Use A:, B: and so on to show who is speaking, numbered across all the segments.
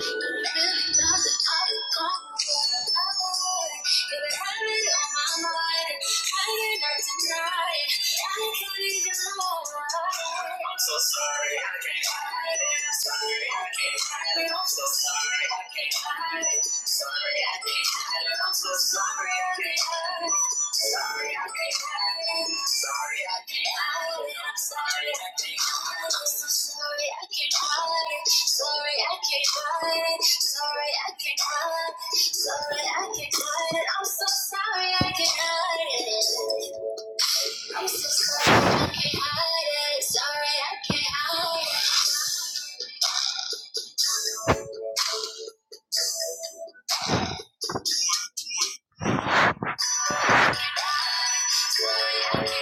A: I'm so sorry, I can't hide it. I'm sorry, I can't hide it. I'm so sorry, I can't hide it. Sorry, I can't hide it. So sorry I can't help Sorry I can't help it. Sorry I can't help it. sorry I can't help it. So sorry I can't help it. Sorry I can't help Sorry I can't help it. Sorry I can't help I'm so sorry I can't help it. I'm so sorry I can't hide it. Sorry I can't hide it. Sorry I can't.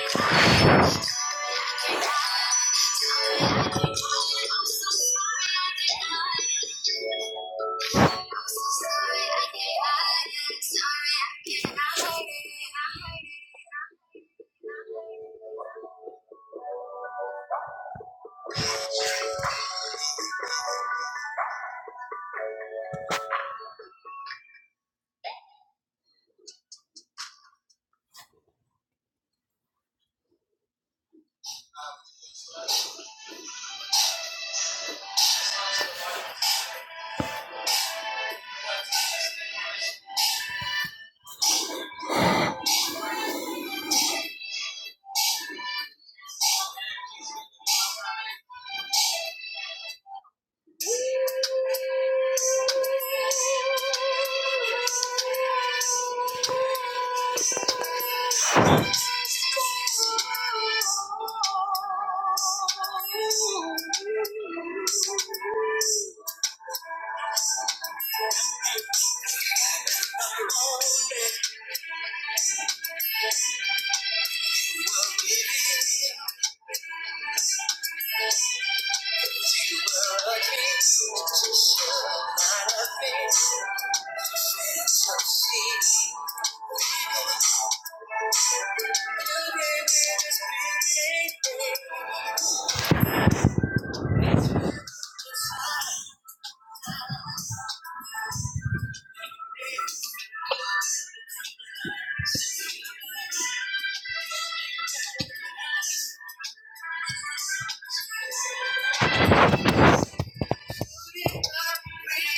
A: Thank you. Thank you.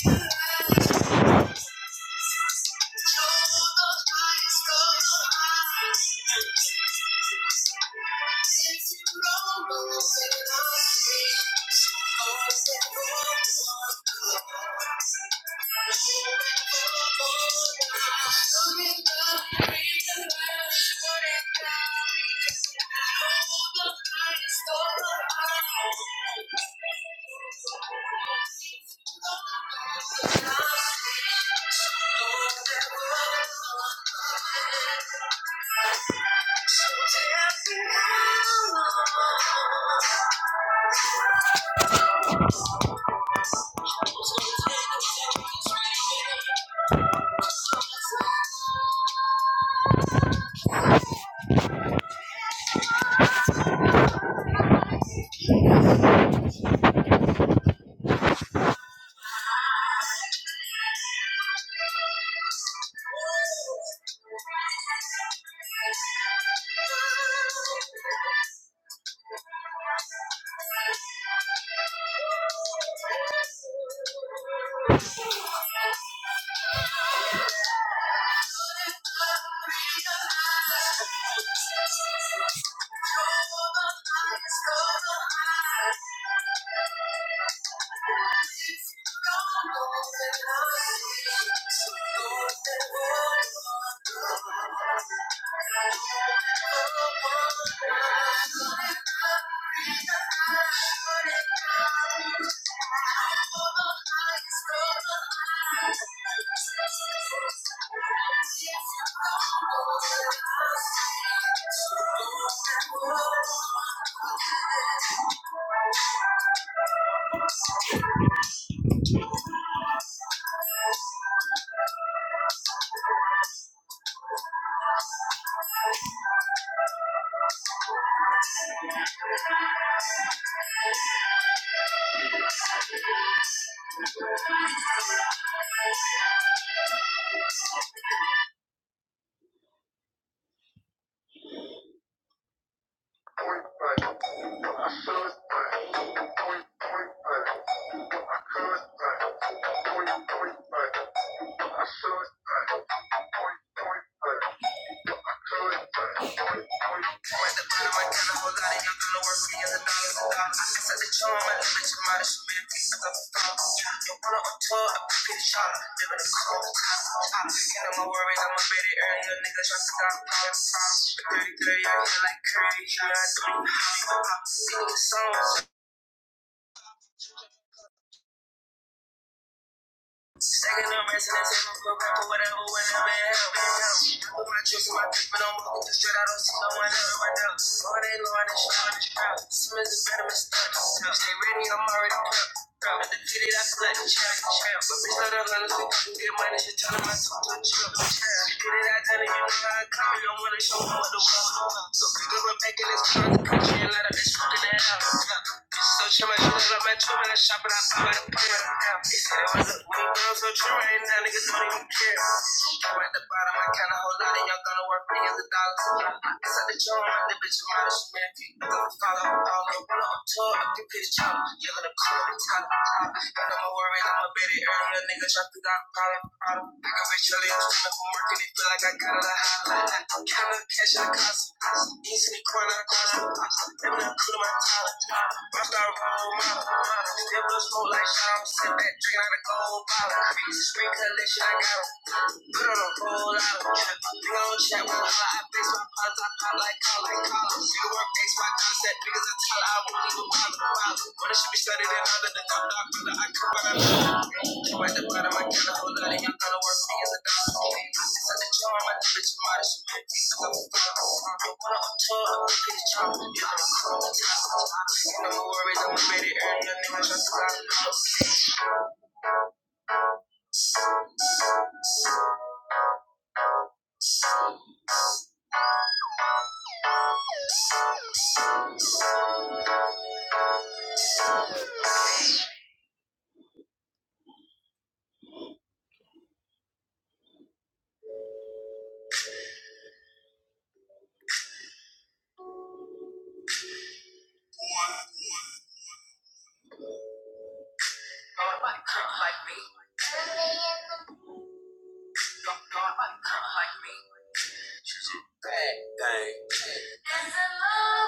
A: Thank you. Thank you. Thank you. Thank you. Thank you. I my Ferrari, I'm gonna work me as a dollar dollar. I said the charm, I live in your mind, she made me as a star. Yeah, you wanna on tour, I'm pretty shot. Living in cold, hot, hot. And I'm a worry, I'm a baby early, a nigga trying to got problems. 30, 30, I feel like Curry, yeah, I do. Pop, sing the song, Second, I'm resting and saying I'm good rap or whatever, whenever it happens. I put my chips in my dick, but I'm walking the straight. I don't see no one else right now. Lord ain't Lord, it's not on the crowd. Simmons is better than Stunts. Stay ready, I'm already prepped. Proud of the titty that flat and champ, champ. But bitch, not a hundred, so you can get money, she telling my son to chill, champ. You get it out there, you know how I come, you don't wanna show me what the world. So pick up a back in this car, the country, and let a bitch fucking that out. So much shit up, my tube, and I shop, and I buy my pair. They say that my look way so true right now, niggas don't even care. I'm at the bottom, I count a whole lot, and y'all gonna work millions of dollars. I said the joint, the bitch is mine, she man, feet, I'm gonna follow. I don't know, when I'm on tour, I do pitch jump. You're gonna call me, tell me, I know my world. Corey, I'm a Betty Earl, a nigga drop the dog collar. I got rich early, I'm from working it, feel like I got it, I holla. I'm kinda cash in the cost. East in the corner, I got it. Never done cool to my collar. Rock star role model. Devil smoke like Sean, sitting back, drinking out a gold bottle. Crease, screen collection, I got got 'em. Put on a whole lot of drip. Blow chat with a lot of face. My pause, I pop like call, like call. You work X, Y, concept. Niggas are tell I won't even bother. Wow. Money should be studied and under the top dog. Under I come by the You at the bottom, I got a whole lot of y'all. Gonna work me as a dog. I sit at the jar, my bitch, I'm out of shit. Cause I'm a fuck. I wanna on tour, I'm a bitch, I'm a bitch. I'm a bitch. You know my worries, I'm a bitch. Earn your niggas, just stop. Nobody crack like me. There's a love,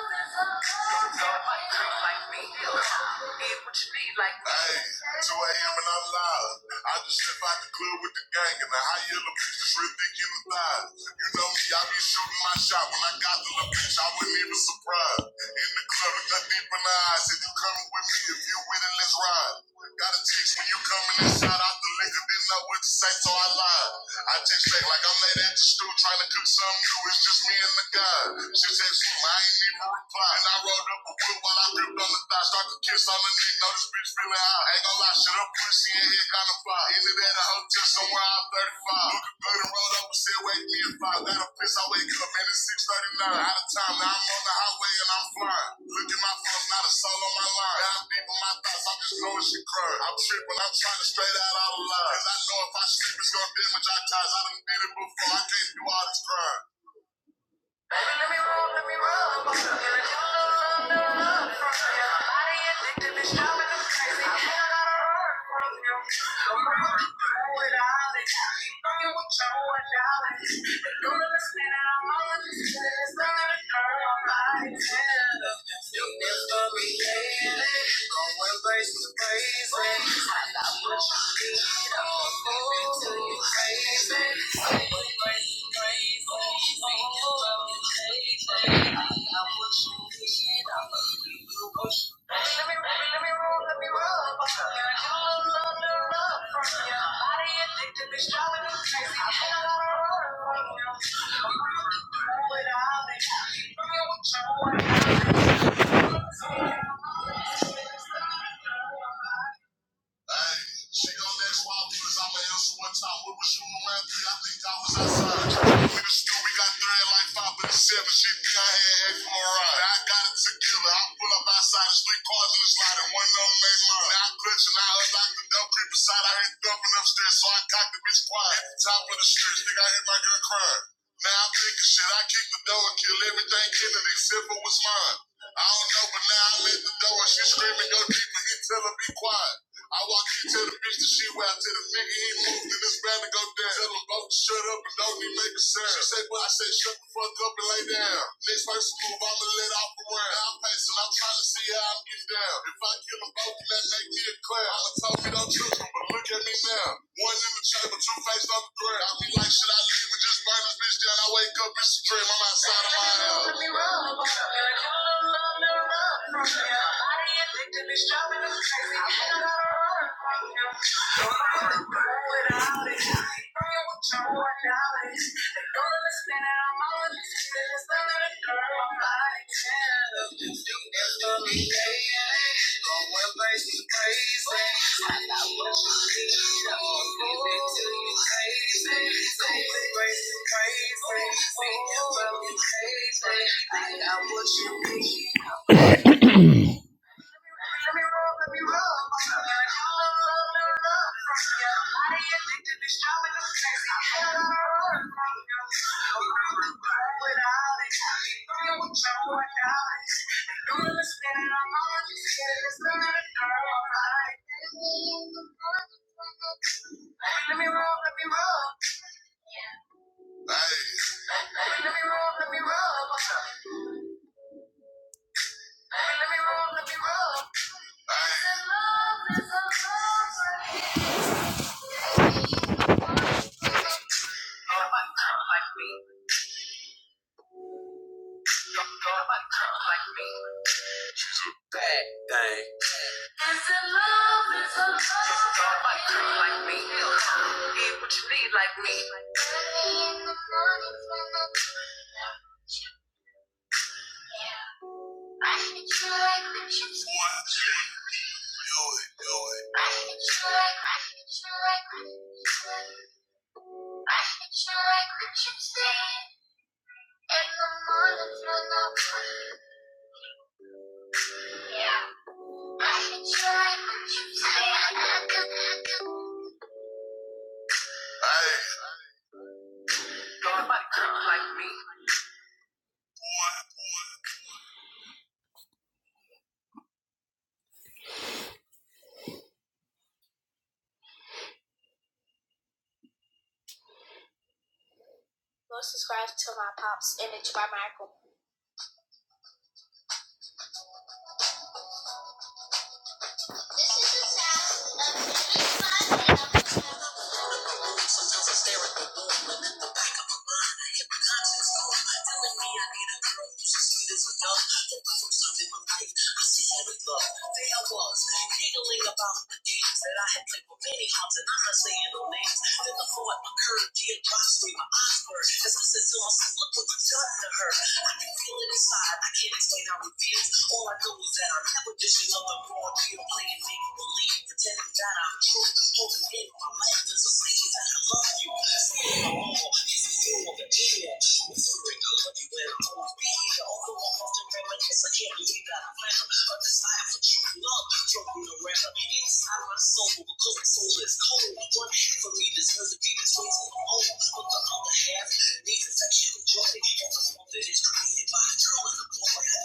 A: there's a love. Don't like girl like me. Need what you like me. Hey, 2 a.m. and I'm live. I just left out the club with the gang and the high yellow bitch is real thick in the thighs. You know me, I be shooting my shot when I got to the bitch. I wasn't even surprised. In the club, I got deep in the eyes. If you coming with me, if you with it, let's ride. Got a text when you coming and shout out the liquor. Didn't know what to say, so I lied. I text back like I'm late at the stew trying to cook something new. It's just me and the guy. She said she I ain't even reply. And I rolled up a whip while I gripped on the thigh. Start to kiss on the neck. Know this bitch feeling high. Ain't gonna lie, shit up pussy and head kinda fly. Ended at a hotel somewhere out 35. Look, the rolled up and said, Wake me and fly out of piss. I wake up, man, it's 639. Out of time, now I'm on the highway and I'm flying. Look at my phone, not a soul on my line. Now I'm deep in my thoughts, I'm just blowing shit crying. I'm tripping, I'm trying to straight out all the line. Cause I know if I sleep, it's gonna damage our ties. I done did it before, I can't do all this crying. Baby, let me roll, let me roll. I'm gonna give it to you, love, love, from you. My body addicted, it's driving me crazy. I feel like I run from you. Don't run, run without it. Fucking with you, I doubt it. You never be hating, going crazy, crazy. Thank you. Hey, she gon' ask why we was out my answer one time. We was shooting around three, I think I was outside. We was still, we got thread like five and seven. She think I had half of a ride. Now I got it together. I pull up outside, there's three cars in the lot, and one of them made mine. Now I clutch and I unlocked the dump creep beside. I heard thumping upstairs, so I cocked the bitch quiet. At the top of the stairs, think I hit my girl crying. Man, I'm thinking shit. I kicked the door and killed everything in it except for what's mine. I don't know, but now I'm at the door and she screaming, go deeper. He tell her be quiet. I walk in, tell the bitch that she wild, tell the nigga he moved and it's bound to go down. Tell them both to shut up and don't even make a sound. She say, well, I say, shut the fuck up and lay down. Next person move, I'ma let off the round. Now I'm pacing, I'm trying to see how I'm getting down. If I kill them both, then that make it clear. I done told me don't trust them, but look at me now. One in the chamber, two faced on the ground. I be like, should I leave or just this Life is bitch down. I wake up, it's a dream. I'm outside of my house. Let me rub. You're a killer, love, never love. Body addicted, it's driving us crazy. I think gotta run right now. Nobody can go without it. Burn with your own knowledge. They don't understand that I'm on this. It's under the third, I'm not a 10. You can for me, yeah. Going crazy, crazy. I got what you need. I'm gonna give it to you crazy. Going crazy, crazy. Well, you love me crazy. I got what you need. Let me roll, let me roll. Let me I ain't addicted to shopping, I'm crazy. Without it, I'm with Joe without it. You understand that I'm on this, it's not a girl, alright. Let me roll, let me roll. Let me roll, let me roll. Let me roll, let me roll. I hit you like the chips in the morning when I'm yeah. Hey. conscience, yo. Telling me I need a girl who's as sweet as a dove. For the first time in my life, I see her with love. There I was, giggling about the games that I had played with many hearts, and I'm not saying no names. Then the floor at my curb, kid drops me, my eyes blur. As I said to myself, look what you've done to her. I can feel it inside, I can't explain how it feels. All I know is that I never dishing up the raw, pure, playing make believe, pretending that I'm I can't believe that I found a desire for true love floating around inside my soul. Because the soul is cold, one half of me deserves to be with someone, but the other half needs affection and joy that is created by a girl in the morning.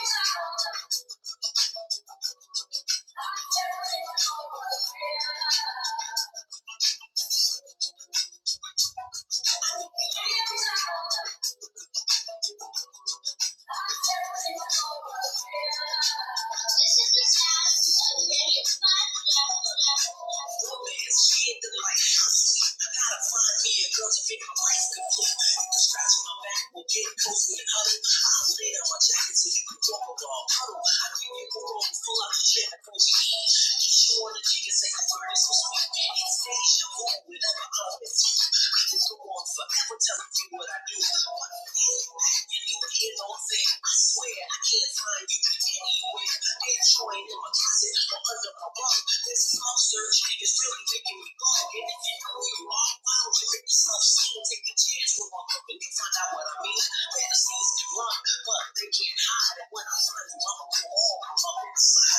A: I'm not alone. Get you on the chicken, say, I'm sorry, this was sweet. It's deja vu, whatever I can go on forever telling you what I do. You never hear no thing. I swear I can't find you anywhere. Head joint in my closet or under my bed. This long search is really making me go. And if you know you are, why don't you take the self-esteem, take a chance with my love, and you find out what I mean? Fantasies run, but they can't hide. And when I find them, I'm gonna call them up inside.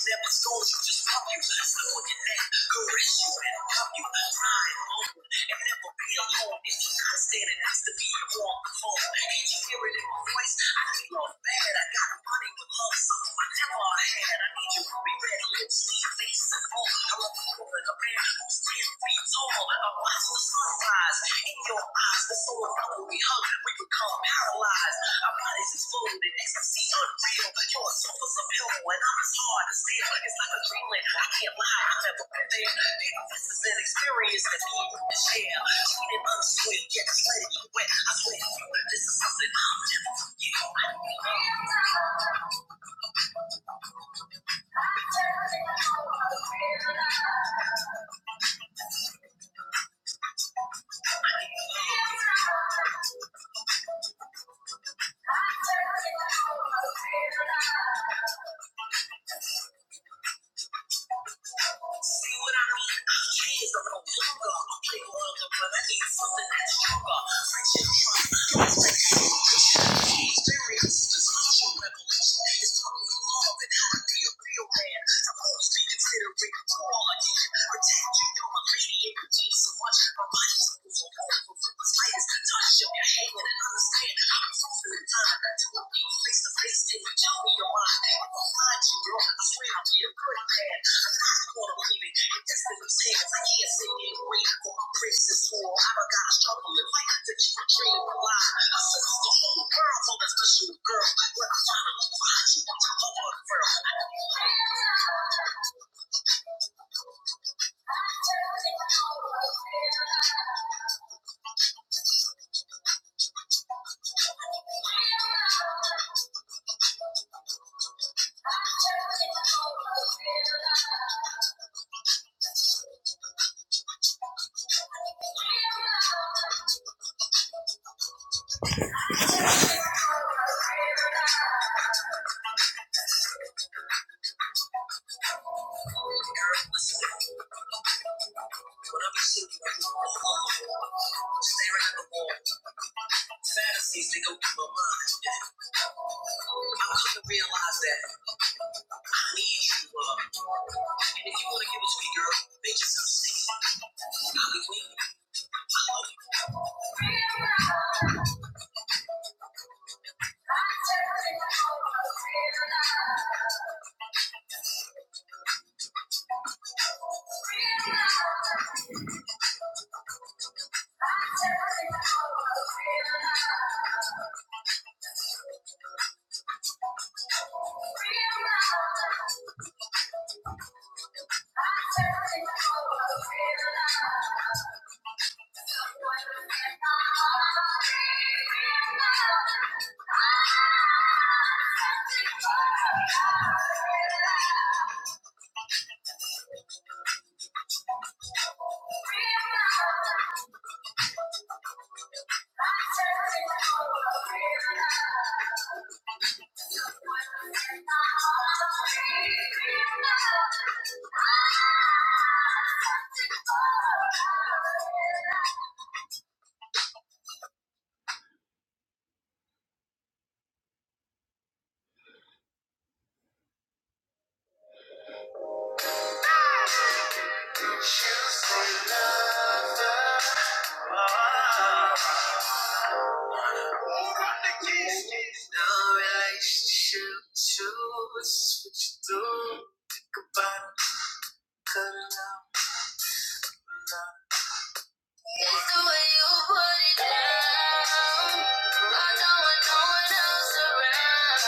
A: You never told me you. caress you and help you thrive over and never be alone. If you are not standing, that's to be your own call. Can't you hear it in my voice? I feel all bad. I got money but love something I never had. I need you to be ready. Lips, see face, and all. I love you more than a man who's 10 feet tall. I watch the sunrise in your eyes. The soul of love we hug, we become paralyzed. Our bodies explode in ecstasy unreal. Your soul is a pill, and I'm as hard as steel. It's like the Dreamland, I can't lie, I never been there. this is an experience that me and you can share. Cheating on the sweet, get the sweat you wet. I swear to you, this love, but I need something that's stronger. Friendship, trust, and experience, this culture revolution is taught me and how to be a real man. I'm always be considerate to all I can. Protect you, you're my lady, and you do so much. My body trembles on all of the slightest touch. Show your hand and understand. I'm so full of time to be face to face. If you tell me you're lying, I will find you, girl. I swear I'll be a good man. I'm not gonna leave it. If that's what I'm saying. I can't sit here and wait for my princess for I'm gotta struggle and fight to keep a dream alive. I sense the whole world for that special girl. When I finally find you, I'm top of the world. When I'm sitting right now, staring at the wall, fantasies they go through my mind. to realize that we need true love. And if you want to give it to me, girl, make yourself sing. No relationship to us, what you do. Think about it, cut it out. It's the way you put it down. I don't want no one else around.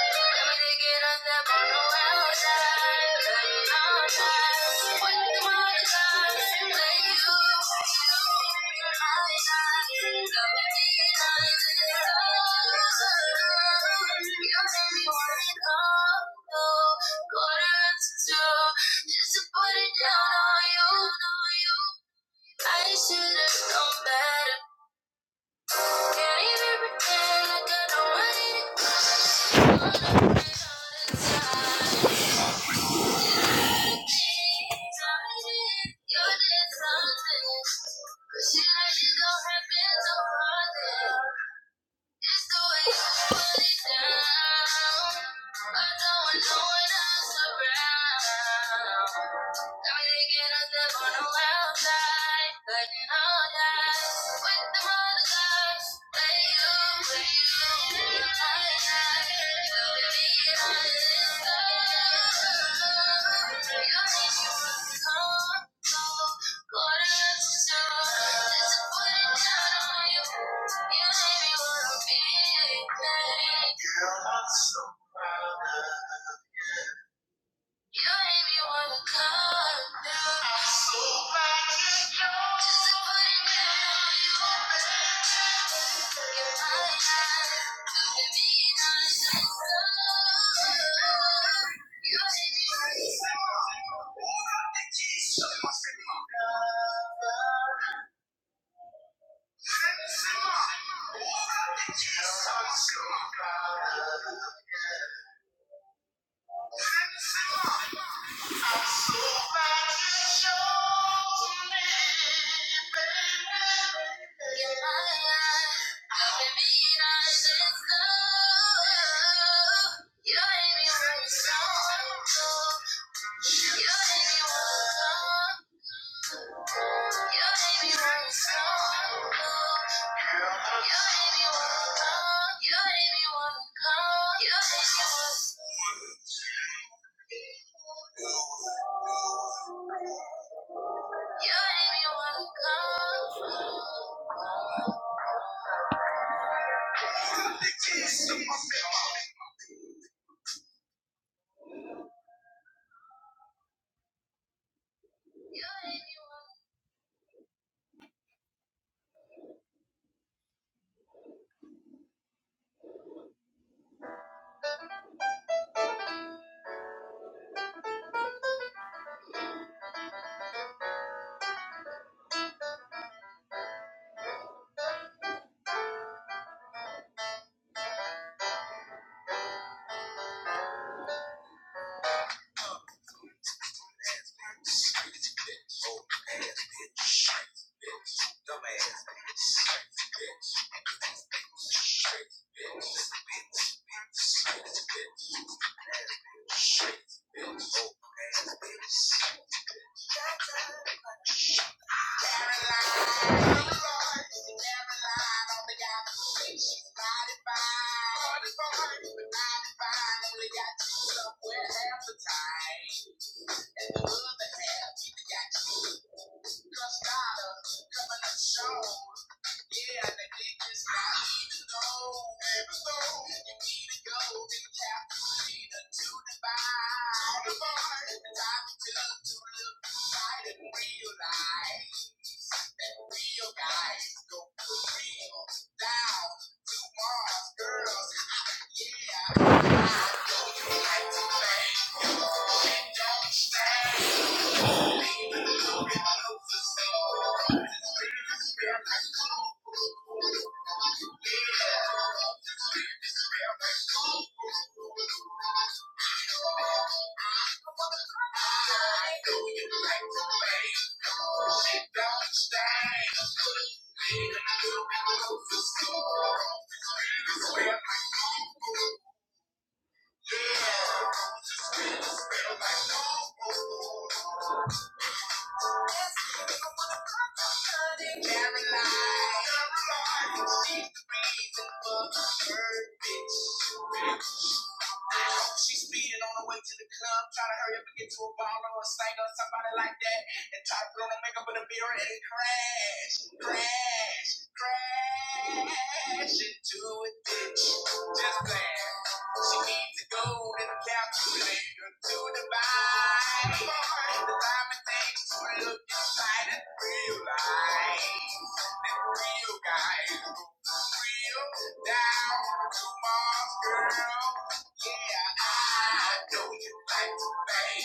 A: Let me take it up that bottle outside. Running all night. When the morning comes, when you Quarter to two, just to put it down on you. on you. I should have known better. Can't even pretend like I know what it is. All the time. things I did, you did something. But shit, I just don't happen so often. It's the way you put it down. I don't know when I'm around. Making us live on the wild side, all ties with the mother gods. you, play you, in the night, till we meet on You'll teach you to come, so quarter to zero, just to put it down on you. You made me wanna be You made me wanna come down. I'm so glad you know. Just to put it down, you opened me to the sun. You made me wanna come down. All I think is you must be my lover. Send me some more. All I think is you must be my lover. Send me some more. You ain't me one come. Caroline, she's the for the bird, bitch. She's speeding on the way to the club, trying to hurry up and get to a baller or a singer or somebody like that. And try to blow the makeup in the mirror and crash, crash, crash into a ditch. Just there. She needs to go and a to divide. The time and things to look inside and realize that real guys go real down to Mars, girl. Yeah, I know you like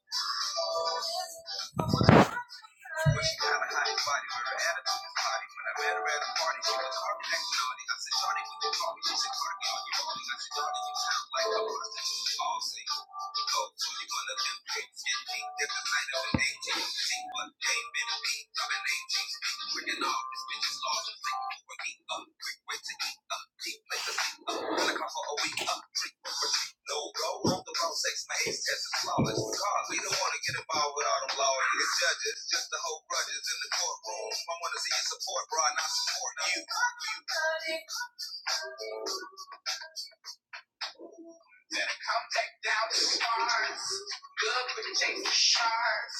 A: to bang. But she kinda hot in body, but her attitude is potty. When I met her at a party, she was hard next to naughty. I said, Shawty, would you call me? She said, Cardi, on your rolling. I said, Shawty, you sound like a prostitute. All say, oh, so you gonna live pigs get beat at the night of an 18? See one day, been beat of an 18th. Freaking off, this bitch is lost. Think we're beat up, quick way to eat up, deep like a seat up. Gonna come for a week up. No go. Wrote The pro-sex maze test is flawless because we don't want to get involved with all them lawyers and judges, just the whole grudges in the courtroom. I want to see you support, bro, not support you. Better come back down to stars. Good with the chase of sharks.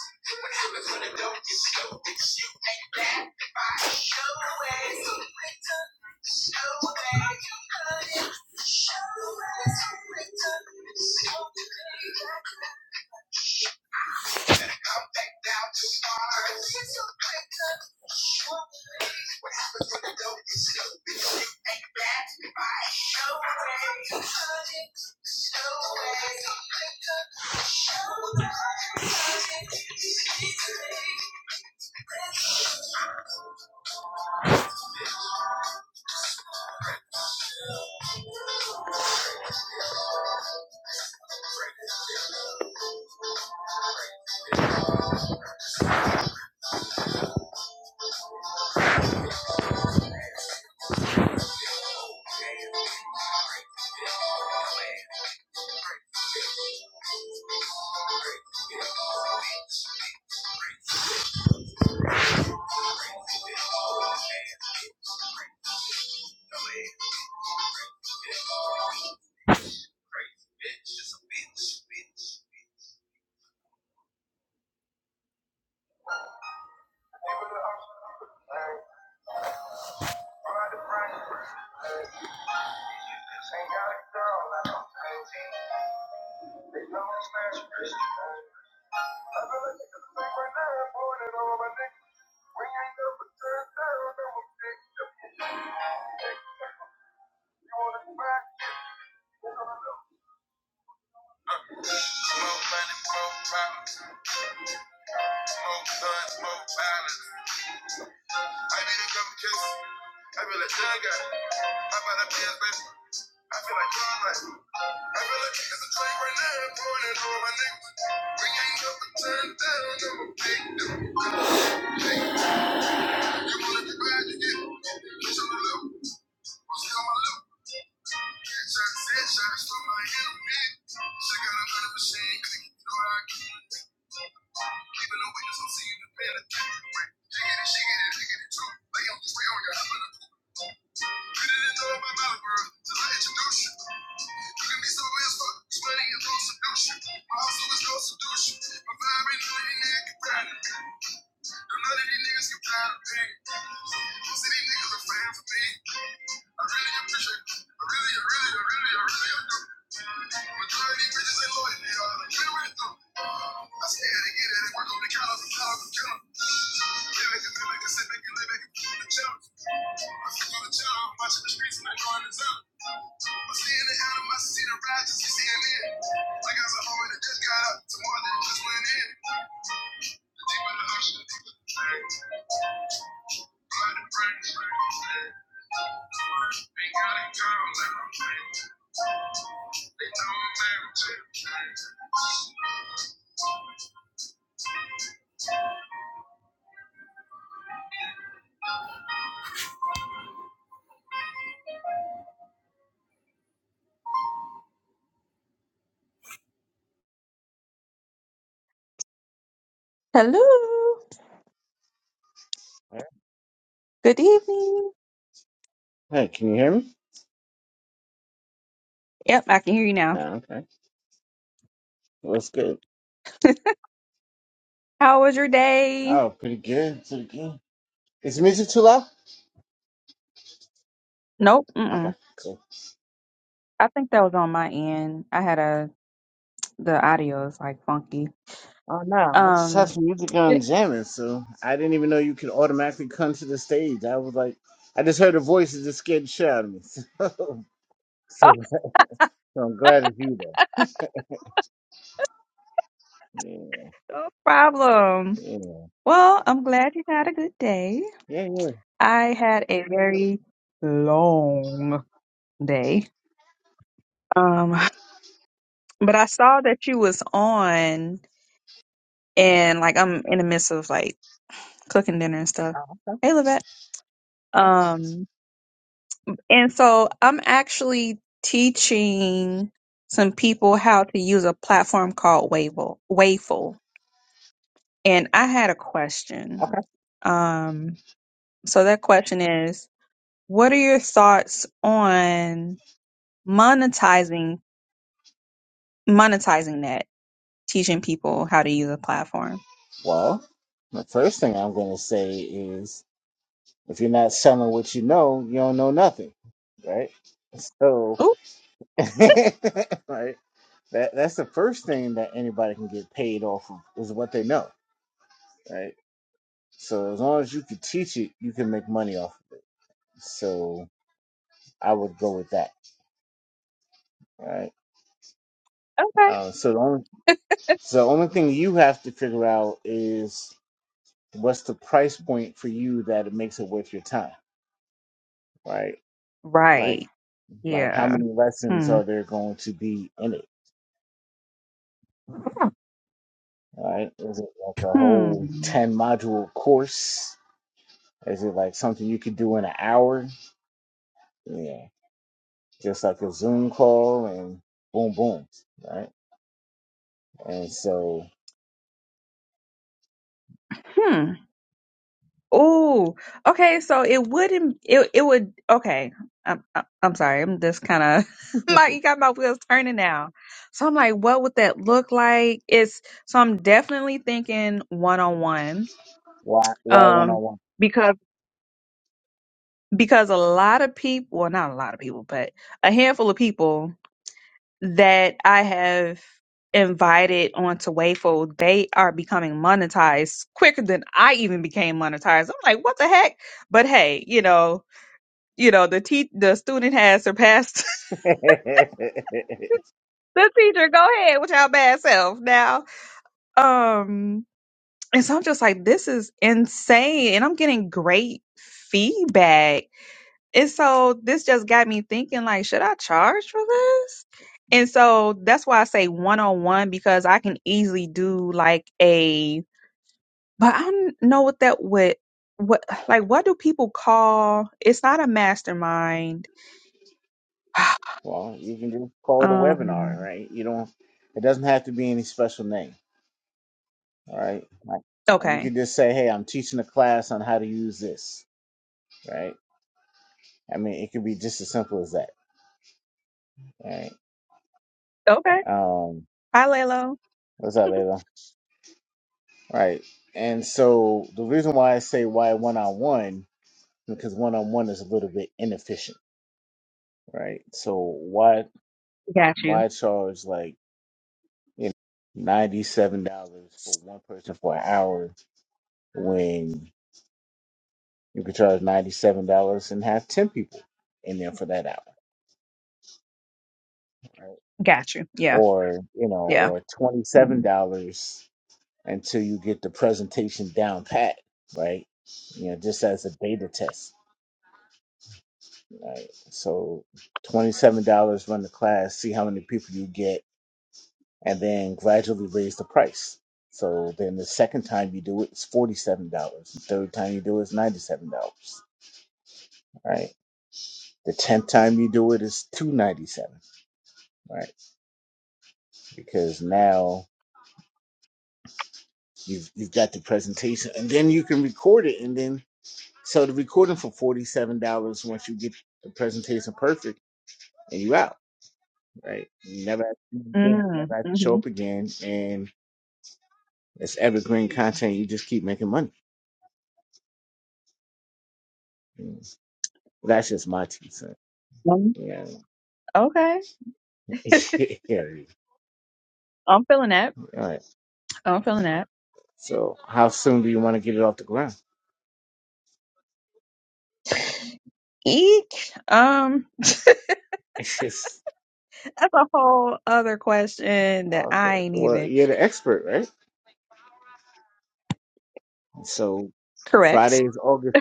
A: Good for the dope, you stupid. Show that you love it. Show us who we took. Show the thing. Now our kids are quick. That's my show. Show that you love it. Show us who Smoke money, smoke problems, smoke guns, smoke violence. I need to come kiss. I feel like Jagger. I'm about to be his baby. I feel like Twilight. I feel like it's a train right now. I'm pouring it over my niggas. We ain't up and turned down. I'm a big dude. You wanna be bad, you get it. Bitch, I'm a loop. What's on my loop? Get shots, head shots from my enemy. She got a hundred machine. Click, you know how I keep it. Even the witness, I'm seeing the man. that keep it right. She get it, she get it, she get it too. Lay on the way on your husband. Get it in the my mouth, girl. Till I introduce you. Treat me so miserable, it's money and no seduction. My hustle is no seduction. My vibe ain't none of these niggas compatible. None of these niggas compatible. Most of these niggas are fan for me. I really appreciate I really, I really, I really, I really, I Majority of these ain't loyal, they are. Like, really, really do. I stay at it, get it, work on the count of the power of the count. Live it, live it, sit back and live it, do the challenge. I feel the challenge, I'm watching the streets and I know I'm the town. I'm seeing it out of my seat, the ride just to see it in. I got some homie that just got up. Some more that just went in. The Deep in the ocean, the deep in the drain. Blood and brains, Ain't got it, girl, like I'm They told me, man, I'm
B: Hello. Good evening.
A: Hey, can you hear me?
B: Yep, I can hear you now.
A: Yeah, okay. What's good?
B: How was your day?
A: Oh, pretty good, pretty good. Is the music too loud?
B: Nope. Mm-mm. I think that was on my end. I had a the audio is like funky.
A: Oh no, I just have
B: Um.
A: some music on
B: it-
A: jamming, so I didn't even know you could automatically come to the stage. I was like, I just heard a voice that just scared the shit out of me.
B: oh,
A: So, so, I'm glad it's you though. Yeah,
B: no problem.
A: yeah,
B: Well, I'm glad you had a good day.
A: yeah. yeah.
B: I had a very long day. Um, but I saw that you was on, and like I'm in the midst of like cooking dinner and stuff. Hey, Levette. Um. And so I'm actually teaching some people how to use a platform called Waveful. Wayful. And I had a question. Um, so that question is, what are your thoughts on monetizing monetizing that, teaching people how to use a platform?
A: Well, the first thing I'm going to say is if you're not selling what you know, you don't know nothing, right? So,
B: Ooh,
A: right, that, that's the first thing that anybody can get paid off of is what they know, right? So, as long as you can teach it, you can make money off it. So, I would go with that, right?
B: okay.
A: Uh, so, the only, so, the only thing you have to figure out is what's the price point for you that it makes it worth your time, right? Like.
B: Right.
A: Like, how
B: Yeah.
A: many lessons
B: Hmm.
A: are there going to be in it? Right? Is it like a
B: Hmm.
A: whole 10 module course? Is it like something you could do in an hour? Yeah. Just like a Zoom call and boom, boom. Right? And so,
B: Hmm. Oh, okay. So it wouldn't. It it would. Okay. I'm I'm I'm sorry. I'm just kind of my you got my wheels turning now. So I'm like, what would that look like? It's so I'm definitely thinking one on one.
A: why?
B: Um, because because a lot of people, well, not a lot of people, but a handful of people that I have invited onto Wayful, they are becoming monetized quicker than I even became monetized. I'm like, what the heck? But hey, you know you know the te- the student has surpassed the teacher go ahead with your bad self now um and so i'm just like this is insane and i'm getting great feedback and so this just got me thinking like should i charge for this and so that's why i say one-on-one because i can easily do like a but i don't know what that would what like what do people call it's not a mastermind
A: well, you can just call it a webinar,
B: um
A: right? You don't, it doesn't have to be any special name. All right. Like, you
B: okay
A: can just say, hey, I'm teaching a class on how to use this. Right? I mean, it could be just as simple as that. Right?
B: Okay.
A: Um,
B: Hi, Lalo.
A: What's up, Ava? Right. And so the reason why I say why one on one, because one on one is a little bit inefficient, right? So why
B: Got you.
A: why charge like you know ninety seven dollars for one person for an hour when you could charge ninety seven dollars and have ten people in there for that hour, right?
B: Got you. Yeah.
A: Or you know,
B: Yeah.
A: or twenty seven dollars until you get the presentation down pat, right? You know, just as a beta test Right. So twenty-seven dollars run the class, see how many people you get, and then gradually raise the price. So then the second time you do it, it's forty-seven dollars. The third time you do it, it's ninety-seven dollars. Right. The tenth time you do it's two ninety-seven. Right. Because now you've you've got the presentation, and then you can record it, and then so the recording for forty-seven dollars once you get the presentation perfect, and you out. Right. You never have to do it again. You
B: Mm,
A: never have to show up
B: mm-hmm.
A: again, and It's evergreen content. You just keep making money. Mm. That's just my two cents. Yeah.
B: Okay.
A: yeah.
B: I'm feeling that.
A: All right.
B: I'm feeling that.
A: So, how soon do you want to get it off the ground?
B: Eek. Um,
A: It's just
B: that's a whole other question that I
A: okay.
B: ain't
A: Well,
B: even
A: you're the expert, right? So,
B: correct.
A: Friday is August.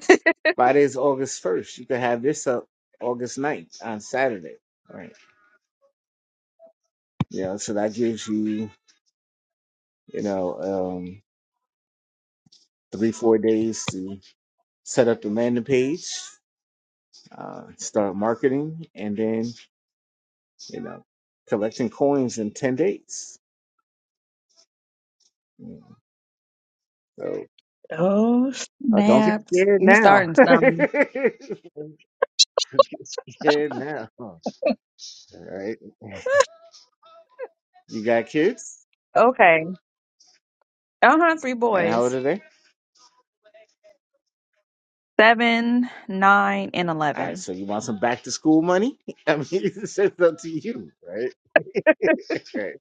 A: Friday is August first. You can have this up August ninth on Saturday. All right. Yeah. So that gives you, you know, um, three four days to set up the landing page, uh, start marketing, and then you know, collecting coins in 10 days. You So
B: Oh,
A: uh, don't get
B: snaps.
A: scared
B: You
A: now.
B: starting
A: don't
B: something.
A: get scared now. All right. You got kids?
B: Okay. I don't have three
A: And how old
B: boys.
A: are they?
B: Seven, nine, and
A: All right.
B: eleven.
A: So you want some back to school money? I mean, it's up to you, right? Right.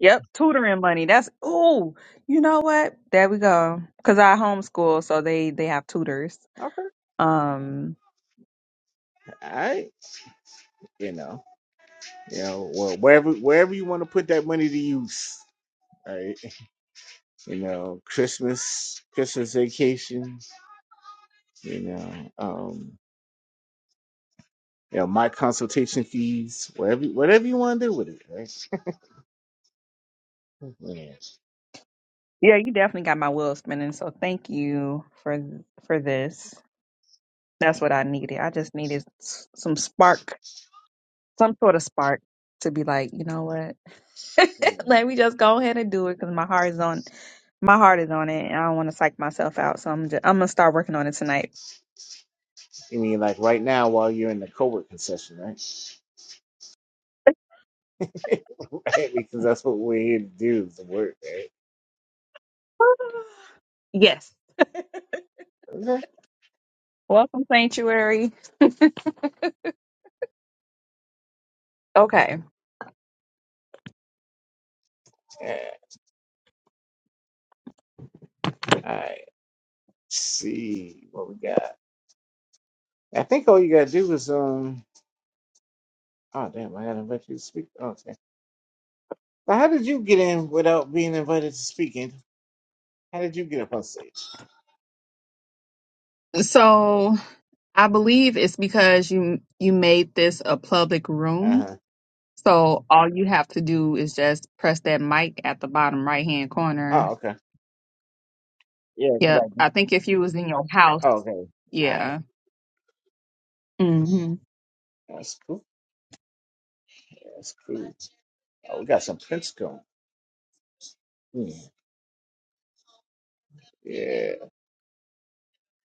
B: Yep, tutoring money. That's ooh. You know what? There we go. Cause I homeschool, so they they have tutors.
A: Okay.
B: Um,
A: All right. You know, you know, well, wherever wherever you want to put that money to use. All right. You know, Christmas, Christmas vacation, you know, um, you know, my consultation fees, whatever whatever you want to do with it, right? Yeah.
B: yeah, you definitely got my wheels spinning. So thank you for for this. That's what I needed. I just needed s- some spark, some sort of spark to be like, you know what? Let
A: I
B: me just go ahead and do it because my heart is on my heart is on it, and I don't want to psych myself out. So I'm just, I'm gonna start working on it tonight.
A: mean, like right now, while you're in the co-working session, right? right? Because that's what we're here to do, is the work, right?
B: yes.
A: Okay.
B: Welcome sanctuary. Okay.
A: Yeah. All right. see what we got. I think all you gotta do is um. Oh damn! I gotta invite you to speak. Oh, okay. So how did you get in without being invited to speak? Andrew? How did you get up on stage?
B: So I believe it's because you you made this a public
A: Uh
B: room.
A: huh.
B: So all you have to do is just press that mic at the bottom right hand
A: Oh
B: corner.
A: okay. Yeah. 'cause
B: Yep.
A: I-
B: I think if you was in your house,
A: Oh okay. All right.
B: yeah. Mhm.
A: That's cool. That's cool. Oh, we got some Prince going. Hmm. Yeah.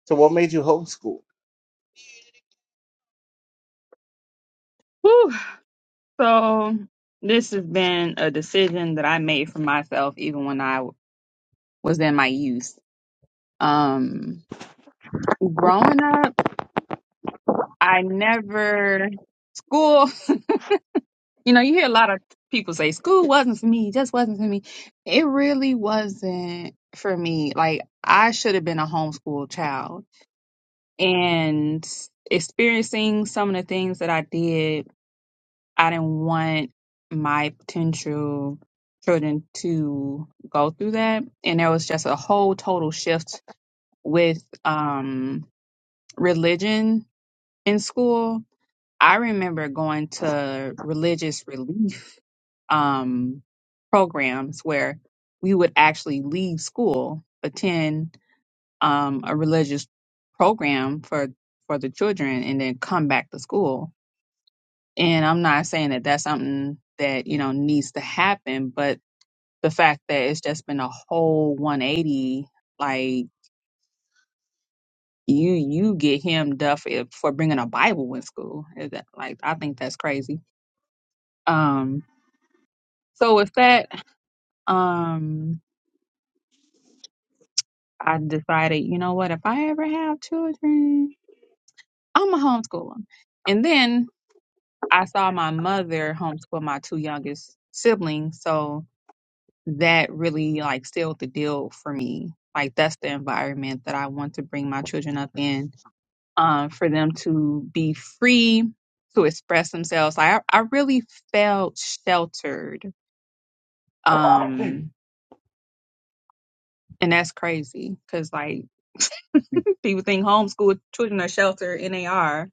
A: So, what made you homeschool?
B: Whew. So this has been a decision that I made for myself even when I was in my youth. Um growing up, I never school You know, you hear a lot of people say school wasn't for me, just wasn't for me. It really wasn't for me. Like I should have been a homeschool child and experiencing some of the things that I did, I didn't want my potential children to go through that. And there was just a whole total shift with um religion in school. I remember going to religious relief um, programs where we would actually leave school, attend um, a religious program for for the children, and then come back to school. And I'm not saying that that's something that you know needs to happen, but the fact that it's just been a whole 180, like you you get hemmed up for for bringing a Bible in school. Is that- Like I think that's crazy. Um, so with that, um, I decided, you know what, if I ever have children, I'm going to homeschool them. And then I saw my mother homeschool my two youngest siblings. So that really like sealed the deal for me. Like that's the environment that I want to bring my children up in um, for them to be free to express themselves. Like I, I really felt sheltered. Um, and that's crazy because like people think homeschool children are sheltered and they are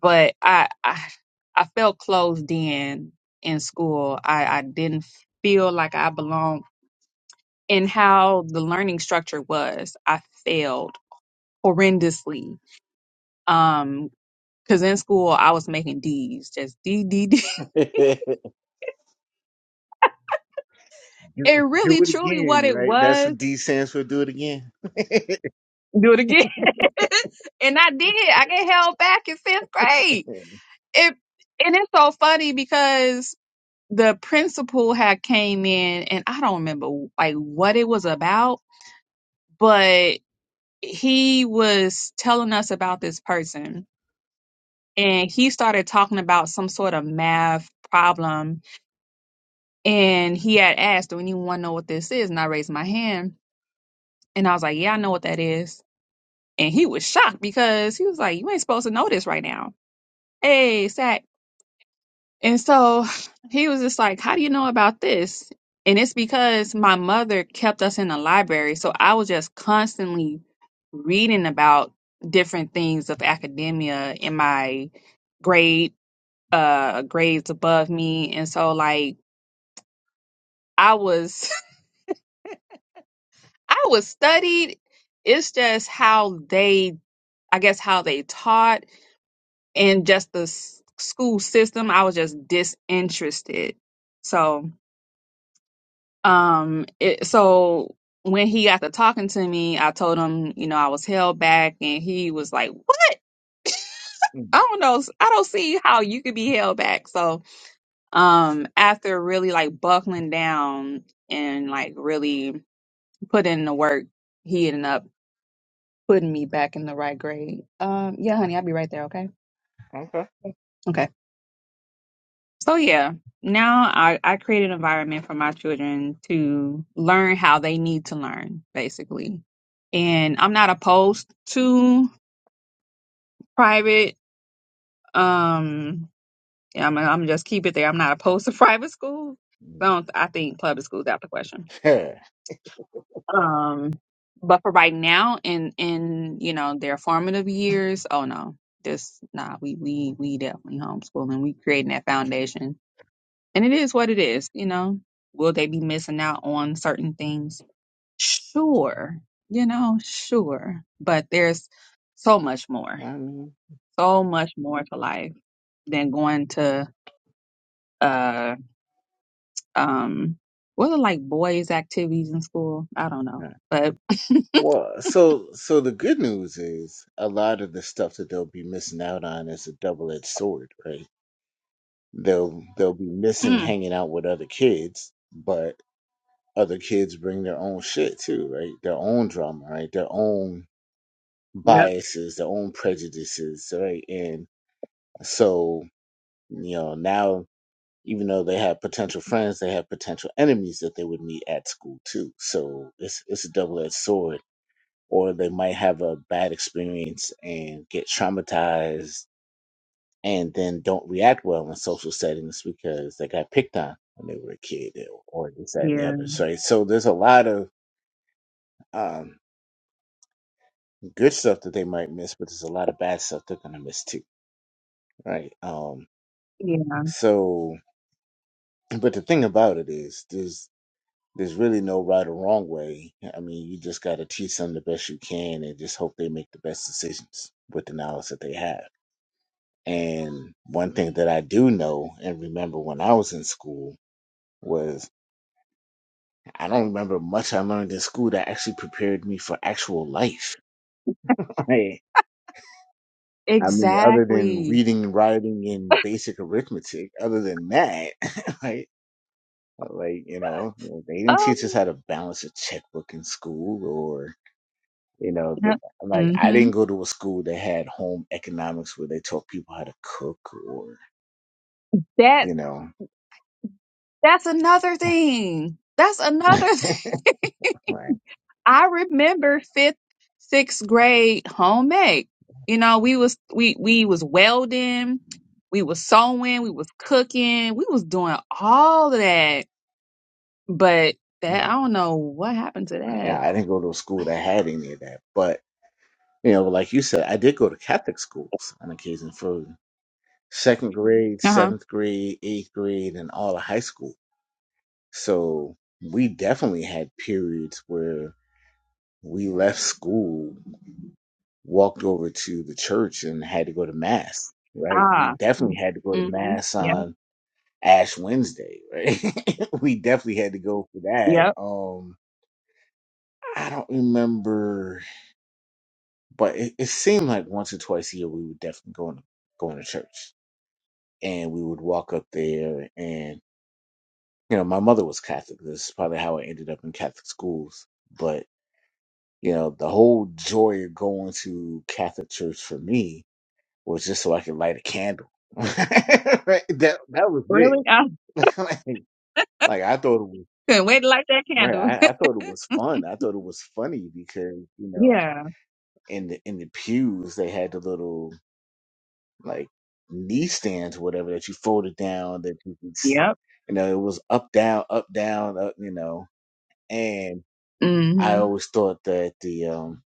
B: but I, I I felt closed in in school. I, I didn't feel like I belonged in how the learning structure was. I failed horrendously. Um, cause in school I was making D's, just D D D.
A: do,
B: And
A: do
B: really
A: it
B: truly
A: again,
B: what it
A: right? That's
B: was,
A: what D stands for. Do it again.
B: do it again. and I did. I get held back in fifth grade. It and it's so funny because the principal had came in and I don't remember like what it was about but he was telling us about this person and he started talking about some sort of math problem and he had asked do anyone know what this is and i raised my hand and i was like yeah i know what that is and he was shocked because he was like you ain't supposed to know this right now hey sack And so he was just like, How do you know about this? And it's because my mother kept us in the library. So I was just constantly reading about different things of academia in my grade, uh, grades above me. And so like I was, I was studied. It's just how they, I guess, how they taught and just the s- school system. I was just disinterested. So um it, so when he got to talking to me i told him you know i was held back and he was like what
A: Mm.
B: i don't know i don't see how you could be held back so um after really like buckling down and like really put in the work he ended up putting me back in the right grade um yeah honey i'll be right there okay
A: Okay.
B: okay So yeah, now I, I create an environment for my children to learn how they need to learn, basically. And I'm not opposed to private. Um, yeah, I'm I'm just keep it there. I'm not opposed to private schools. I don't. I think public schools out the question.
A: Yeah.
B: Um, but for right now, in in you know their formative years, oh no, this nah. We we we definitely homeschooling. We creating that foundation And it is what it is, you know. Will they be missing out on certain things? Sure, you know, sure. But there's so much more,
A: I mean,
B: so much more to life than going to uh um what are like boys activities in school? I don't know.
A: yeah.
B: But
A: well, so so the good news is a lot of the stuff that they'll be missing out on is a double-edged sword, right? They'll they'll be missing
B: mm,
A: hanging out with other kids, but other kids bring their own shit too, right? Their own drama, right? Their own
B: yep,
A: biases, their own prejudices, right? And So, you know, now even though they have potential friends, they have potential enemies that they would meet at school too. So it's it's a double edged sword. Or they might have a bad experience and get traumatized and then don't react well in social settings because they got picked on when they were a kid or this, that, and the
B: yeah,
A: other. Right. So there's a lot of um, good stuff that they might miss, but there's a lot of bad stuff they're gonna miss too. Right. Um
B: yeah.
A: so but the thing about it is, there's there's really no right or wrong way. I mean, you just got to teach them the best you can and just hope they make the best decisions with the knowledge that they have. And one thing that I do know and remember when I was in school was I don't remember much I learned in school that actually prepared me for actual life. Right. I mean, other than
B: Exactly.
A: reading, writing, and basic arithmetic, other than that, right? Like, you know, they didn't teach us
B: Oh,
A: how to balance a checkbook in school or. You know, the,
B: yep,
A: like I
B: mm-hmm.
A: didn't go to a school that had home economics where they taught people how to cook or,
B: That
A: you know,
B: that's another thing. That's another
A: like,
B: I remember fifth, sixth grade home ec. You know, we was we we was welding, we was sewing, we was cooking, we was doing all of that. But that I don't know what happened to
A: yeah,
B: that.
A: I didn't go to a school that had any of that. But, you know, like you said, I did go to Catholic schools on occasion for second grade,
B: Uh huh.
A: seventh grade, eighth grade, and all of high school. So we definitely had periods where we left school, walked over to the church, and had to go to mass, right?
B: Ah.
A: We definitely had to go to
B: Mm-hmm.
A: mass
B: Yep.
A: on Ash Wednesday, right? we definitely had to go for that.
B: Yep.
A: Um, I don't remember, but it, it seemed like once or twice a year we would definitely go in, going to church, and we would walk up there, and you know, my mother was Catholic. This is probably how I ended up in Catholic schools, but you know, the whole joy of going to Catholic church for me was just so I could light a candle. right? That that was
B: Really?
A: it.
B: I
A: like, like I thought it was.
B: couldn't wait to light that
A: Right.
B: candle.
A: I, I thought it was fun. I thought it was funny because, you know,
B: yeah.
A: in the in the pews they had the little like knee stands, whatever, that you folded down that you could s-
B: Yep.
A: you know, it was up down, up down, up, you know. And
B: hmm
A: I always thought that the um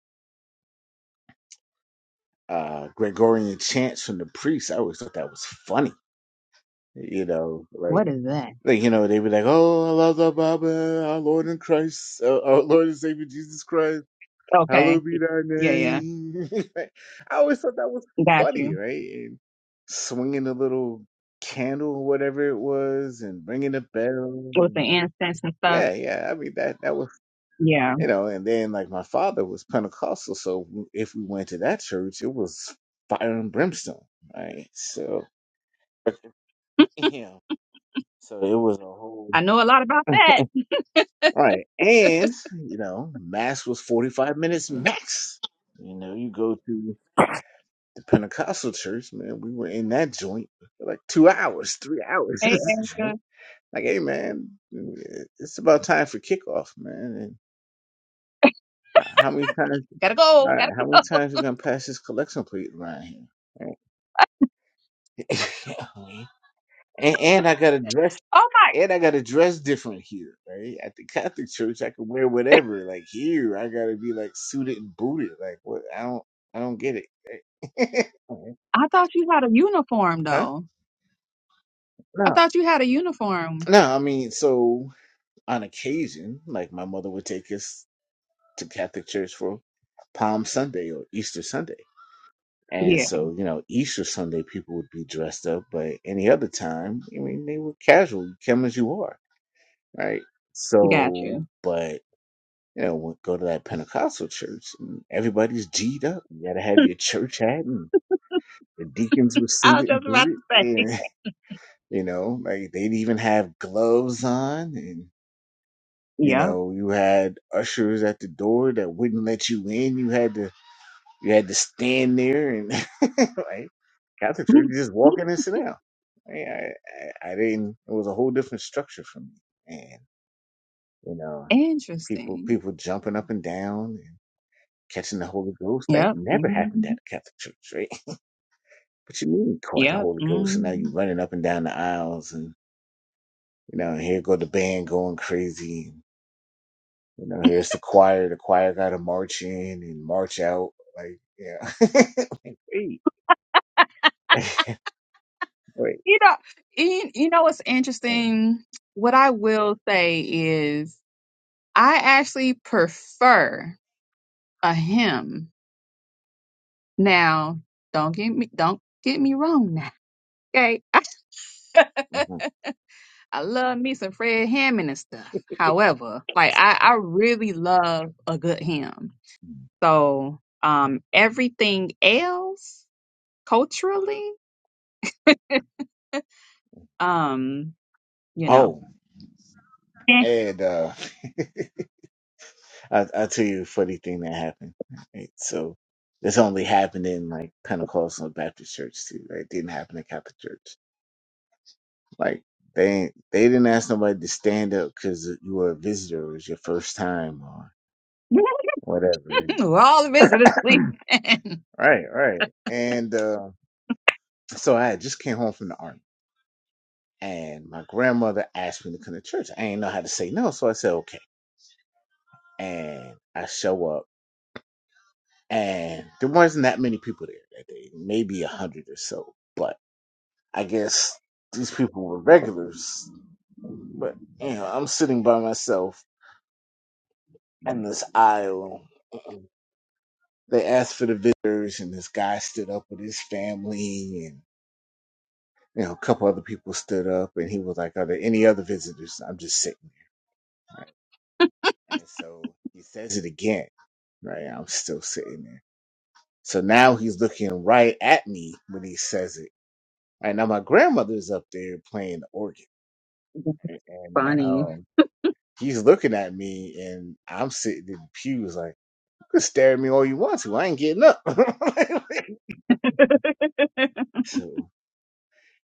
A: uh Gregorian chants from the priests, I always thought that was funny. You know, like
B: What is that?
A: like you know, they be like, "Oh, I love the Bible, our Lord and Christ, uh, our Lord and Savior Jesus Christ."
B: Okay.
A: Hallowed be thy
B: Yeah. Yeah.
A: name. Like, I always thought that was
B: Got
A: funny,
B: you.
A: right? And swinging the little candle or whatever it was and ringing the bell.
B: With the
A: And
B: incense and stuff.
A: yeah, yeah. I mean, that, that was,
B: Yeah.
A: you know, and then like my father was Pentecostal. So if we went to that church, it was fire and brimstone, right? So, yeah. So it was a whole,
B: I know a lot about that.
A: right. And, you know, mass was 45 minutes max. You know, you go to. Pentecostal church, man, we were in that joint for like two hours, three hours.
B: Hey, Erica.
A: like, hey, man, it's about time for kickoff, man. And h- how many times?
B: Gotta go.
A: All right,
B: Gotta go.
A: how many times you gonna pass this collection plate around here? Right? and, and I gotta dress.
B: Oh my.
A: And I gotta dress different here, right? At the Catholic church, I can wear whatever. Like here, I gotta be like suited and booted. Like what? I don't, I don't get it.
B: I thought you had a uniform
A: huh?
B: though. I
A: No,
B: thought you had a uniform.
A: no. I mean, so on occasion, like my mother would take us to Catholic church for Palm Sunday or Easter Sunday. And
B: Yeah,
A: so, you know, Easter Sunday people would be dressed up, but any other time, I mean, they were casual. You come as you are, right?
B: got
A: So,
B: you.
A: but, you know, when, go to that Pentecostal church, and everybody's G'd up. You got to have your church hat, and the deacons were
B: I was
A: suited and
B: just about
A: booted.
B: to say.
A: And, you know, like they'd even have gloves on. and. You
B: Yep.
A: know, you had ushers at the door that wouldn't let you in. You had to you had to stand there and like Catholic church, you just walk in and sit down. I, I I I didn't. It was a whole different structure for me, and you know, people
B: Interesting.
A: people jumping up and down and catching the Holy Ghost that
B: Yep.
A: never happened
B: hmm
A: at a Catholic church, right? But you mean you caught the
B: Yep.
A: Holy Ghost, and
B: hmm
A: now you running up and down the aisles, and you know, here go the band going crazy. You know, here's the choir. The choir got to march in and march out. Like, yeah. Like, wait, wait,
B: You know, you, you know what's
A: wait.
B: interesting? What I will say is I actually prefer a hymn. Now, don't get me don't get me wrong now. Okay.
A: Mhm.
B: I love me some Fred Hammond and stuff. However, like I, I really love a good hymn. So um everything else culturally, um, you know.
A: Oh,
B: eh.
A: and uh, I, I'll tell you a funny thing that happened. Right? So this only happened in like Pentecostal Baptist church too. Right? It didn't happen in Catholic church. Like they they didn't ask nobody to stand up because you were a visitor. It was your first time or whatever.
B: We're all visitors sleeping.
A: Right, right. And uh, so I just came home from the army, and my grandmother asked me to come to church. I ain't know how to say no, so I said okay. And I show up, and there wasn't that many people there that day, maybe a hundred or so. But I guess these people were regulars. But you know, I'm sitting by myself in this aisle, they asked for the visitors, and this guy stood up with his family, and you know, a couple other people stood up, and he was like, "Are there any other visitors?" I'm just sitting there, and so he says it again, right? I'm still sitting there. So now he's looking right at me when he says it. And now my grandmother's up there playing the organ, and
B: Funny.
A: um, he's looking at me, and I'm sitting in the pews like, "You can stare at me all you want to. I ain't getting up." so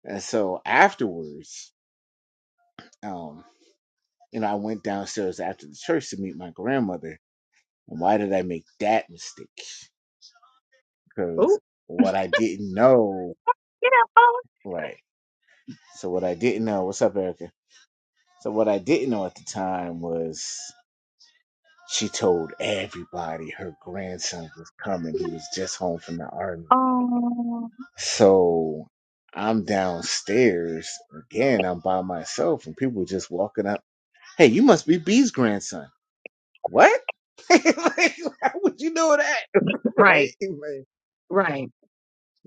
A: and so afterwards. um. you know, I went downstairs after the church to meet my grandmother. And why did I make that mistake? Because
B: Oh,
A: what I didn't know,
B: get up,
A: right? So what I didn't know, what's up, Erica? So what I didn't know at the time was she told everybody her grandson was coming. He was just home from the army.
B: oh.
A: So I'm downstairs again. I'm by myself, and people just walking up. Hey, you must be B's grandson. What? like, how would you know that?
B: Right,
A: Right? Like,
B: right.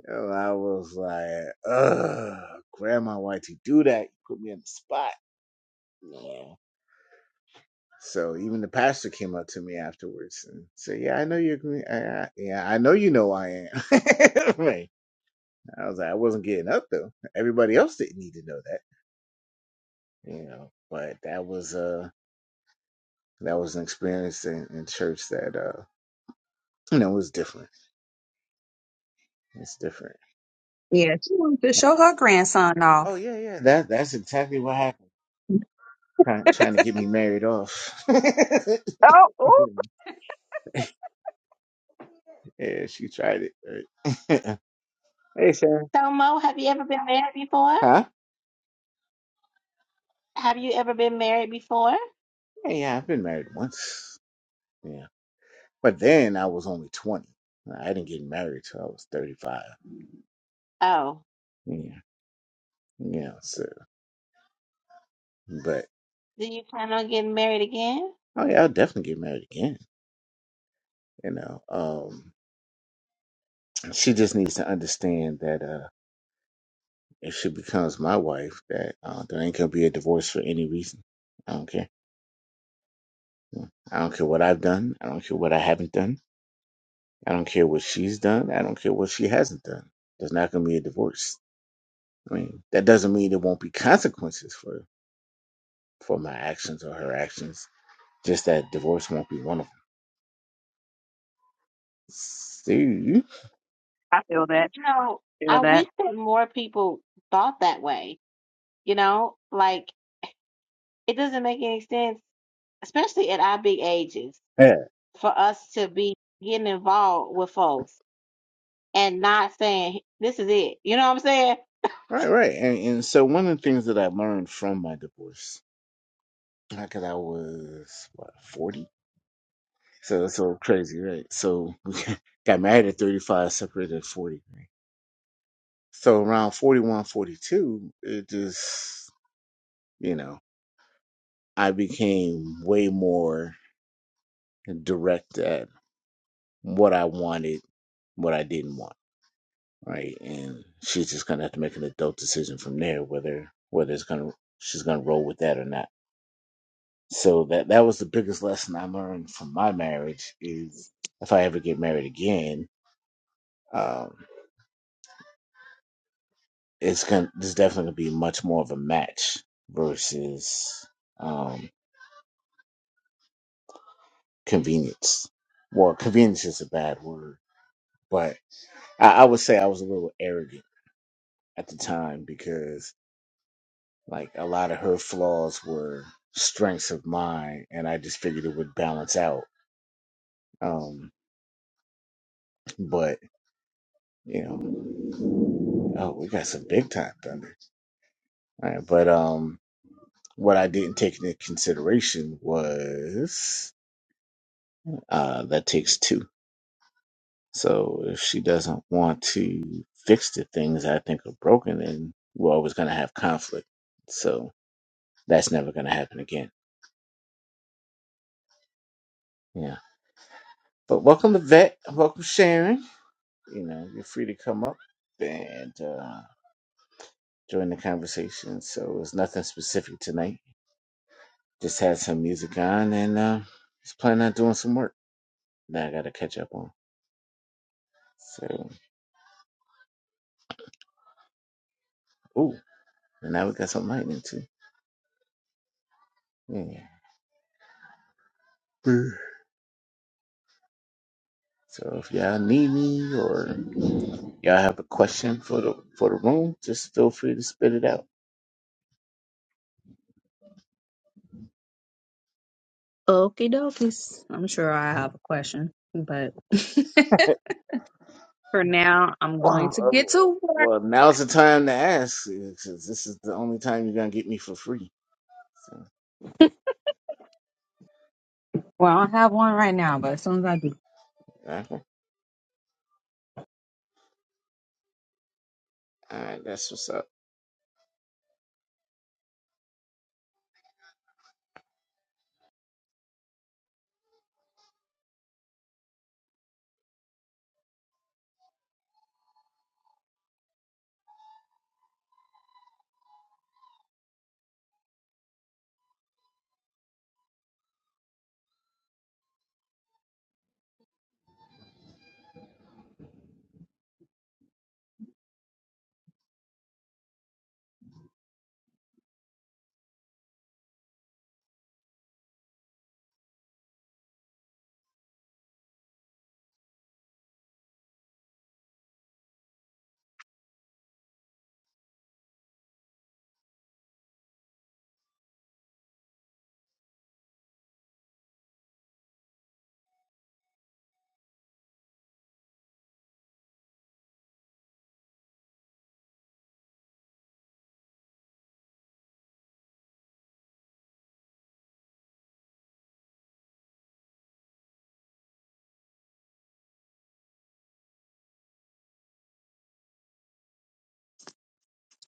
A: And I was like, ugh, Grandma, why'd you do that? You put me on the spot. You So even the pastor came up to me afterwards and said, "Yeah, I know you're. gre- I, I, yeah, I know you know I am." Right. I was like, I wasn't getting up though. Everybody else didn't need to know that, you know. But that was uh that was an experience in, in church that uh you know was different. It's different.
B: Yeah, she wants to Show her grandson
A: Oh
B: off.
A: yeah, yeah. That that's exactly what happened. Trying, trying to get me married off.
B: Oh, ooh,
A: Yeah, she tried it. Right? hey, Sharon.
C: So Mo, have you ever been married before?
A: Huh?
C: Have you ever been married before?
A: Yeah, yeah, I've been married once. Yeah. But then I was only 20. I didn't get married till I was 35.
C: Oh,
A: Yeah. Yeah. So, but,
C: do you plan on getting married again?
A: oh, yeah, I'll definitely get married again. You know, um, she just needs to understand that, uh, if she becomes my wife, that, uh, there ain't gonna be a divorce for any reason. I don't care. I don't care what I've done. I don't care what I haven't done. I don't care what she's done. I don't care what she hasn't done. There's not gonna be a divorce I mean, that doesn't mean there won't be consequences for for my actions or her actions. Just that divorce won't be one of them. See,
B: I feel that.
C: You know,
B: Feel
C: I wish
B: that.
C: that more people thought that way. You know, like it doesn't make any sense, especially at our big ages,
A: yeah,
C: for us to be getting involved with folks and not saying this is it. You know what I'm saying?
A: right, right. And and so one of the things that I learned from my divorce, because I was what forty, so that's so crazy, right? So we got married at thirty five, separated at forty. Right? So around 41, 42, it just you know I became way more direct at what I wanted, what I didn't want right? And she's just gonna have to make an adult decision from there whether whether it's gonna she's gonna roll with that or not. So that that was the biggest lesson I learned from my marriage is if I ever get married again, um, it's gonna there's definitely gonna be much more of a match versus um, convenience. Well, convenience is a bad word, but I, I would say I was a little arrogant at the time because Like a lot of her flaws were strengths of mine, and I just figured it would balance out. Um, but you know, oh, we got some big time thunder. All right, but um, what I didn't take into consideration was uh, that takes two. So if she doesn't want to fix the things I think are broken, then well, we're always going to have conflict. So that's never going to happen again. Yeah. But welcome to Vet. Welcome Sharon. you know, you're free to come up and uh, join the conversation. So it's nothing specific tonight. Just had some music on and uh, just planning on doing some work that I got to catch up on. So, ooh, and now we got some lightning too. Yeah. Brr. So if y'all need me or y'all have a question for the for the room, just feel free to spit it out.
B: Okie dokies. I'm sure I have a question, but for now, I'm going
A: Wow.
B: to
A: uh,
B: get to work.
A: Well, now's the time to ask because this is the only time you're gonna get me for free. So,
B: Well, I don't have one right now, but as soon as I do,
A: okay. All right, that's what's up.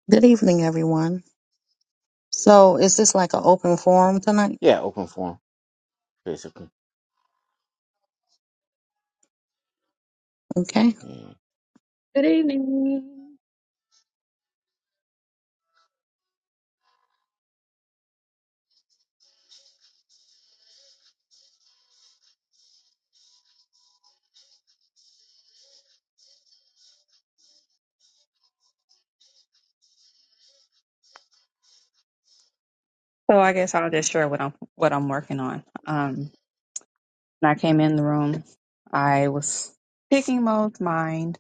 D: Good evening, everyone. So, is this like an open forum tonight?
A: Yeah, open forum, basically.
D: Okay.
A: Yeah.
B: good evening. So I guess I'll just share what I'm what I'm working on. Um, when I came in the room, I was picking Mo's mind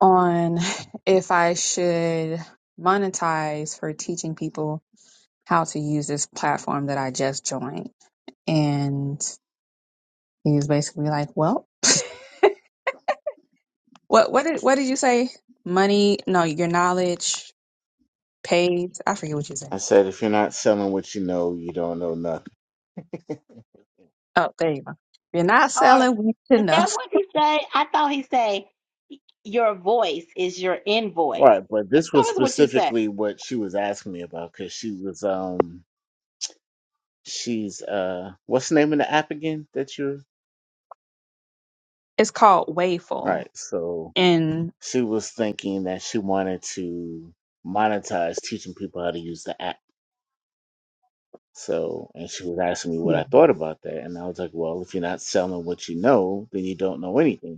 B: on if I should monetize for teaching people how to use this platform that I just joined. And he was basically like, Well, what what did what did you say? Money, no, your knowledge pays. I forget what you said.
A: I said, if you're not selling what you know, you don't know nothing.
B: Oh, there you go. You're not
C: Or
B: selling what you
C: is
B: know.
C: that what he say? I thought he say your voice is your invoice.
A: Right, but this
C: That
A: was
C: was what you said.
A: specifically what she was asking me about because she was um she's uh what's the name of the app again that you're
B: It's called Wayful.
A: right, so
B: And
A: she was thinking that she wanted to monetize teaching people how to use the app. So and she was asking me what
B: yeah.
A: I thought about that and I was like, Well, if you're not selling what you know, then you don't know anything.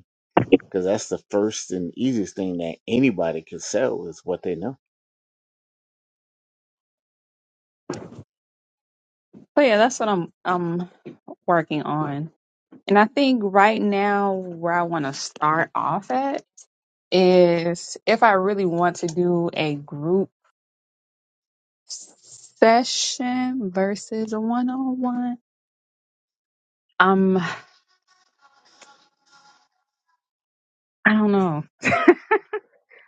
A: because that's the first and easiest thing that anybody can sell is what they know.
B: so yeah, that's what I'm I'm working on. And I think right now where I want to start off at is if I really want to do a group session versus a one on one. Um, I don't know.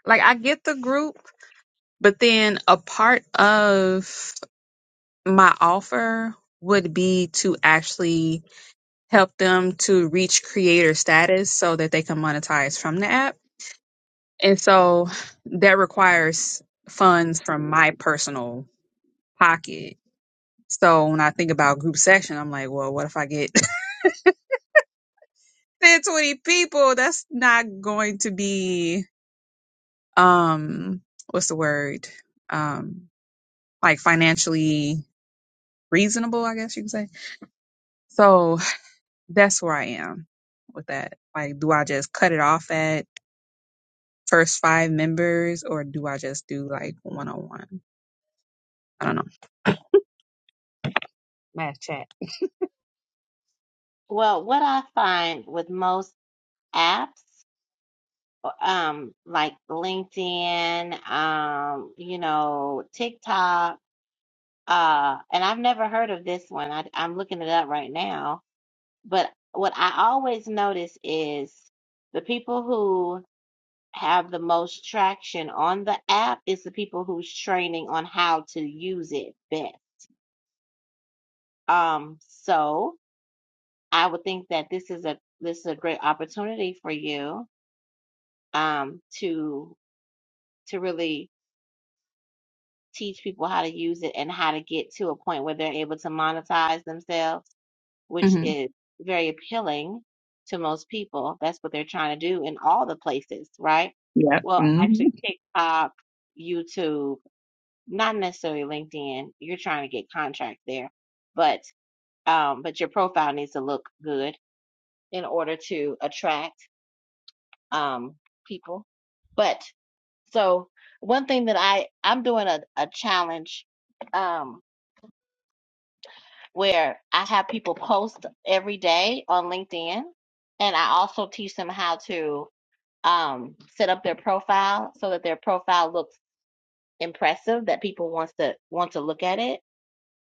B: Like I get the group, but then a part of my offer would be to actually help them to reach creator status so that they can monetize from the app. And so that requires funds from my personal pocket. So when I think about group section, I'm like, well, what if I get 10, 20 people? That's not going to be um what's the word um like financially reasonable i guess you could say so that's where i am with that like do i just cut it off at first five members or do i just do like one-on-one i don't know my chat.
C: Well, what I find with most apps, um, like LinkedIn, um, you know, TikTok, uh, and I've never heard of this one. I, I'm looking it up right now. But what I always notice is the people who have the most traction on the app is the people who's training on how to use it best. Um, so I would think that this is a this is a great opportunity for you um, to to really teach people how to use it and how to get to a point where they're able to monetize themselves, which
B: Mm-hmm.
C: is very appealing to most people. That's what they're trying to do in all the places, right?
B: Yeah.
C: Well,
B: hmm
C: actually, TikTok, YouTube, not necessarily LinkedIn. You're trying to get contract there, but um, but your profile needs to look good in order to attract um people. But So one thing that I I'm doing a, a challenge um where I have people post every day on LinkedIn and I also teach them how to um set up their profile so that their profile looks impressive that people wants to want to look at it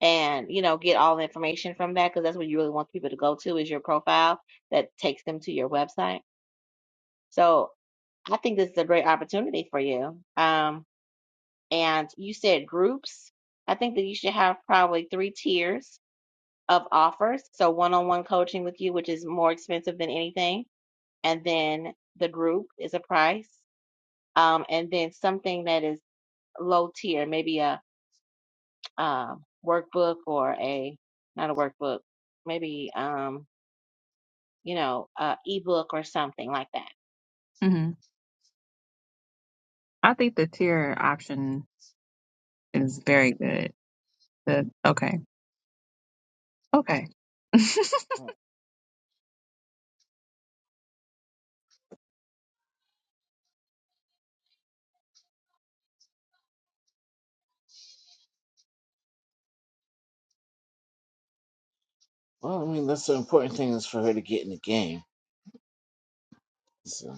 C: and you know get all the information from that because that's what you really want people to go to is your profile that takes them to your website. So I think this is a great opportunity for you. Um and you said groups. I think that you should have probably three tiers of offers. So one on one coaching with you, which is more expensive than anything. And then the group is a price. Um, and then something that is low tier, maybe a um, workbook or a, not a workbook, maybe, um, you know, a ebook or something like that.
B: hmm I think the tier option is very good. The, okay. Okay.
A: Well, I mean, that's the important thing is for her to get in the game. So,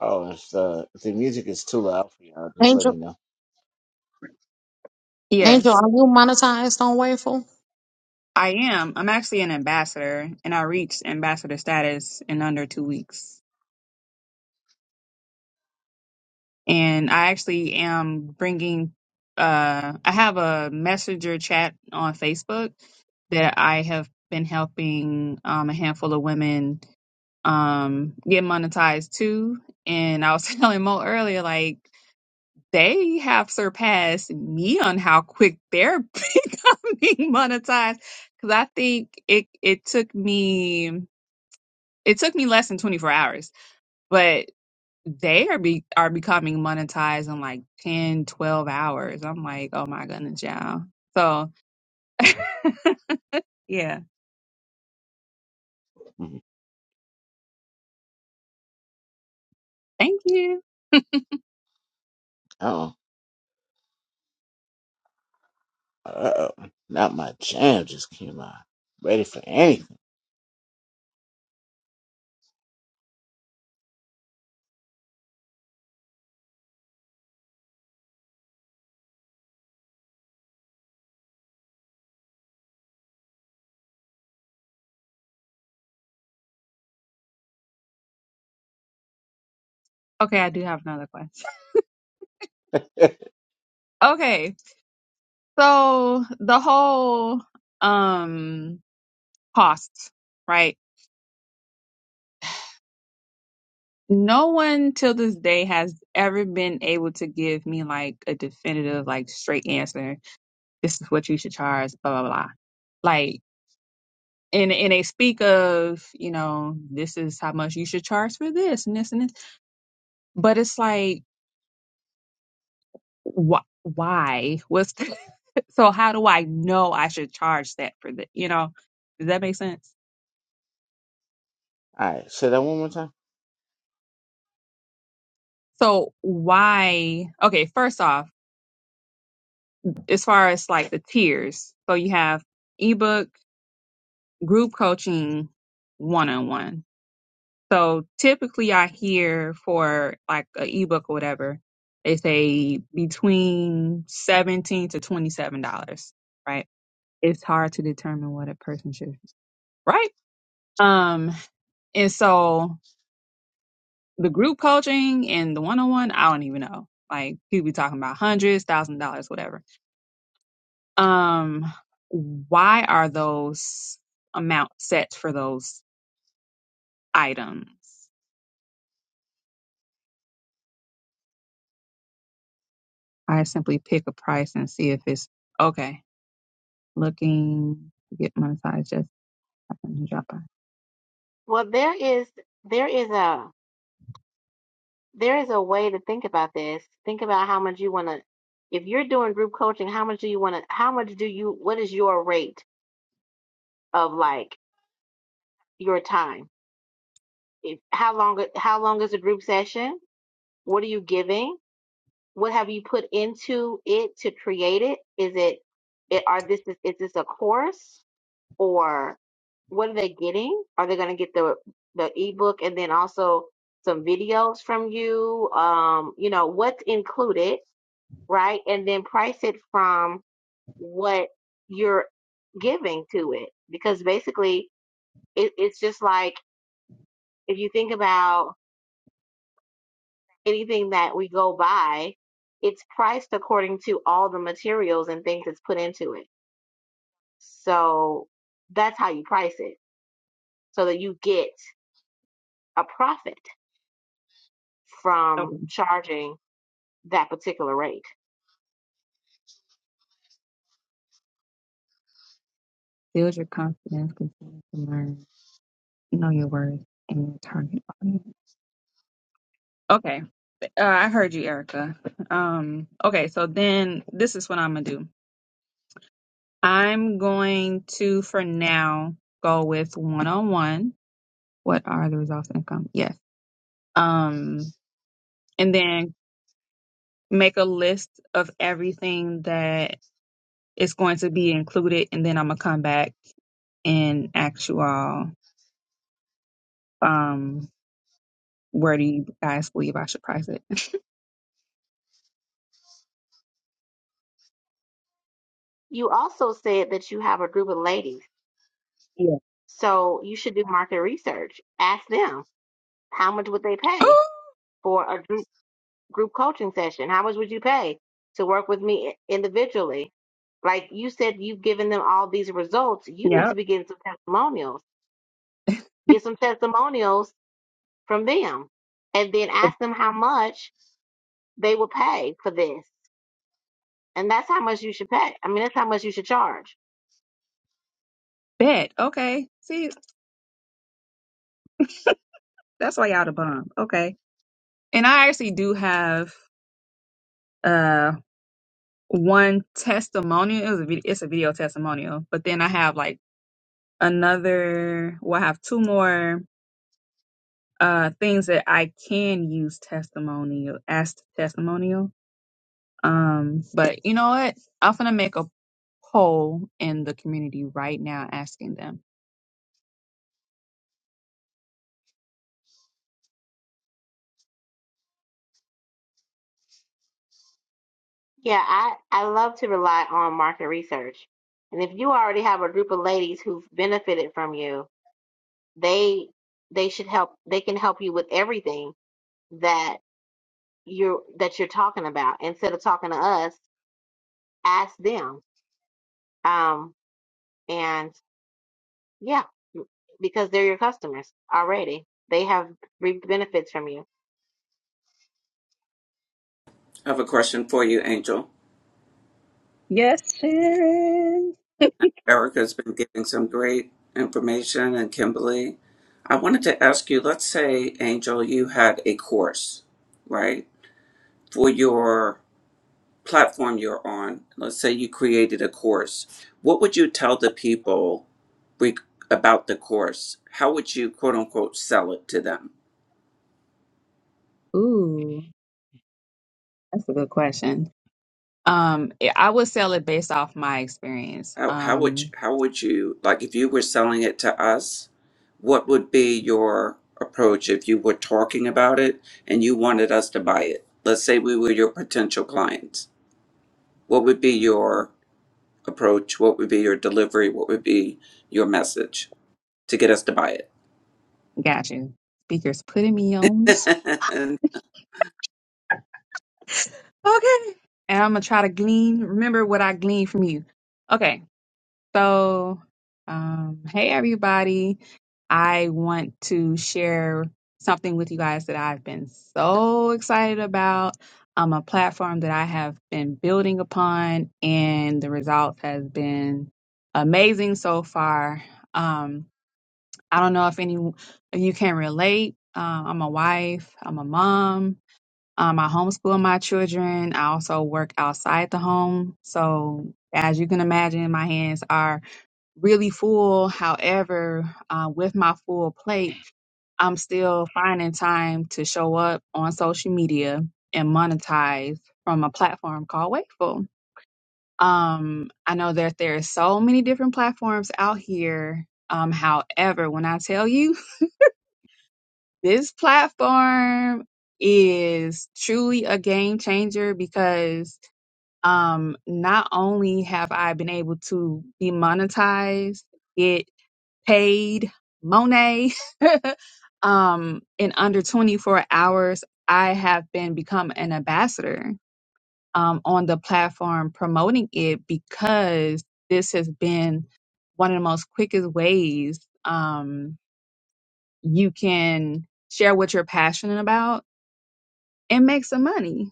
A: oh, if the if the music is too loud for y'all, just let
D: Angel,
A: me know.
D: Angel,
B: yes,
D: are you monetized on Wayful?
B: I am. I'm actually an ambassador and I reached ambassador status in under two weeks. and I actually am bringing. Uh, I have a messenger chat on Facebook that I have been helping um, a handful of women um, get monetized too. And I was telling Mo earlier, like they have surpassed me on how quick they're becoming monetized. Because I think it it took me it took me less than 24 hours, but they are be are becoming monetized in like 10, 12 hours i'm like oh my goodness y'all so yeah
A: Mhm.
B: thank you
A: Oh, uh, oh, not my jam just came on. Ready for anything?
B: okay i do have another question okay so the whole um cost right no one till this day has ever been able to give me like a definitive like straight answer this is what you should charge blah blah blah Like. and and they speak of you know this is how much you should charge for this and this and this but it's like wh- why what's the, so how do i know i should charge that for the you know does that make sense
A: All right, say that one more time.
B: so why okay first off as far as like the tiers so you have ebook group coaching one-on-one So typically I hear for like an ebook or whatever, they say between 17 to $27, right? It's hard to determine what a person should, right? Um, and so the group coaching and the one-on-one, I don't even know. Like people be talking about hundreds, thousand dollars, whatever. Um, why are those amounts set for those items? I simply pick a price and see if it's okay looking to get my size just happened to drop by.
C: Well, there is, there is a, There is a way to think about this. Think about how much you want to, if you're doing group coaching, how much do you want to, how much do you, what is your rate of like your time? If, how long, how long is a group session? What are you giving? What have you put into it to create it? Is it, it are this, is, is this a course or what are they getting? Are they going to get the, the ebook and then also some videos from you? Um, you know, what's included? right? And then price it from what you're giving to it. Because basically, it, it's just like if you think about anything that we go buy, it's priced according to all the materials and things that's put into it. So that's how you price it so that you get a profit from
B: Okay.
C: charging that particular rate.
B: Build your confidence, continue to learn, know your worth and your target audience. Okay. Uh, I heard you, Erica. Um, okay, so then this is what I'm gonna do. I'm going to, for now, go with one on one. What are the results and income? Yes. Um, and then make a list of everything that is going to be included, and then I'm gonna come back and ask you all, um, where do you guys believe I should price it?
C: You also said that you have a group of ladies.
B: yeah.
C: So you should do market research. Ask them how much would they pay for a group group coaching session? How much would you pay to work with me individually? Like you said, you've given them all these results. You need to
B: yep.
C: be getting some testimonials. Get some testimonials from them, and then ask them how much they will pay for this. And that's how much you should pay. I mean, that's how much you should charge.
B: Bet. Okay. See, that's why y'all the bomb. Okay. And I actually do have uh one testimonial. It was a video, it's a video testimonial, but then I have like another. Well, I have two more uh things that I can use testimonial as testimonial. Um, but you know what? I'm gonna make a poll in the community right now asking them.
C: Yeah, I I love to rely on market research. And if you already have a group of ladies who've benefited from you, they they should help they can help you with everything that you're that you're talking about instead of talking to us ask them um and yeah because they're your customers already they have reaped benefits from you
E: I have a question for you, Angel.
B: Yes, Sharon.
E: Erica's been giving some great information, and Kimberly. I wanted to ask you let's say, Angel, you had a course, right, for your platform you're on. Let's say you created a course. What would you tell the people re- about the course? How would you, quote unquote, sell it to them?
B: Ooh, that's a good question. Um, I I would sell it based off my experience.
E: How how would you,
B: Um,
E: how would you like if you were selling it to us? What would be your approach if you were talking about it and you wanted us to buy it? Let's say we were your potential clients. What would be your approach? What would be your delivery? What would be your message to get us to buy
B: Got you. Speaker's putting me on the spot.
E: it?
B: Okay. And I'm gonna try to glean. Remember what I gleaned from you. Okay. So, um, hey everybody. I want to share something with you guys that I've been so excited about. Um, a platform that I have been building upon, and the results has been amazing so far. Um, I don't know if any of you can relate. Uh, I'm a wife. I'm a mom. Um, I homeschool my children. I also work outside the home. So, as you can imagine, my hands are really full. However, uh, with my full plate, I'm still finding time to show up on social media and monetize from a platform called Wakeful. Um, I know that there are so many different platforms out here. Um, however, when I tell you, this platform is truly a game changer because um, not only have I been able to be monetized, get paid, Monet, um, in under 24 hours, I have been become an ambassador um, on the platform promoting it because this has been one of the most quickest ways um, you can share what you're passionate about and make some money,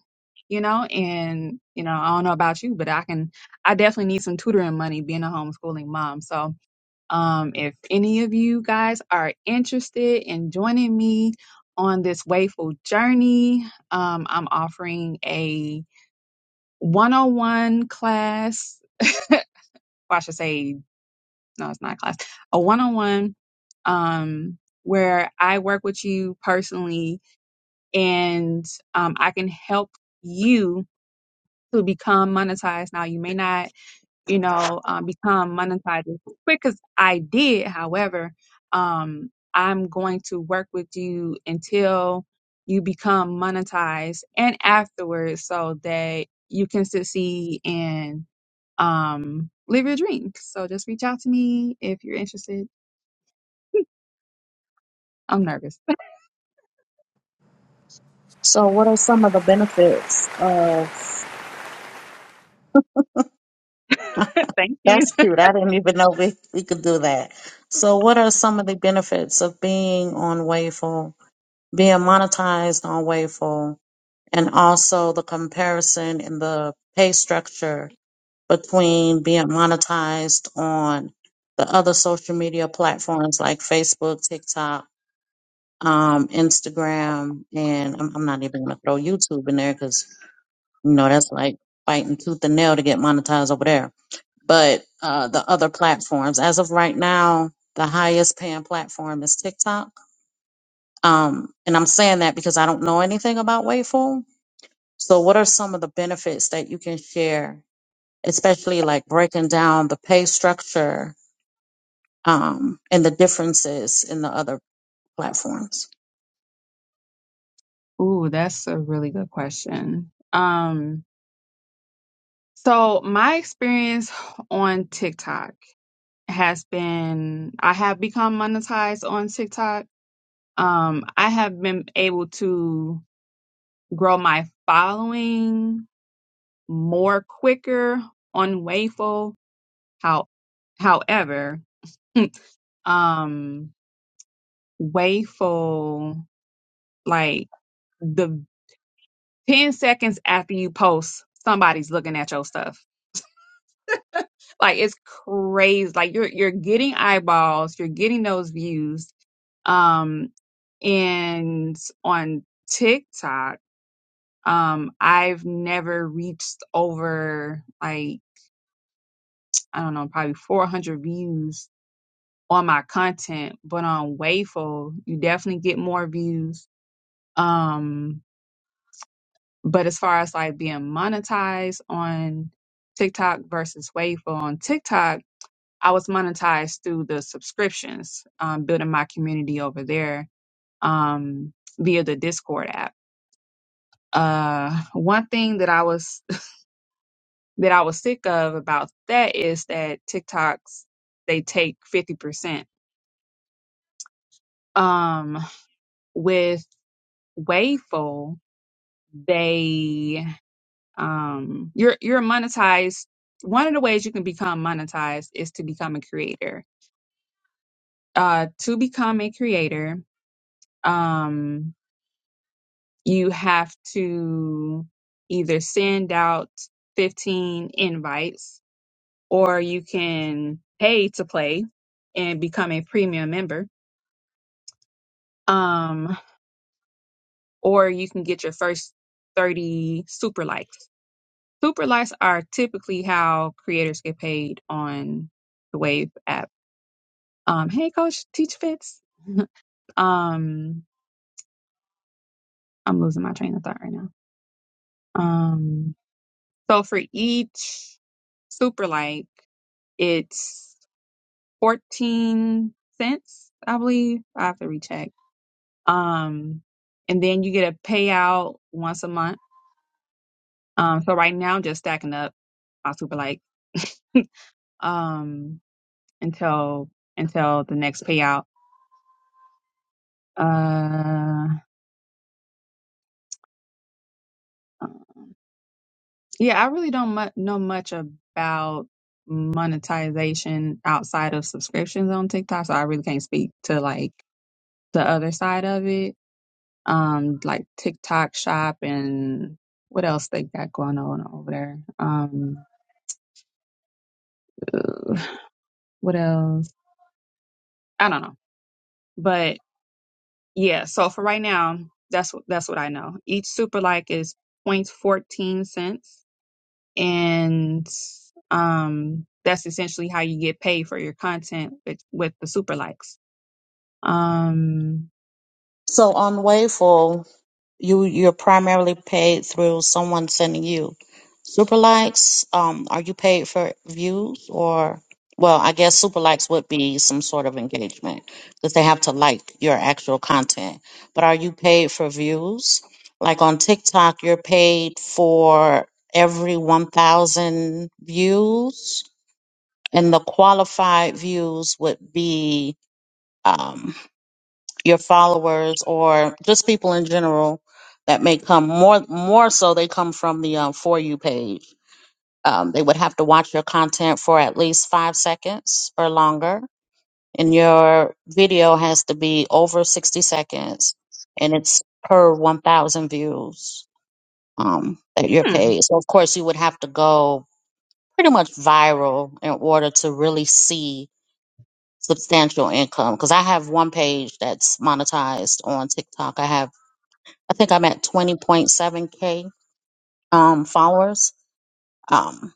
B: you know. And you know, I don't know about you, but I can. I definitely need some tutoring money being a homeschooling mom. So, um, if any of you guys are interested in joining me on this wayful journey, um, I'm offering a one-on-one class. Well, I should say, no, it's not a class. A one-on-one. Um, where I work with you personally and um, I can help you to become monetized. Now, you may not, you know, um, become monetized as quick as I did. However, um, I'm going to work with you until you become monetized and afterwards so that you can succeed and um, live your dreams. So just reach out to me if you're interested. I'm nervous.
D: So, what are some of the benefits of?
B: Thank you.
D: That's cute. I didn't even know we, we could do that. So, what are some of the benefits of being on Wayful, being monetized on Wayful, and also the comparison in the pay structure between being monetized on the other social media platforms like Facebook, TikTok? um, Instagram, and I'm, I'm not even gonna throw YouTube in there because you know that's like fighting tooth and nail to get monetized over there. But uh, the other platforms, as of right now, the highest paying platform is TikTok. Um, and I'm saying that because I don't know anything about Waveform. So, what are some of the benefits that you can share, especially like breaking down the pay structure um, and the differences in the other platforms
B: Ooh, that's a really good question. Um, so my experience on TikTok. has been I have become monetized on TikTok. Um, I have been able to grow my following more quicker on Wayful. How, however, um, Wayful like the ten seconds after you post, somebody's looking at your stuff. Like it's crazy. Like you're you're getting eyeballs, you're getting those views. Um. And on TikTok, um, I've never reached over like, I don't know, probably 400 views on my content, but on Wayful, you definitely get more views. Um, but as far as like being monetized on TikTok versus Wayful on TikTok, I was monetized through the subscriptions, um, building my community over there, um, via the Discord app Uh, one thing that I was that I was sick of about that is that TikToks they take fifty percent. Um, with Waveful they um you're you're monetized. One of the ways you can become monetized is to become a creator. Uh, to become a creator, um, you have to either send out fifteen invites or you can pay to play and become a premium member. Um, or you can get your first 30 super likes. Super likes are typically how creators get paid on the Wave app. Um, hey, coach, teach fits. Um, I'm losing my train of thought right now. Um, so for each super like, it's 14 cents, I believe. I have to recheck Um, and then you get a payout once a month. Um, so right now I'm just stacking up my super like um until until the next payout. Uh, yeah, I really don't mu- know much about monetization outside of subscriptions on TikTok, so I really can't speak to like the other side of it. Um, like TikTok Shop and what else they got going on over there. Um, What else? I don't know. But yeah, so for right now, that's what that's what I know. Each super like is point fourteen cents, and um that's essentially how you get paid for your content with, with the super likes. Um
D: so on wayful you you're primarily paid through someone sending you super likes. Um, are you paid for views or? Well, I guess super likes would be some sort of engagement because they have to like your actual content. But are you paid for views? Like on TikTok, you're paid for every 1,000 views, and the qualified views would be um, your followers or just people in general that may come more more so they come from the um, for you page um, they would have to watch your content for at least five seconds or longer and your video has to be over 60 seconds and it's per 1000 views um, that you're
B: hmm,
D: paid so of course you would have to go pretty much viral in order to really see substantial income because i have one page that's monetized on tiktok i have I think I'm at 20.7K um, followers. Um,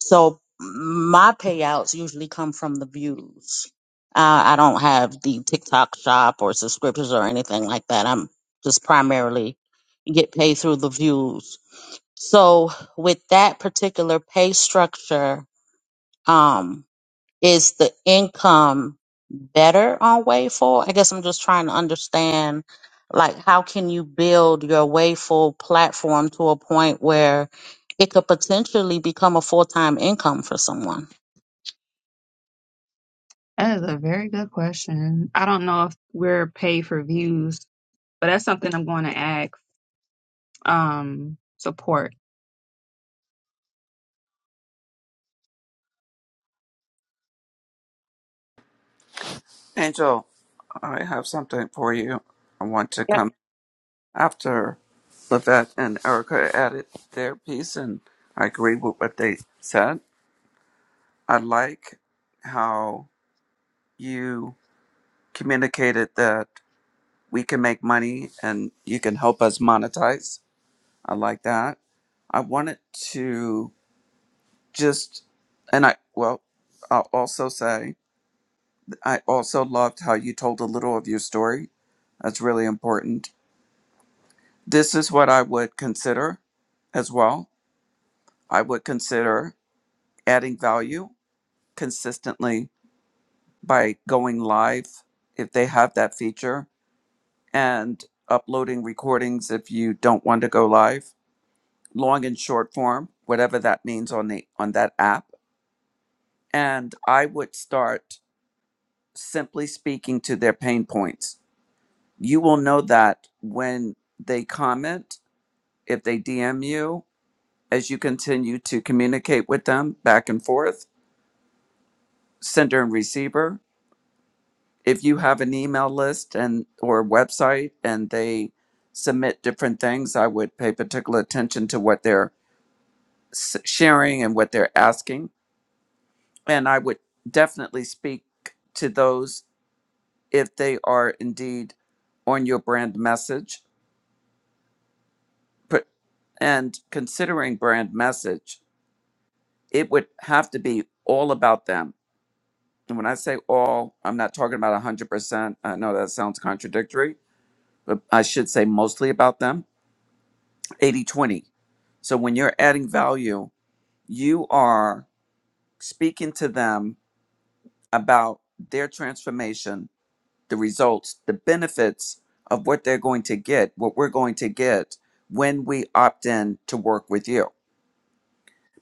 D: so my payouts usually come from the views. Uh, I don't have the TikTok shop or subscriptions or anything like that. I'm just primarily get paid through the views. So with that particular pay structure, um, is the income better on Wayful? I guess I'm just trying to understand, like, how can you build your Wayful platform to a point where it could potentially become a full time income for someone?
B: that is a very good question. I don't know if we're paid for views, but that's something I'm going to ask um support.
E: Angel, I have something for you. I want to come after Levette and Erica added their piece, and I agree with what they said. I like how you communicated that we can make money and you can help us monetize. I like that. I wanted to just, and I, well, I'll also say, I also loved how you told a little of your story. That's really important. This is what I would consider as well. I would consider adding value consistently by going live if they have that feature and uploading recordings if you don't want to go live, long and short form, whatever that means on the on that app. And I would start simply speaking to their pain points. You will know that when they comment, if they DM you, as you continue to communicate with them back and forth, sender and receiver. If you have an email list and or website and they submit different things, I would pay particular attention to what they're s- sharing and what they're asking. And I would definitely speak to those if they are indeed on your brand message. But, and considering brand message, it would have to be all about them. And when I say all, I'm not talking about 100%. I know that sounds contradictory, but I should say mostly about them 80 20. So when you're adding value, you are speaking to them about their transformation the results, the benefits of what they're going to get, what we're going to get when we opt in to work with you,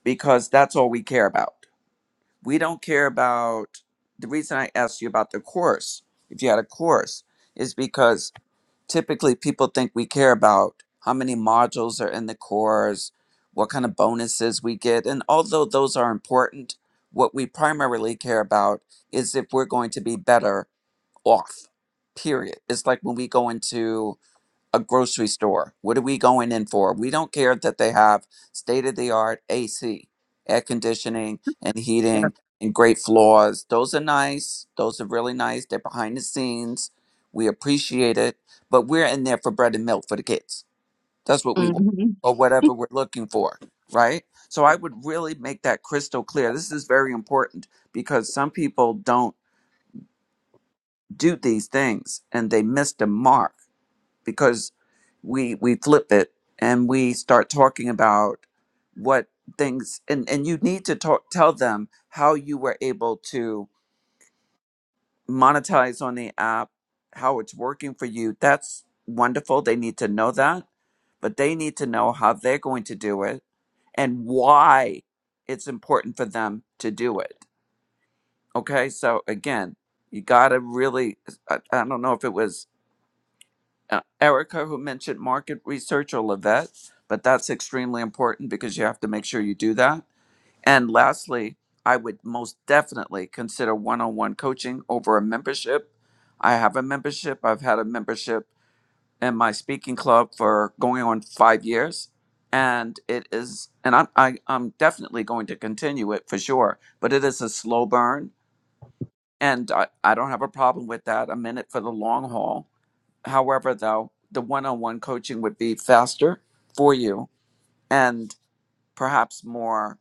E: because that's all we care about. We don't care about the reason I asked you about the course, if you had a course, is because typically people think we care about how many modules are in the course, what kind of bonuses we get. And although those are important, what we primarily care about is if we're going to be better off. Period. It's like when we go into a grocery store. What are we going in for? We don't care that they have state of the art AC, air conditioning and
B: Yep.
E: heating and great floors. Those are nice. Those are really nice. They're behind the scenes. We appreciate it, but we're in there for bread and milk for the kids. That's what we want or whatever we're looking for, right? So I would really make that crystal clear. This is very important because some people don't do these things and they miss the mark because we we flip it and we start talking about what things and and you need to talk tell them how you were able to monetize on the app how it's working for you that's wonderful they need to know that but they need to know how they're going to do it and why it's important for them to do it okay so again you got to really I, I don't know if it was uh, Erica who mentioned market research or Levette, but that's extremely important because you have to make sure you do that. And lastly, I would most definitely consider one on one coaching over a membership. I have a membership, I've had a membership in my speaking club for going on five years. And it is, and I'm, I, I'm definitely going to continue it for sure, but it is a slow burn. And I, I don't have a problem with that. I'm in it for the long haul However, though, the one on one coaching would be faster for you and perhaps more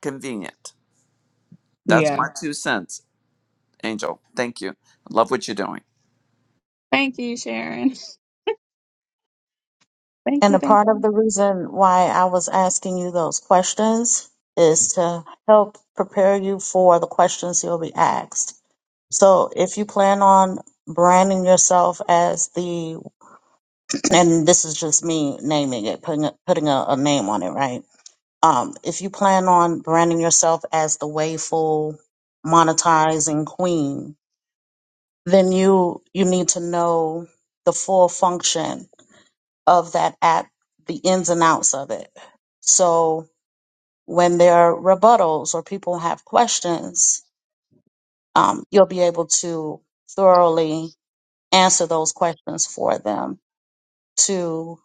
E: convenient. That's
B: Yeah.
E: my two cents, Angel. Thank you. Love what you're doing.
B: Thank you, Sharon. Thank
D: And
B: you.
D: a
B: Thank
D: part of
B: you.
D: the reason why I was asking you those questions is to help prepare you for the questions you'll be asked. So if you plan on branding yourself as the, and this is just me naming it, putting a, putting a, a name on it, right? Um, if you plan on branding yourself as the wayful monetizing queen, then you you need to know the full function of that app, the ins and outs of it. So when there are rebuttals or people have questions, um, you'll be able to thoroughly answer those questions for them to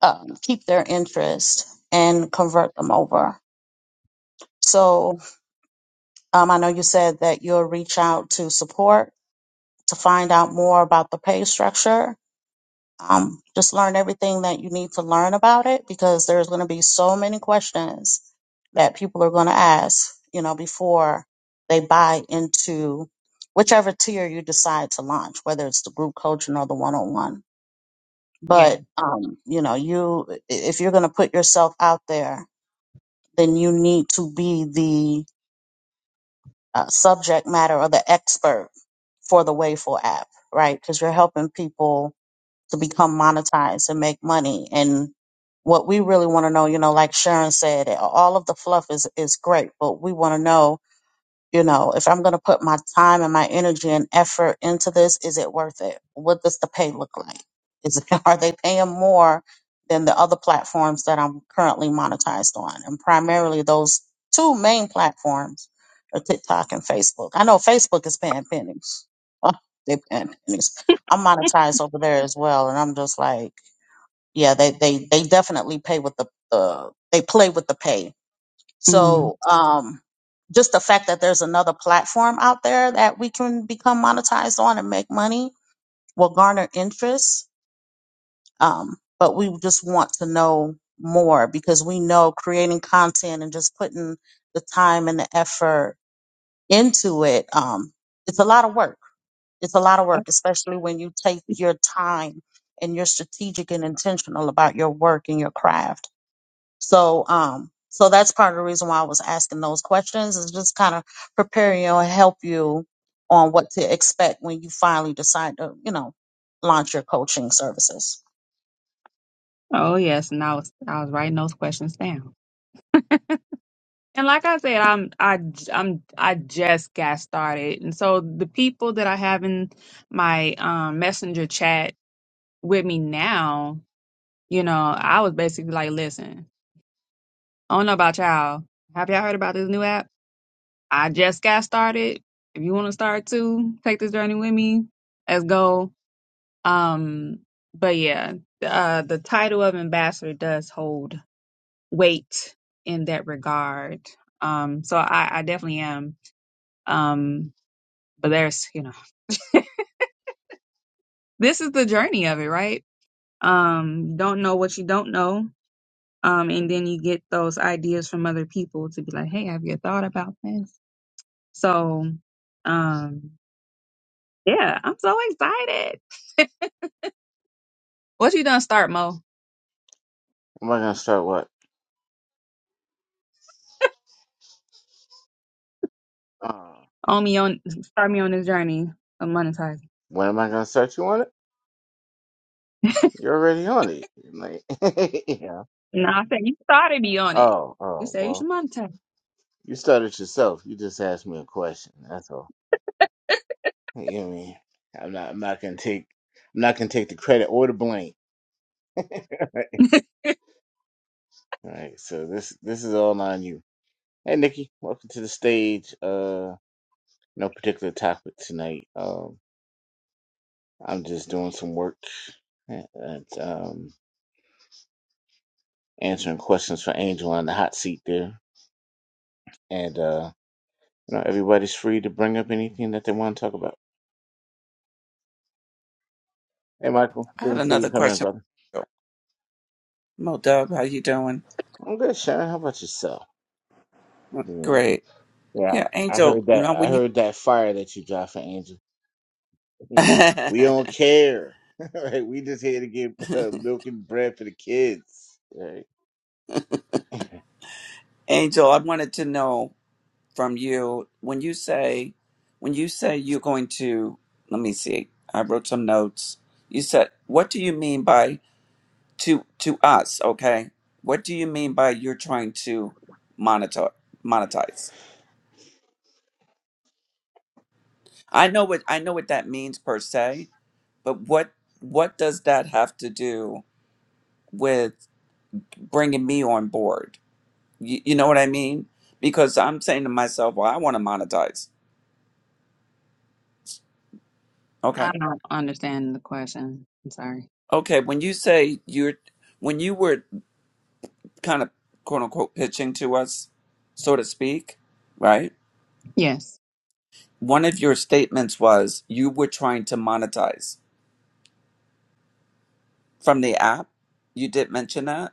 D: um, keep their interest and convert them over. So um, I know you said that you'll reach out to support to find out more about the pay structure. Um, just learn everything that you need to learn about it because there's going to be so many questions that people are going to ask, you know, before they buy into whichever tier you decide to launch, whether it's the group coaching or the one on one.
B: Yeah.
D: But um, you know, you i- if you're going to put yourself out there, then you need to be the uh, subject matter or the expert for the Wayful app, right? Because you're helping people to become monetized and make money. And what we really want to know, you know, like Sharon said, all of the fluff is is great, but we want to know you know, if I'm going to put my time and my energy and effort into this, is it worth it? What does the pay look like? Is are they paying more than the other platforms that I'm currently monetized on? And primarily those two main platforms are TikTok and Facebook. I know Facebook is paying pennies. Oh, they paying pennies. I'm monetized over there as well, and I'm just like, yeah, they they they definitely pay with the the they play with the pay
B: Mm.
D: so um, just the fact that there's another platform out there that we can become monetized on and make money will garner interest. Um, but we just want to know more because we know creating content and just putting the time and the effort into it, um, it's a lot of work. It's a lot of
B: That's-
D: work, especially when you take your time and you're strategic and intentional about your work and your craft so, um, so that's part of the reason why I was asking those questions is just kind of prepare you and help you on what to expect when you finally decide to, you know, launch your coaching services.
B: Oh yes, and I was I was writing those questions down. And like I said, I'm I j- I'm I just got started, and so the people that I have in my um, messenger chat with me now, you know, I was basically like, "Listen, I don't know about y'all. Have y'all heard about this new app? I just got started. If you want to start too, take this journey with me. Let's go." Um, but yeah, uh, the title of ambassador does hold weight in that regard. Um, so I, I definitely am. Um, but there's you know this is the journey of it right um you don't know what you don't know um and then you get those ideas from other people to be like hey have you thought about this so um yeah i'm so excited what you done start mo
A: Am I gonna start what? Uh,
B: on me on start me on this journey of monetizing
A: when am I gonna start? You on it? You're already on it. Like, yeah.
B: no i said you started me on it
A: Oh,
B: you
A: oh,
B: said you should
A: well,
B: monetize
A: you started yourself. You just asked me a question. That's all. You know what I mean? I'm not I'm not gonna take I'm not gonna take the credit or the blame. All right. So this this is all on you. Hey Nikki, welcome to the stage. Uh no particular topic tonight. Um I'm just doing some work and and, um answering questions for Angel on the hot seat there. And uh you know everybody's free to bring up anything that they want to talk about. Hey Michael,
E: I had
A: good to see you
E: another
A: come in,
E: question.
A: brother.
E: Mo Dub, how you doing?
A: I'm good, Sharon. How about yourself? Yeah.
E: Great.
A: Yeah.
E: Yeah,
A: I heard
E: Angel,
A: that
E: now
A: I
E: when you
A: heard that fire that you dropped for Angel. You know,
E: Angel,
A: we don't care. right? We just here to get uh, milk and bread for the kids. Right?
E: I wanted to know from you when you say when you say you're going to let me see. I wrote some notes. You said what do you mean by to to us okay what do you mean by you're trying to monitor monetize i know what i know what that means per se but what what does that have to do with bringing me on board you, you know what i mean because i'm saying to myself well i want to monetize
B: i
E: okay
B: don't understand the question i'm sorry
E: okay when you say you're when you were kind of quote unquote pitching to us so to speak right
B: yes
E: one of your statements was you were trying to monetize from the app. You did mention that.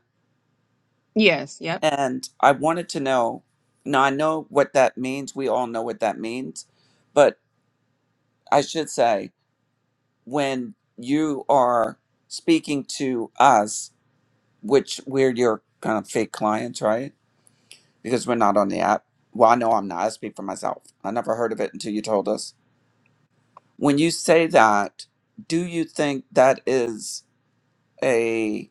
B: yes yep
E: And I wanted to know now, I know what that means. We all know what that means. But I should say, when you are speaking to us, which we're your kind of fake clients, right? Because we're not on the app. Well, I know I'm not. I speak for myself. I never heard of it until you told us. When you say that, do you think that is a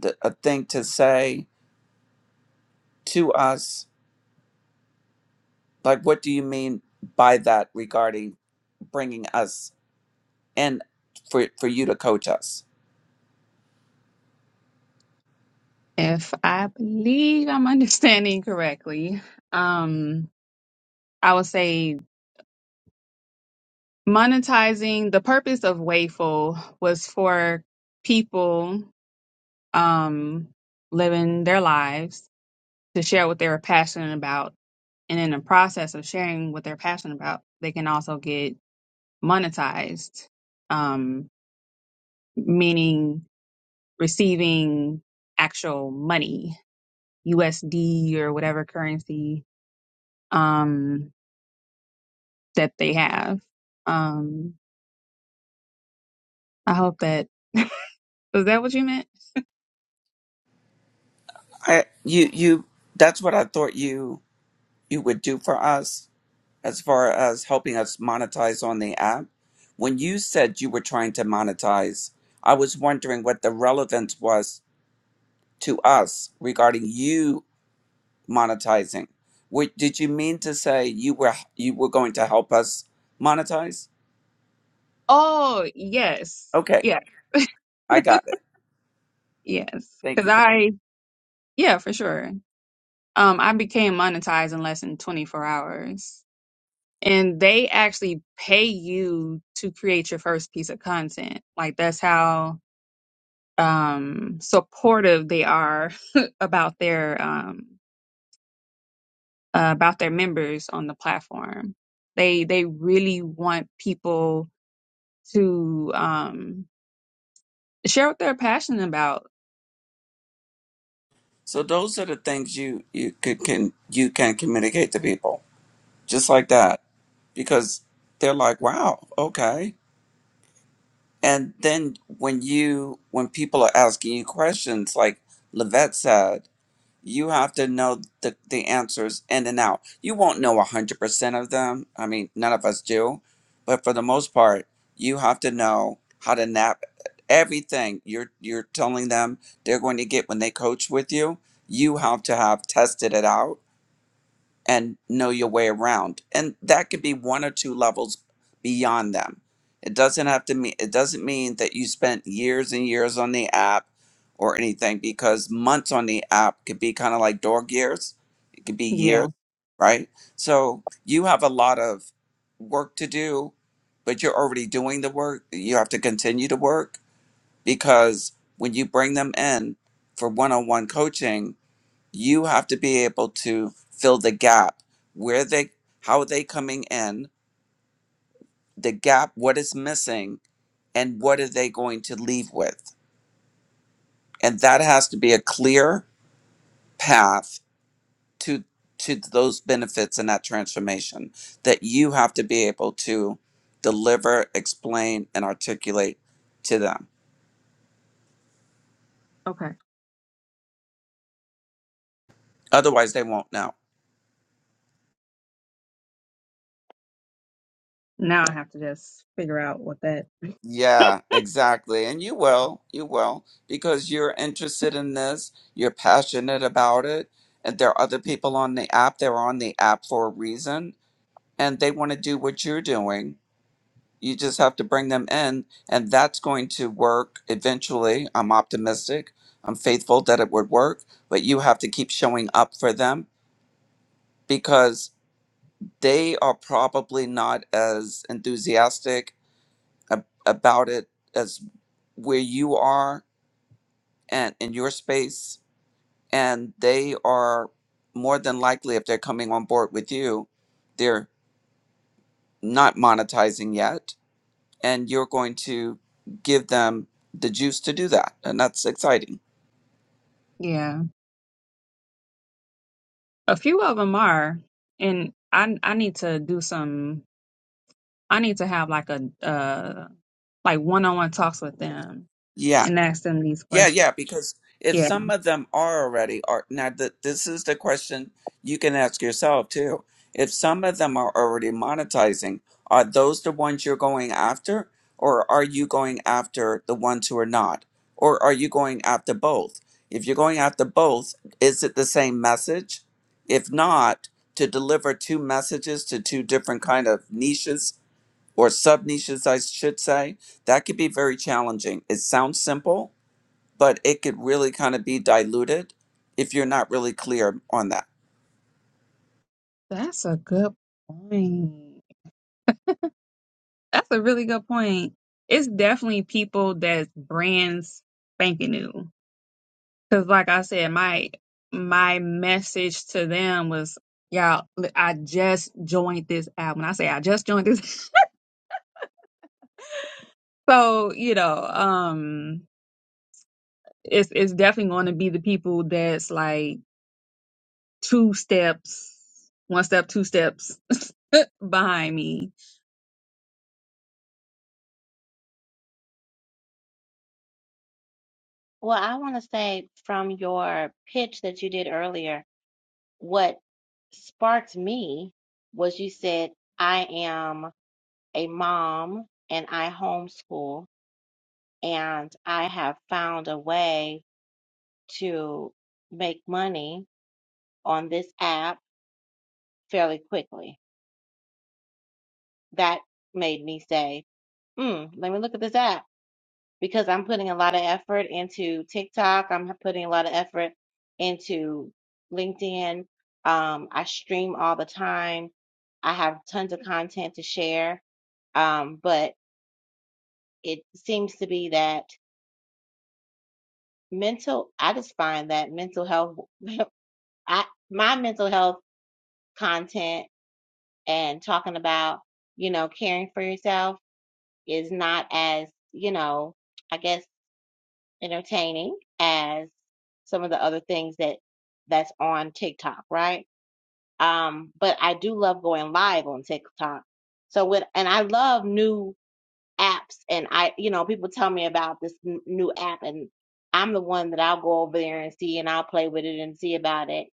E: th- a thing to say to us Like, what do you mean by that regarding bringing us in for, for you to coach us?
B: If I believe I'm understanding correctly, um, I would say monetizing the purpose of Wayful was for people um, living their lives to share what they were passionate about. And in the process of sharing what they're passionate about, they can also get monetized, um, meaning receiving actual money, USD or whatever currency. Um, that they have. Um, I hope that was that what you meant?
E: I, you, you, that's what I thought you, you would do for us as far as helping us monetize on the app. When you said you were trying to monetize, I was wondering what the relevance was to us regarding you monetizing. Wait, did you mean to say you were you were going to help us monetize?
B: Oh, yes.
E: Okay,
B: Yeah,
E: I got it.
B: yes.
E: Thank
B: Because
E: you.
B: I, yeah, for sure. Um, I became monetized in less than 24 hours. And they actually pay you to create your first piece of content. Like, that's how um supportive they are about their um uh, about their members on the platform. They they really want people to um Share what they're passionate about.
E: So those are the things you you could can you can communicate to people just like that because they're like, wow, okay. And then when you when people are asking you questions like Levette said, You have to know the, the answers in and out. You won't know 100% of them. I mean, none of us do. But for the most part, you have to know how to nap everything you're you're telling them they're going to get when they coach with you. You have to have tested it out and know your way around. And that could be one or two levels beyond them. It doesn't have to mean it doesn't mean that you spent years and years on the app or anything because months on the app could be kind of like dog years. It could be years,
B: Yeah.
E: right? So you have a lot of work to do, but you're already doing the work. You have to continue to work because when you bring them in for one-on-one coaching, you have to be able to fill the gap where they how are they coming in the gap what is missing and what are they going to leave with and that has to be a clear path to to those benefits and that transformation that you have to be able to deliver explain and articulate to them
B: Okay.
E: otherwise they won't know
B: Now I have to just figure out what that.
E: Yeah, exactly. And you will, you will, because you're interested in this, you're passionate about it, and there are other people on the app. They're on the app for a reason, and they want to do what you're doing. You just have to bring them in, and that's going to work eventually. I'm optimistic. I'm faithful that it would work, but you have to keep showing up for them because they are probably not as enthusiastic ab- about it as where you are and in your space and they are more than likely if they're coming on board with you they're not monetizing yet and you're going to give them the juice to do that and that's exciting
B: Yeah. A few of them are, and I I need to do some. I need to have like a uh like one on one talks with them
E: Yeah.
B: and ask them these
E: Yeah,
B: questions.
E: yeah, because if
B: Yeah,
E: some of them are already are now th this is the question you can ask yourself too. If some of them are already monetizing, are those the ones you're going after, or are you going after the ones who are not? Or are you going after both? If you're going after both, is it the same message? If not, to deliver two messages to two different kind of niches or sub niches, I should say, that could be very challenging. It sounds simple, but it could really kind of be diluted if you're not really clear on that.
B: that's a good point. That's a really good point. It's definitely people that's brands spanking new. Cause like I said, my my message to them was, y'all, li- I just joined this app. When I say I just joined this, so you know, um, it's it's definitely going to be the people that's like two steps, one step, two steps behind me
C: Well, I want to say from your pitch that you did earlier, what sparked me was you said, I am a mom and I homeschool, and I have found a way. to make money on this app fairly quickly. That made me say, hmm, let me look at this app because I'm putting a lot of effort into TikTok. I'm putting a lot of effort into LinkedIn. Um, I stream all the time. I have tons of content to share. Um, but it seems to be that mental, I just find that mental health, I, my mental health content and talking about, you know, caring for yourself is not as, you know, I guess entertaining as some of the other things that that's on TikTok, right? Um, but I do love going live on TikTok. So with and I love new apps and I, you know, people tell me about this n- new app and I'm the one that I'll go over there and see and I'll play with it and see about it.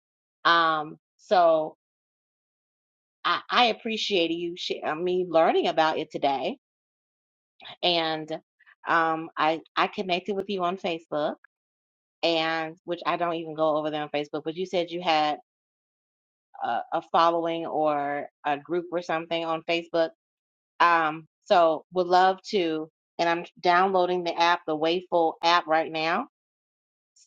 C: Um, so I, I appreciate you sh- uh, me learning about it today and um, I I connected with you on Facebook, and which I don't even go over there on Facebook. But you said you had a, a following or a group or something on Facebook. Um, so would love to, and I'm downloading the app, the Wayful app right now.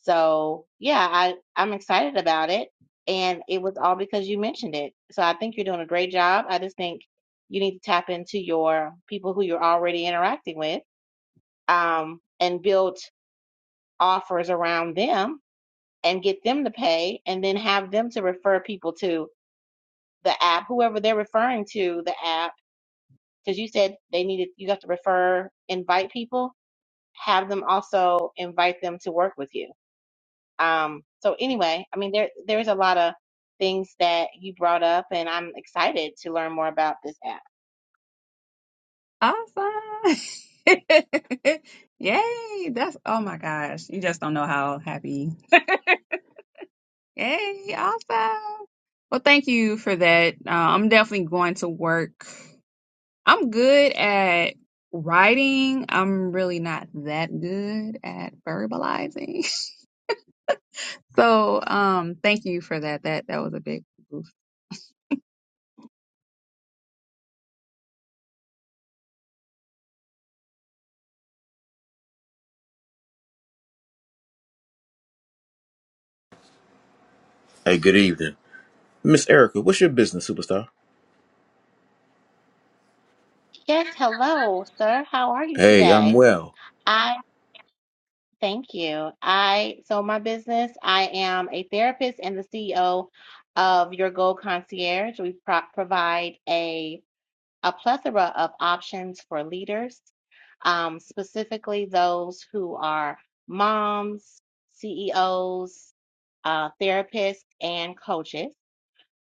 C: So yeah, I I'm excited about it, and it was all because you mentioned it. So I think you're doing a great job. I just think you need to tap into your people who you're already interacting with um, and build. offers around them and get them to pay and then have them to refer people to the app, whoever they're referring to the app. Because you said they needed, you have to refer, invite people, have them also invite them to work with you. Um, so anyway, I mean, there, there's a lot of things that you brought up and I'm excited to learn more about this app.
B: Awesome. Yay. That's, oh my gosh. You just don't know how happy. Yay. Awesome. Well, thank you for that. Uh, I'm definitely going to work. I'm good at writing. I'm really not that good at verbalizing. So, um, thank you for that. That, that was a big boost.
F: Hey, good evening. Miss Erica, what's your business, superstar?
C: Yes. Hello, sir. How are you
F: Hey, I'm
C: today?
F: well.
C: Thank you. I so my business, I am a therapist and the CEO of Your Gold Concierge. We pro provide a a plethora of options for leaders, um, specifically those who are moms, CEOs, uh, therapists, and coaches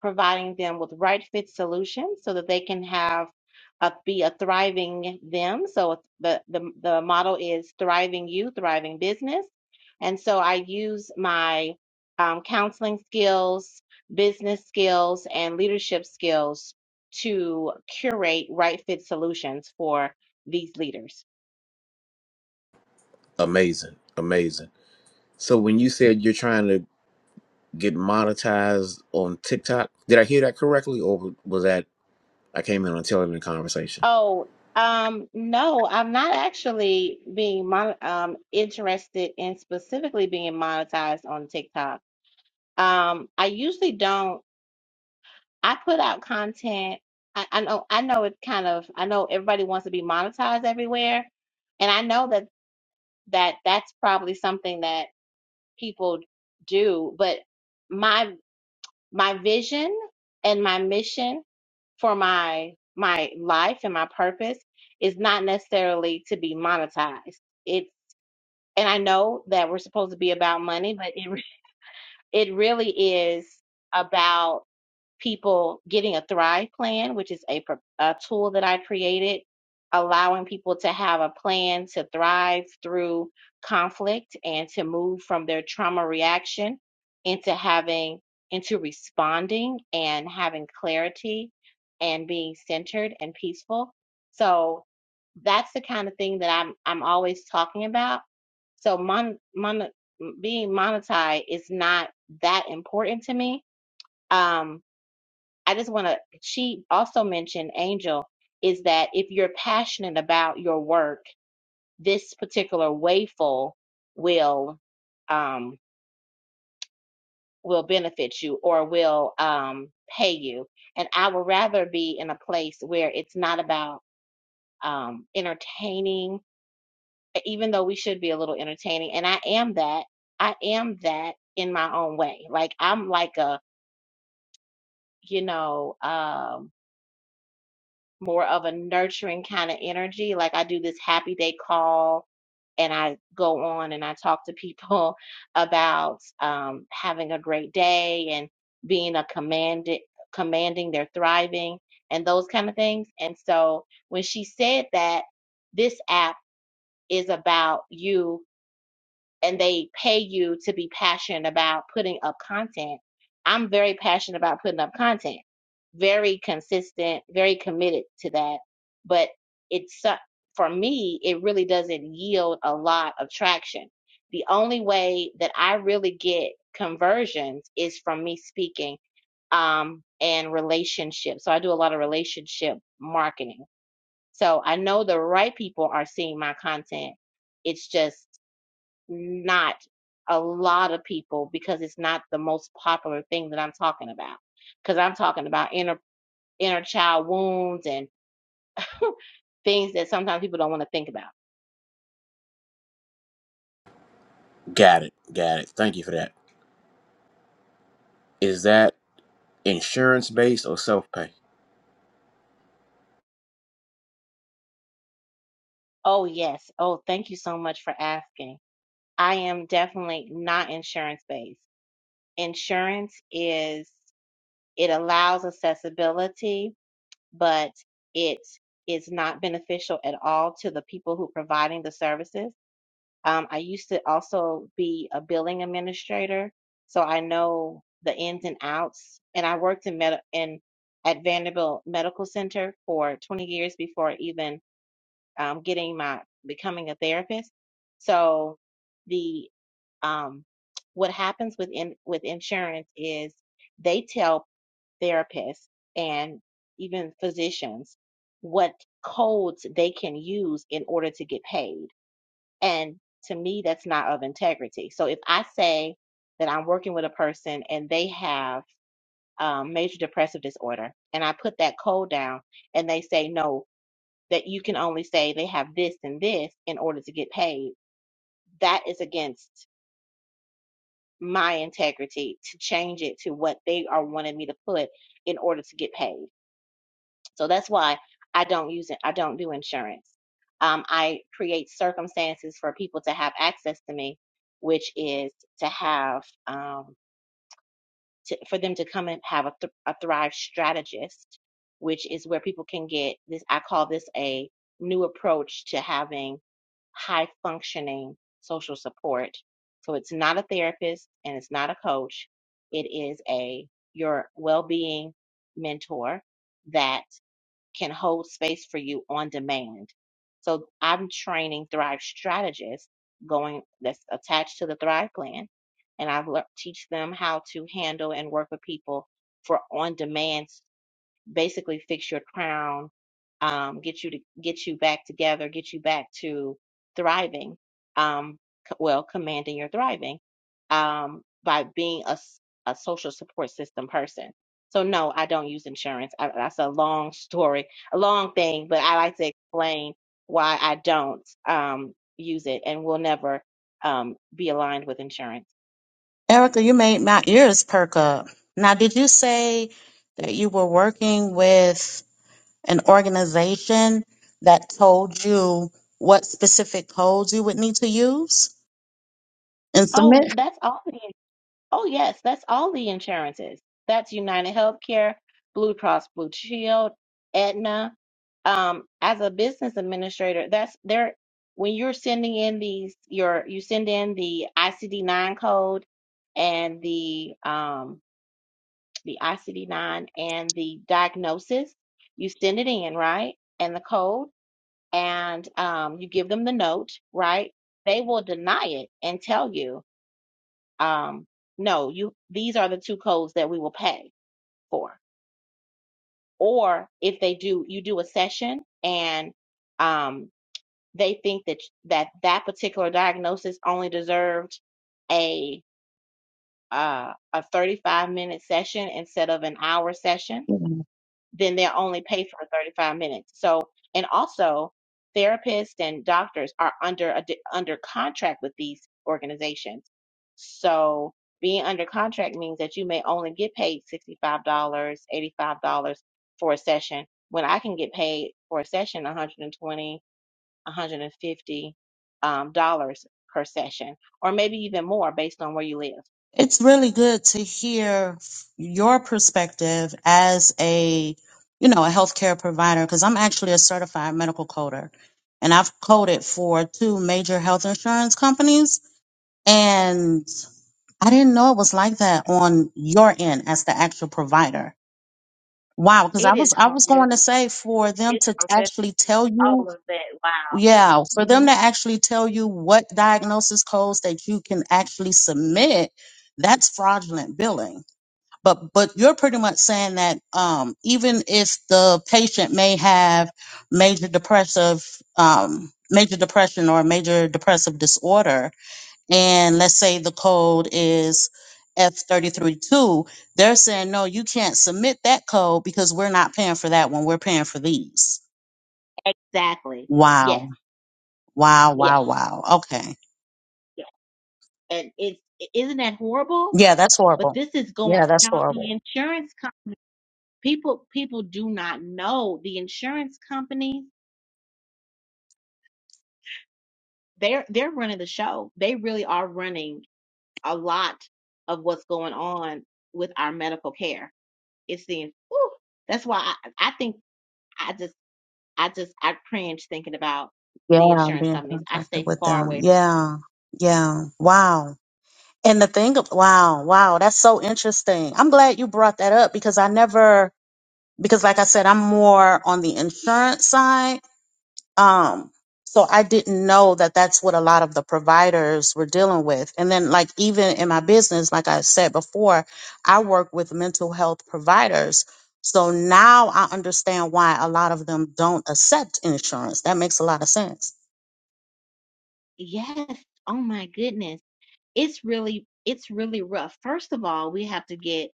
C: providing them with right fit solutions so that they can have a, be a thriving them. So the, the, the model is thriving you, thriving business. And so I use my um, counseling skills, business skills, and leadership skills to curate right fit solutions for these leaders.
F: Amazing. Amazing. So when you said you're trying to get monetized on TikTok, did I hear that correctly or was that I came in on tail end conversation?
C: Oh, um, no, I'm not actually being mon um interested in specifically being monetized on TikTok. Um, I usually don't. I put out content. I, I know. I know it kind of. I know everybody wants to be monetized everywhere, and I know that that that's probably something that people do. But my my vision and my mission for my my life and my purpose is not necessarily to be monetized. It's and I know that we're supposed to be about money, but it re- it really is about people getting a Thrive plan, which is a, pro- a tool that I created, allowing people to have a plan to thrive through conflict and to move from their trauma reaction into having, into responding and having clarity and being centered and peaceful. So that's the kind of thing that I'm I'm always talking about. So mon, mon being monetized is not that important to me. Um, I just want to, she also mentioned, Angel, is that if you're passionate about your work, this particular wayful will um, will benefit you or will um, pay you. And I would rather be in a place where it's not about um, entertaining, even though we should be a little entertaining. And I am that. I am that in my own way. Like I'm like a, you know, um, more of a nurturing kind of energy. Like I do this happy day call and I go on and I talk to people about um, having a great day and being a commanded commanding their thriving and those kind of things. And so when she said that this app is about you and they pay you to be passionate about putting up content. I'm very passionate about putting up content, very consistent, very committed to that. But it's so- for me, it really doesn't yield a lot of traction. The only way that I really get conversions is from me speaking um, and relationships. So I do a lot of relationship marketing. So I know the right people are seeing my content. It's just not a lot of people because it's not the most popular thing that I'm talking about. Because I'm talking about inner inner child wounds and things that sometimes people don't want to think about.
F: Got it. Got it. Thank you for that. Is that insurance based or self pay?
C: Oh yes. Oh, thank you so much for asking. I am definitely not insurance based. Insurance is it allows accessibility, but it is not beneficial at all to the people who are providing the services Um, I used to also be a billing administrator, so I know the ins and outs. And I worked in med in at Vanderbilt Medical Center for 20 years before even um, getting my becoming a therapist. So the um, what happens with in, with insurance is they tell therapists and even physicians what codes they can use in order to get paid. And to me, that's not of integrity. So if I say that I'm working with a person and they have um, major depressive disorder, and I put that code down, and they say no, that you can only say they have this and this in order to get paid, that is against my integrity to change it to what they are wanting me to put in order to get paid. So that's why I don't use it. I don't do insurance. Um, I create circumstances for people to have access to me, which is to have um, to, for them to come and have a, th- a Thrive strategist, which is where people can get this. I call this a new approach to having high functioning social support. So it's not a therapist and it's not a coach. It is a your well being mentor that can hold space for you on demand. So I'm training Thrive strategists going that's attached to the Thrive plan, and I teach them how to handle and work with people for on demand basically fix your crown, um, get you to get you back together, get you back to thriving. Um, c- well, commanding your thriving um, by being a, s- a social support system person. So no, I don't use insurance. I, that's a long story, a long thing, but I like to explain why I don't um, use it and will never um, be aligned with insurance.
D: Erica, you made my ears perk up. Now, did you say that you were working with an organization that told you what specific codes you would need to use and
C: Oh,
D: submit?
C: that's all. the Oh, yes, that's all the insurances. That's United Healthcare, Blue Cross Blue Shield, Aetna. Um, as a business administrator, that's there when you're sending in these your you send in the ICD-9 code and the um the ICD-9 and the diagnosis, you send it in, right? And the code and um you give them the note, right? They will deny it and tell you um, no, you these are the two codes that we will pay for. Or if they do, you do a session and um, they think that that that particular diagnosis only deserved a uh, a 35 minute session instead of an hour session then they'll only pay for 35 minutes. So, and also therapists and doctors are under a, di- under contract with these organizations. So, being under contract means that you may only get paid $65, dollars, $85 for a session when I can get paid for a session 120, 150 um, dollars per session or maybe even more based on where you live.
D: It's really good to hear your perspective as a, you know, a healthcare provider, because I'm actually a certified medical coder and I've coded for two major health insurance companies. And I didn't know it was like that on your end as the actual provider. Wow. Cause I
C: It is
D: was, I was
C: horrific.
D: going to say for them
C: It's
D: to
C: horrific.
D: actually tell you,
C: All of that. Wow.
D: yeah, for
C: Hmm.
D: them to actually tell you what diagnosis codes that you can actually submit, that's fraudulent billing but but you're pretty much saying that um, even if the patient may have major depressive um, major depression or major depressive disorder, and let's say the code is F332, they're saying no, you can't submit that code because we're not paying for that one. We're paying for these.
C: Exactly. Yes.
D: Wow, wow,
C: Yes.
D: wow, wow. Okay,
C: Yes. And it's isn't that horrible?
D: yeah, that's
C: But
D: horrible.
C: this is going
D: Yeah, that's
C: now. The
D: horrible.
C: insurance com- people people do not know the insurance companies. They're they're running the show. They really are running a lot of what's going on with our medical care. It's the whew, that's why I, I think I just I just I cringe thinking about
D: Yeah,
C: the
D: I'm
C: insurance
D: being
C: companies. I
D: contacted
C: stay
D: with
C: far
D: them.
C: away.
D: Yeah, yeah. Wow. And the thing of wow, wow, that's so interesting. I'm glad you brought that up because I never because like I said, I'm more on the insurance side. Um so I didn't know that that's what a lot of the providers were dealing with. And then like even in my business, like I said before, I work with mental health providers. So now I understand why a lot of them don't accept insurance. That makes a lot of sense.
C: Yes. Oh my goodness it's really it's really rough. First of all, we have to get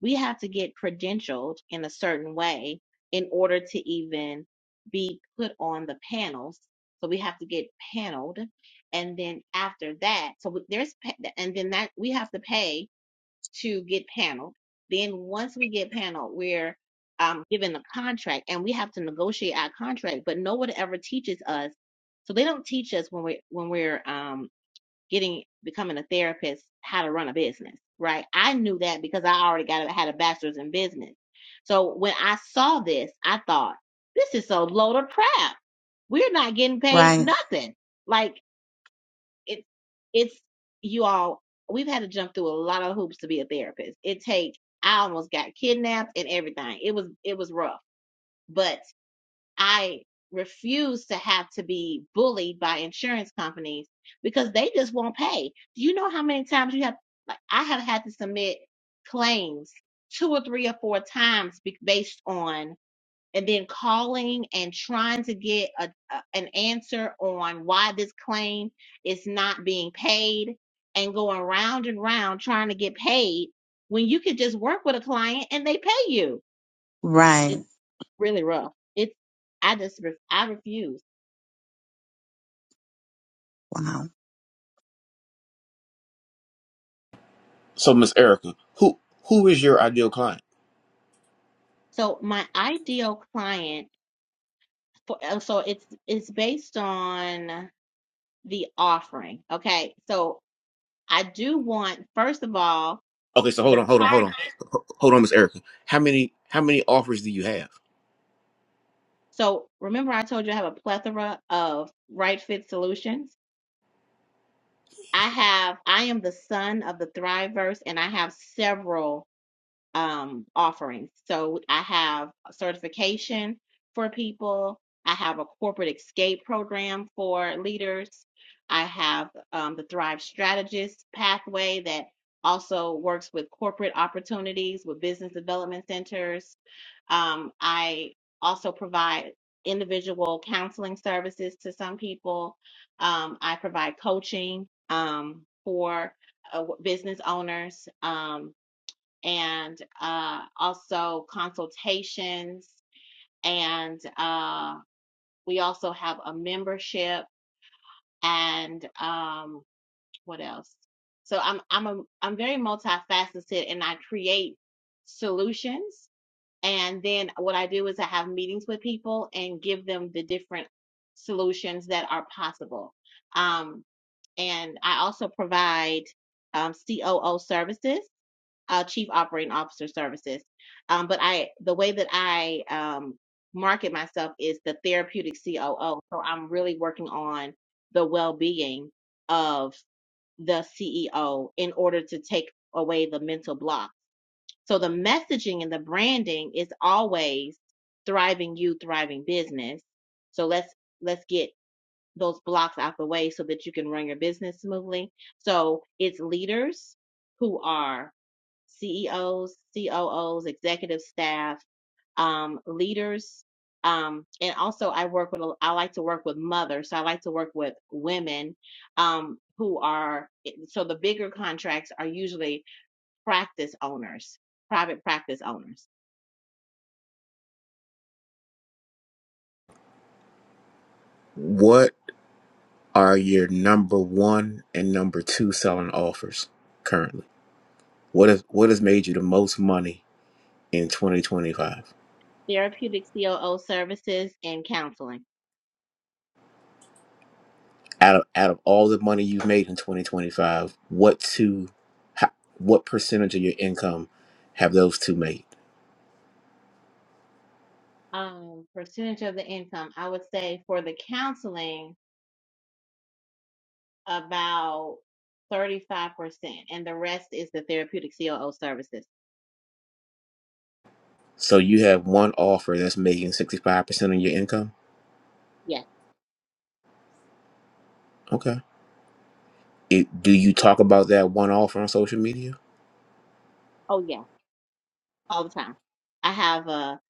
C: we have to get credentialed in a certain way in order to even be put on the panels. So we have to get paneled, and then after that, so we- there's pa- and then that we have to pay to get paneled. Then once we get paneled, we're um, given a contract, and we have to negotiate our contract. But no one ever teaches us. So they don't teach us when we when we're um, getting becoming a therapist how to run a business right i knew that because i already got a, had a bachelor's in business so when i saw this i thought this is so load of crap we're not getting paid
D: Right?
C: nothing like it, it's you all we've had to jump through a lot of hoops to be a therapist it take i almost got kidnapped and everything it was it was rough but. I refuse to have to be bullied by insurance companies because they just won't pay. Do you know how many times you have, like, I have had to submit claims two or three or four times be- based on, and then calling and trying to get a, a, an answer on why this claim is not being paid and going round and round trying to get paid when you could just work with a client and they pay you
D: Right.
C: really rough. It's I just ref I refuse.
D: Wow.
F: So Miss Erica, who who is your ideal client?
C: So my ideal client for uh, so it's it's based on the offering. Okay, so I do want first of all
F: Okay, so hold
C: the
F: on, hold on, hold on.
C: target.
F: Hold on, Miss Erica. How many how many offers do you have?
C: So remember I told you I have a plethora of right fit solutions. I have I am the son of the Thriveverse and I have several um, offerings. So I have a certification for people. I have a corporate escape program for leaders. I have um, the Thrive Strategist pathway that also works with corporate opportunities with business development centers. Um, I also provide individual counseling services to some people. Um, I provide coaching um, for uh, business owners. Um, and uh, also consultations. And uh, we also have a membership and um, what else? So I'm I'm a I'm very multifaceted and I create solutions. And then what I do is I have meetings with people and give them the different solutions that are possible. Um, and I also provide um, COO services uh, Chief Operating Officer Services. Um, but I, the way that I um, market myself is the therapeutic COO. So I'm really working on the well-being of the CEO in order to take away the mental block. So the messaging and the branding is always thriving you, thriving business. So let's let's get those blocks out the way so that you can run your business smoothly. So it's leaders who are CEOs, COOs, executive staff, um, leaders. Um, and also I work with, a- I like to work with mothers. So I like to work with women, um, who are, eh, so the bigger contracts are usually practice owners, private practice owners,
F: What are your number one and number two selling offers currently? What is what has made you the most money in 2025?
C: therapeutic COO services and counseling.
F: Out of out of all the money you've made in 2025, what two, how, what percentage of your income have those two made?
C: Um, percentage of the income, I would say for the counseling, about 35%, and the rest is the therapeutic COO services.
F: So you have one offer that's making 65% of your income.
C: Yes.
F: Okay. It, do you talk about that one offer on social media?
C: Oh yeah, all the time. I have a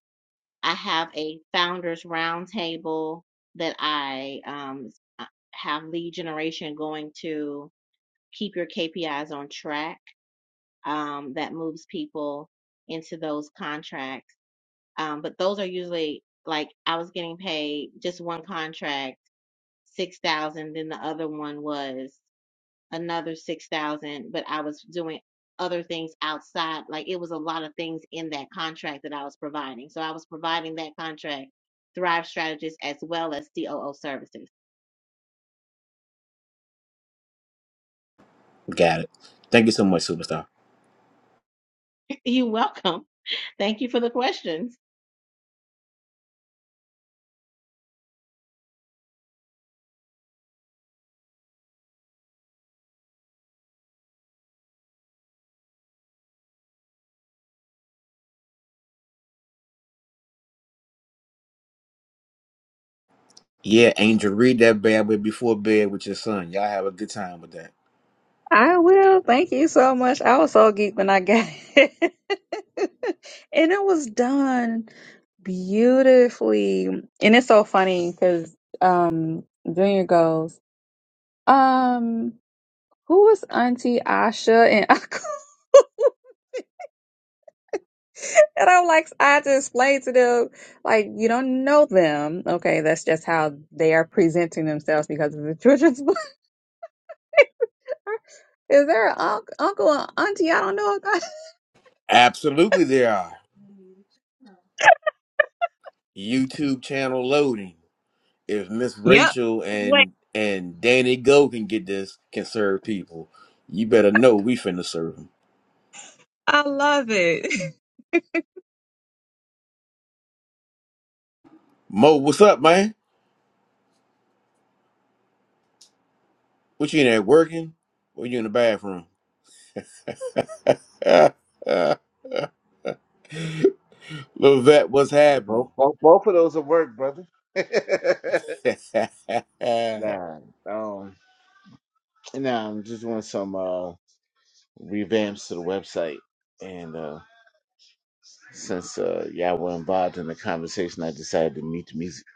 C: I have a founders roundtable that I um s- have lead generation going to keep your KPIs on track. Um, that moves people into those contracts. Um, but those are usually like I was getting paid just one contract six thousand, then the other one was another 6,000, but I was doing other things outside. Like it was a lot of things in that contract that I was providing. So I was providing that contract Thrive Strategist as well as COO services.
F: Got it. Thank you so much, superstar.
C: You're welcome. Thank you for the questions.
F: Yeah, Angel, read that bad boy before bed with your son. Y'all have a good time with that.
B: I will. Thank you so much. I was so geeked when I got it. and it was done beautifully. And it's so funny because um Junior goes, um, who was Auntie Asha and Uncle? And I'm like, I had to explain to them, like, you don't know them. Okay, that's just how they are presenting themselves because of the children's book. Is there an unc- uncle or auntie? I don't know.
F: Absolutely, there are YouTube channel loading. If Miss
B: Yep.
F: Rachel
B: Wait,
F: and and Danny Go can get this, can serve people. You better know we finna serve them.
B: I love it.
F: Mo, what's up, man? What you in there working? Or you in the bathroom? Levette, what's
A: And both,
F: happening?
A: both both of those will work, brother.
F: I
A: nah, um, nah. I'm just doing some uh, revamps to the website, and uh, since uh, y'all were involved in the conversation, I decided to mute the music.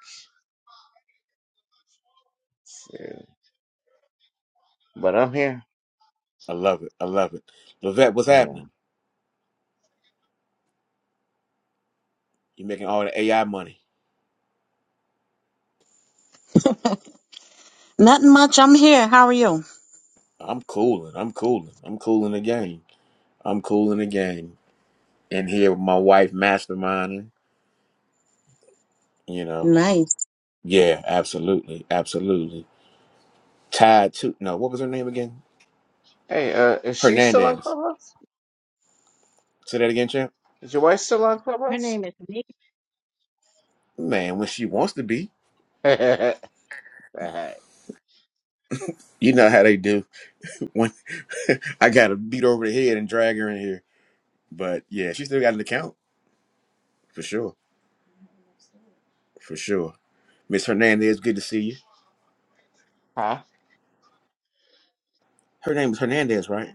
A: So, but I'm here.
F: love it. I love it. Levette, what's
A: I'm here.
F: happening? you making all the AI money.
D: Nothing much. I'm here. How are you?
F: I'm cooling. I'm cooling. I'm cooling the game. I'm cooling the game. And here with my wife masterminding, you know.
D: Nice.
F: Yeah, absolutely. Absolutely. Tied to, no, what was her name again?
A: Hey, uh, is she still on
F: Hernandez.
A: Clubhouse?
F: Say that again, champ.
A: Is your wife still on
C: Her
A: Clubhouse?
C: name is Nick.
F: Man, when she wants to be.
A: All right.
F: You know how they do When I got to beat her over the head and drag her in here. But yeah, she still got an account for sure, for sure. Miss Hernandez, good to see you.
A: Huh?
F: Her name is Hernandez, right?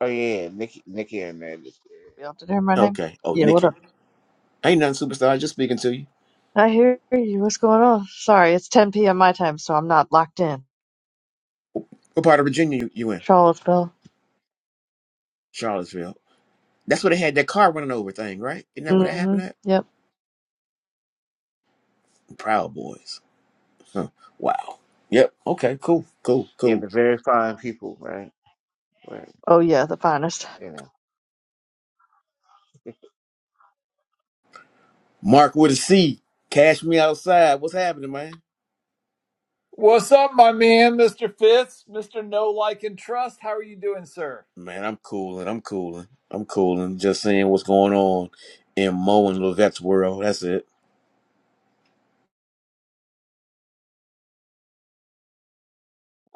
A: Oh yeah, Nikki, Nikki, and that.
G: Y'all did hear my name?
F: Okay. Oh,
G: Yeah, what
F: Nikki.
G: up?
F: Ain't nothing superstar. Just speaking to you.
G: I hear you. What's going on? Sorry, it's 10 p.m. my time, so I'm not locked in.
F: What part of Virginia you, you in?
G: Charlottesville.
F: Charlottesville. That's where they had that car running over thing, right? Isn't that where that
G: Mm-hmm.
F: happened at?
G: Yep.
F: Proud Boys. Huh. Wow. Yep. Okay. Cool. Cool.
A: Yeah,
F: Cool.
A: the very fine people, right? Right.
G: Oh yeah, the finest.
A: You know.
F: Mark with a C. Cash me outside. What's happening, man?
H: What's up, my man, Mr. Fitz, Mr. No Like and Trust? How are you doing, sir?
F: Man, I'm cooling. I'm cooling. I'm cooling. Just seeing what's going on in Mo and Levette's world. That's it.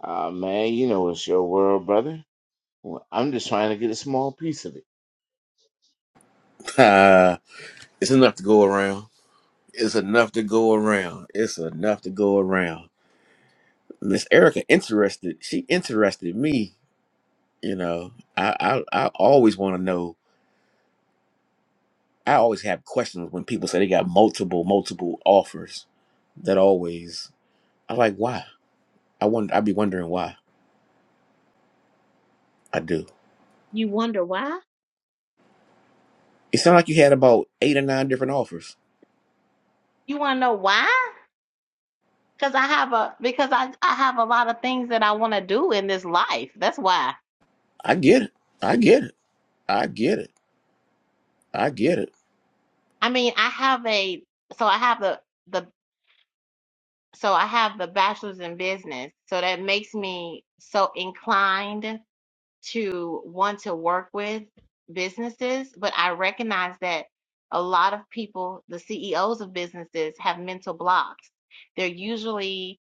A: Uh man, you know it's your world, brother. Well, I'm just trying to get a small piece of it.
F: Ah, it's enough to go around. It's enough to go around. It's enough to go around. Miss Erica interested. She interested me. You know, I I, I always want to know. I always have questions when people say they got multiple multiple offers. That always I like. Why? I wonder. I'd be wondering why. I do.
C: You wonder why?
F: It sounded like you had about eight or nine different offers.
C: You want to know why? Because I have a because I I have a lot of things that I want to do in this life. That's why.
F: I get it. I get it. I get it. I get it.
C: I mean, I have a so I have the the So I have the bachelor's in business. So that makes me so inclined to want to work with businesses. But I recognize that a lot of people, the CEOs of businesses, have mental blocks. They're usually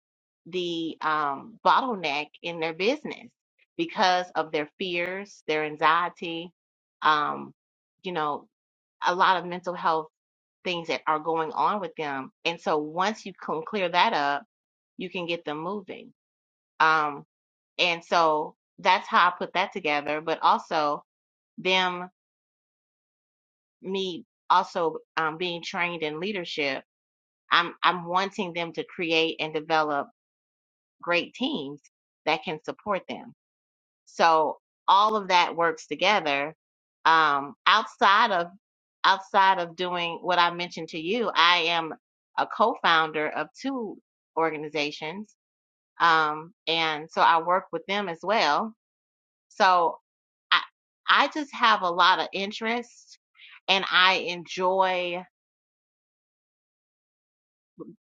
C: the um, bottleneck in their business because of their fears, their anxiety, um, you know, a lot of mental health things that are going on with them. And so once you can clear that up, you can get them moving. Um, and so that's how I put that together. But also them, me also um, being trained in leadership, I'm I'm wanting them to create and develop great teams that can support them So all of that works together. Um, outside of outside of doing what I mentioned to you, I am a co-founder of two organizations, um, and so I work with them as well. So I I just have a lot of interest, and I enjoy.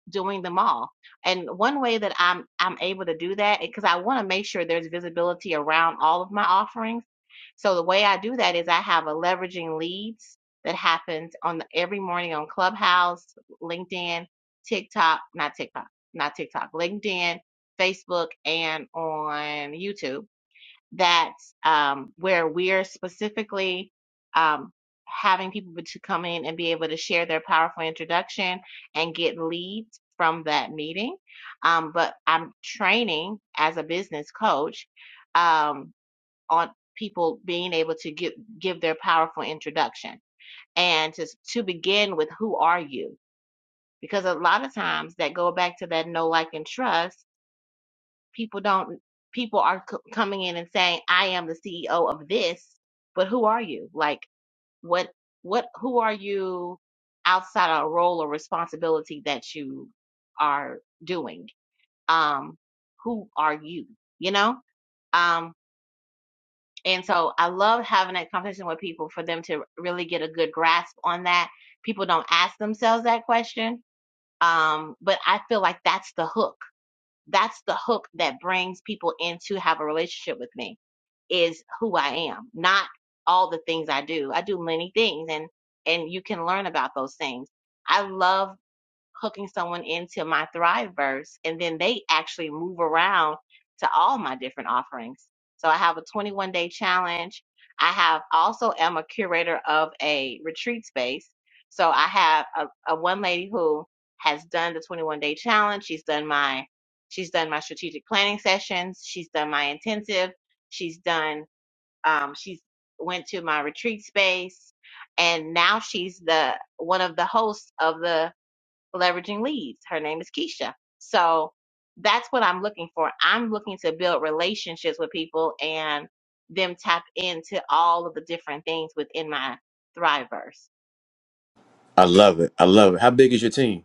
C: doing them all. And one way that I'm I'm able to do that because I want to make sure there's visibility around all of my offerings. So the way I do that is I have a leveraging leads that happens on the, every morning on Clubhouse, LinkedIn, TikTok, not TikTok, not TikTok, LinkedIn, Facebook, and on YouTube that's um, where we're specifically um, having people to come in and be able to share their powerful introduction and get leads from that meeting. Um, but I'm training as a business coach um, on people being able to give give their powerful introduction and to to begin with who are you because a lot of times that go back to that no like and trust people don't people are c- coming in and saying i am the ceo of this but who are you like what what who are you outside of a role or responsibility that you are doing um who are you you know um and so i love having that conversation with people for them to really get a good grasp on that people don't ask themselves that question um but i feel like that's the hook that's the hook that brings people in to have a relationship with me is who I am, not all the things I do. I do many things and and you can learn about those things. I love hooking someone into my Thriveverse, and then they actually move around to all my different offerings. So I have a 21 day challenge. I have also am a curator of a retreat space. So I have a, a one lady who has done the 21 day challenge. She's done my she's done my strategic planning sessions. She's done my intensive. She's done um, she's went to my retreat space, and now she's the one of the hosts of the leveraging leads. Her name is Keisha. So that's what I'm looking for. I'm looking to build relationships with people and them tap into all of the different things within my Thriveverse.
F: I love it. I love it. How big is your team?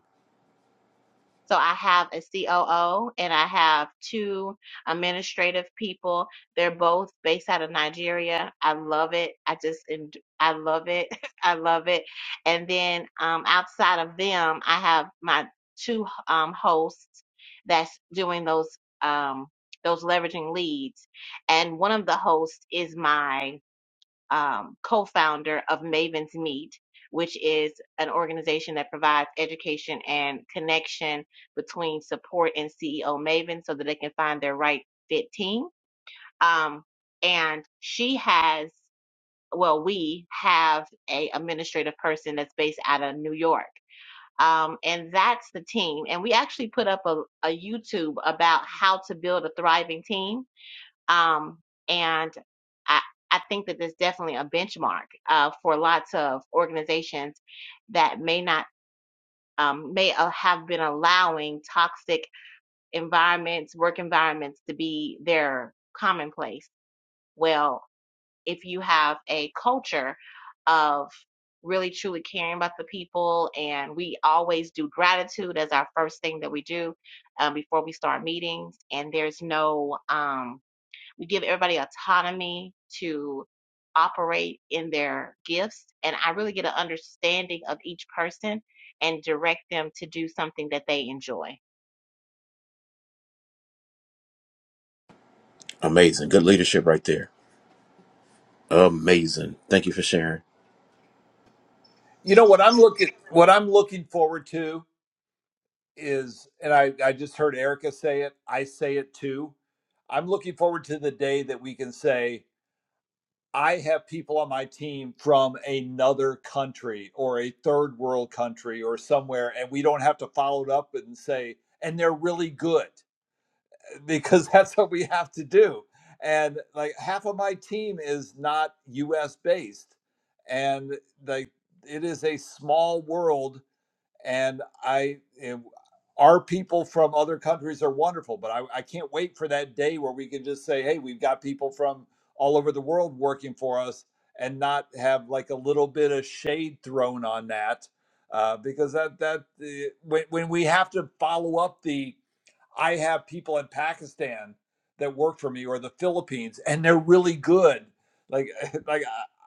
C: So I have a COO and I have two administrative people. They're both based out of Nigeria. I love it. I just, en- I love it. I love it. And then um, outside of them, I have my two um, hosts that's doing those um, those leveraging leads. And one of the hosts is my um, co-founder of Maven's Meet, which is an organization that provides education and connection between support and CEO Maven so that they can find their right fit team. Um, and she has, well, we have a administrative person that's based out of New York. Um, and that's the team. And we actually put up a, a YouTube about how to build a thriving team um, and I, I think that there's definitely a benchmark uh, for lots of organizations that may not um, may uh, have been allowing toxic environments, work environments to be their commonplace. Well, if you have a culture of really truly caring about the people and we always do gratitude as our first thing that we do uh, before we start meetings and there's no um, we give everybody autonomy to operate in their gifts. And I really get an understanding of each person and direct them to do something that they enjoy.
F: Amazing. Good leadership right there. Amazing. Thank you for sharing.
H: You know what I'm looking what I'm looking forward to is, and I, I just heard Erica say it. I say it too. I'm looking forward to the day that we can say, I have people on my team from another country or a third world country or somewhere, and we don't have to follow it up and say, and they're really good. because that's what we have to do. And like half of my team is not US based. And like it is a small world. And I, and our people from other countries are wonderful, but I, I can't wait for that day where we can just say, hey, we've got people from all over the world working for us and not have like a little bit of shade thrown on that. Uh, because that, that, uh, when, when we have to follow up the I have people in Pakistan that work for me or the Philippines, and they're really good. Like, like I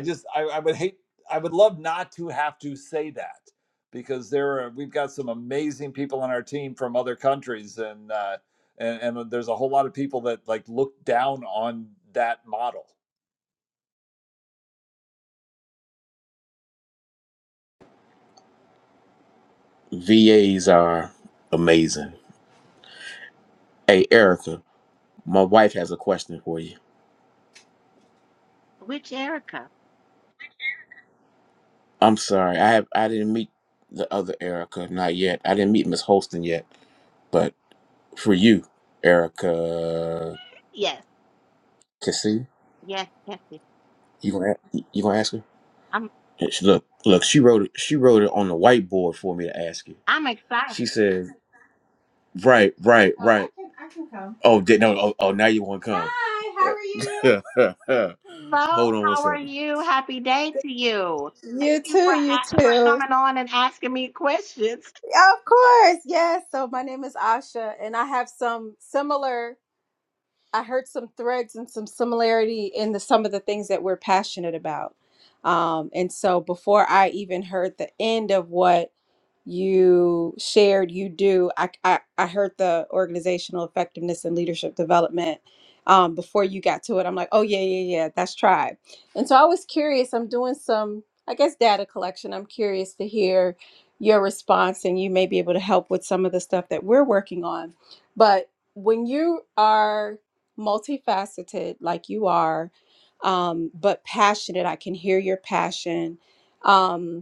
H: just I, I would hate I would love not to have to say that because there are we've got some amazing people on our team from other countries, and uh, and, and uh, there's a whole lot of people that like look down on that model.
F: VAs are amazing. Hey, Erica, my wife has a question for you.
C: Which Erica?
F: I'm sorry. I have I didn't meet the other Erica, not yet. I didn't meet Miss Holston yet. But for you, Erica
C: Yes,
F: Cassie,
C: yes, yes. yes.
F: you gonna a- you gonna ask her?
C: I'm
F: And she- Look, look, she wrote it. She wrote it on the whiteboard for me to ask you.
C: I'm
F: She
C: excited.
F: said. Right, right, Oh, I right. I can- I can come. Oh, did no? Oh, oh, now you want to come? Hi, how are you?
C: Hello,
F: Hold on one
C: how are
F: second.
C: you? Happy day to you. Thank
F: You
C: you for
F: too, you
C: a- for
F: too.
C: coming on and asking me questions.
F: Of course, yes. So my name is Asha, and I have some similar. I heard some threads and some similarity in the some of the things that we're passionate about. Um, and so before I even heard the end of what you shared you do I, I i heard the organizational effectiveness and leadership development um before you got to it i'm like oh yeah yeah yeah that's tribe and so i was curious i'm doing some i guess data collection i'm curious to hear your response and you may be able to help with some of the stuff that we're working on but when you are multifaceted like you are um but passionate i can hear your passion um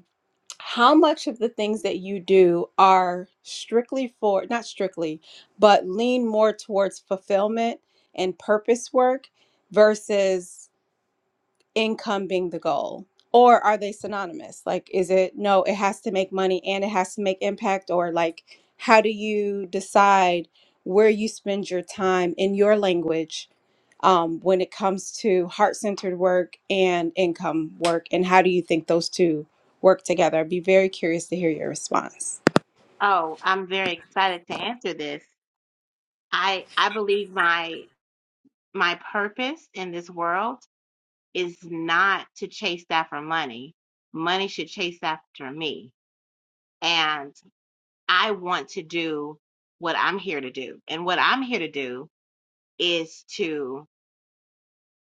F: how much of the things that you do are strictly for not strictly but lean more towards fulfillment and purpose work versus income being the goal or are they synonymous like is it no it has to make money and it has to make impact or like how do you decide where you spend your time in your language um, when it comes to heart-centered work and income work and how do you think those two work together i'd be very curious to hear your response
C: Oh, I'm very excited to answer this. I I believe my my purpose in this world is not to chase after money. Money should chase after me. And I want to do what I'm here to do. And what I'm here to do is to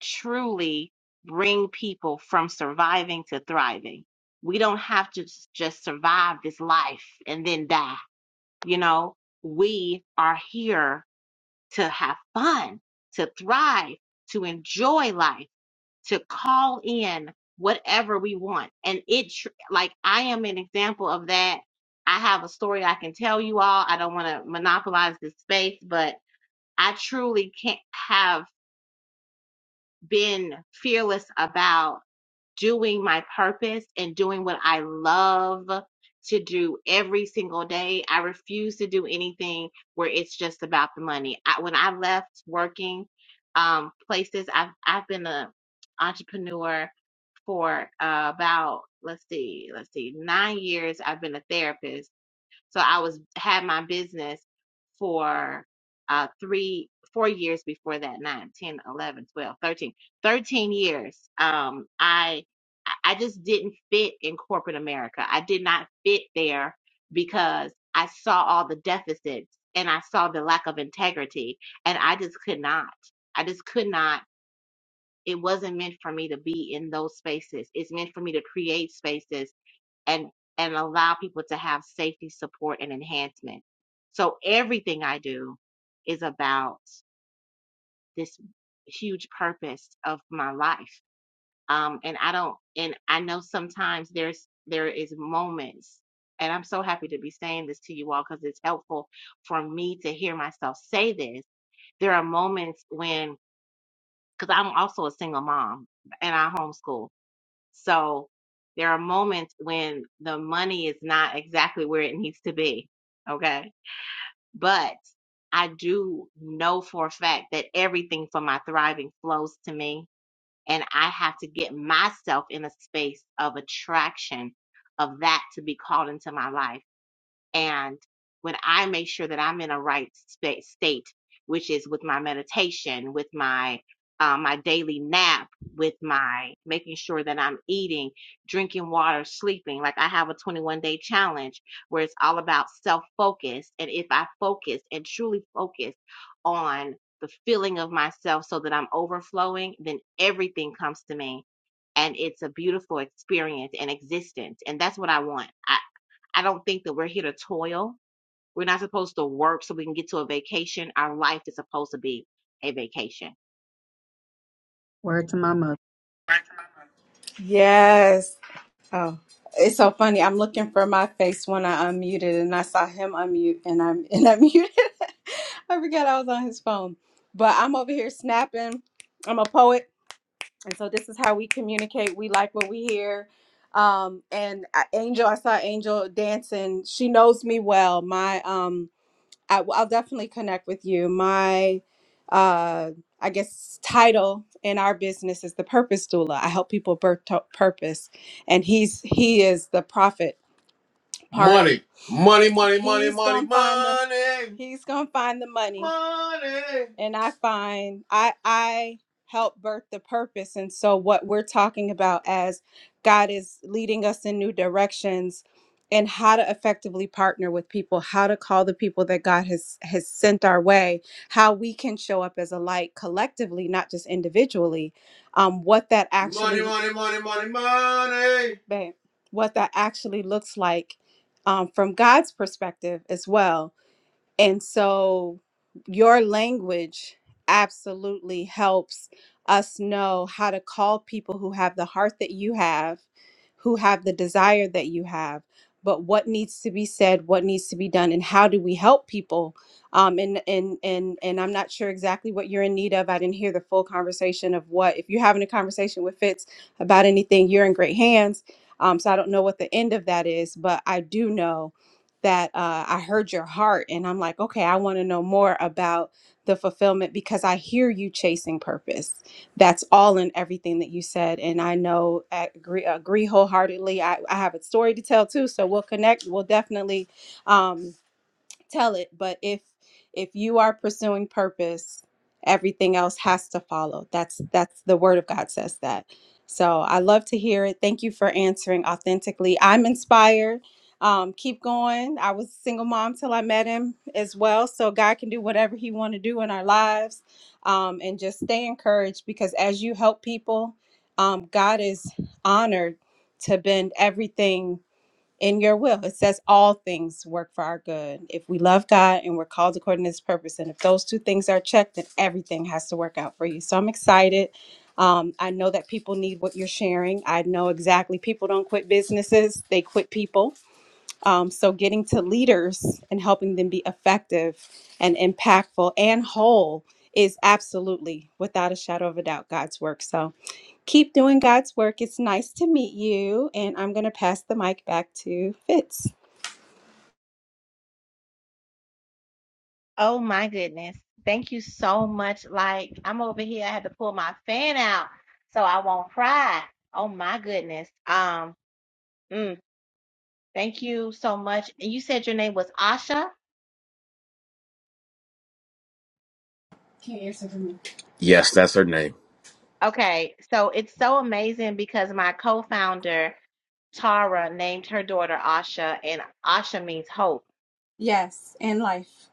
C: truly bring people from surviving to thriving. We don't have to s- just survive this life and then die. You know, we are here to have fun, to thrive, to enjoy life to call in whatever we want. And it, tr- like, I am an example of that. I have a story I can tell you all. I don't want to monopolize this space, but I truly can't have been fearless about doing my purpose and doing what I love to do every single day. I refuse to do anything where it's just about the money. I, when I left working um, places, I've I've been a entrepreneur for uh, about let's see let's see nine years i've been a therapist so i was had my business for uh three four years before that nine, ten, eleven, twelve, thirteen, thirteen years um i i I just didn't fit in corporate america i did not fit there because i saw all the deficits and i saw the lack of integrity and i just could not i just could not it wasn't meant for me to be in those spaces. It's meant for me to create spaces and and allow people to have safety, support, and enhancement. So everything I do is about this huge purpose of my life. Um, and I don't, and I know sometimes there's there is moments, and I'm so happy to be saying this to you all because it's helpful for me to hear myself say this. There are moments when, because I'm also a single mom and I homeschool, So there are moments when the money is not exactly where it needs to be. Okay. But I do know for a fact that everything for my thriving flows to me. And I have to get myself in a space of attraction of that to be called into my life. And when I make sure that I'm in a right state, state which is with my meditation, with my uh, my daily nap, with my making sure that I'm eating, drinking water, sleeping. Like I have a 21 day challenge where it's all about self focus. And if I focus and truly focus on the feeling of myself so that I'm overflowing, then everything comes to me. And it's a beautiful experience and existence. And that's what I want. I don't think that we're here to toil. We're not supposed to work so we can get to a vacation. Our life is supposed to be a vacation.
B: Word to my mother.
F: Yes. Oh, it's so funny. I'm looking for my face when I unmuted, and I saw him unmute, and I'm and I muted. I forgot I was on his phone. But I'm over here snapping. I'm a poet. And so this is how we communicate. We like what we hear. Um, and I- Angel, I saw Angel dancing. She knows me well. My, um, I, I'll definitely connect with you. My, uh, I guess title in our business is the purpose doula. I help people birth to purpose, and he's he is the prophet part. Money, money, money, money, He's money, gonna find the money, he's gonna find the money. money. And I find I I help birth the purpose. And so what we're talking about as God is leading us in new directions and how to effectively partner with people, how to call the people that God has has sent our way, how we can show up as a light collectively, not just individually. Um, what that Money, actually money, money, money, money. money. babe, what that actually looks like um, from God's perspective as well. And so your language absolutely helps us know how to call people who have the heart that you have, who have the desire that you have, but what needs to be said, what needs to be done, and how do we help people? Um, and and and and I'm not sure exactly what you're in need of. I didn't hear the full conversation of what. If you're having a conversation with Fitz about anything, you're in great hands. Um, so I don't know what the end of that is, but I do know that uh, I heard your heart. And I'm like, okay, I want to know more about the fulfillment because I hear you chasing purpose. That's all in everything that you said. And I know, I agree, agree wholeheartedly. I, I have a story to tell too. So we'll connect. We'll definitely. Um, tell it but if if you are pursuing purpose everything else has to follow that's that's the word of god says that so i love to hear it thank you for answering authentically i'm inspired um, keep going i was a single mom till i met him as well so god can do whatever he want to do in our lives um, and just stay encouraged because as you help people um, god is honored to bend everything in your will. It says all things work for our good. If we love God and we're called according to his purpose, and if those two things are checked, then everything has to work out for you. So I'm excited. Um, I know that people need what you're sharing. I know exactly people don't quit businesses, they quit people. Um, so getting to leaders and helping them be effective and impactful and whole is absolutely, without a shadow of a doubt, God's work. So Keep doing God's work. It's nice to meet you. And I'm going to pass the mic back to Fitz.
C: Oh my goodness. Thank you so much. Like, I'm over here. I had to pull my fan out so I won't cry. Oh my goodness. Um, mm, thank you so much. And you said your name was Asha?
F: Can't answer for me. Yes, that's her name.
C: Okay. So it's so amazing because my co-founder, Tara, named her daughter Asha, and Asha means hope.
F: Yes, in life.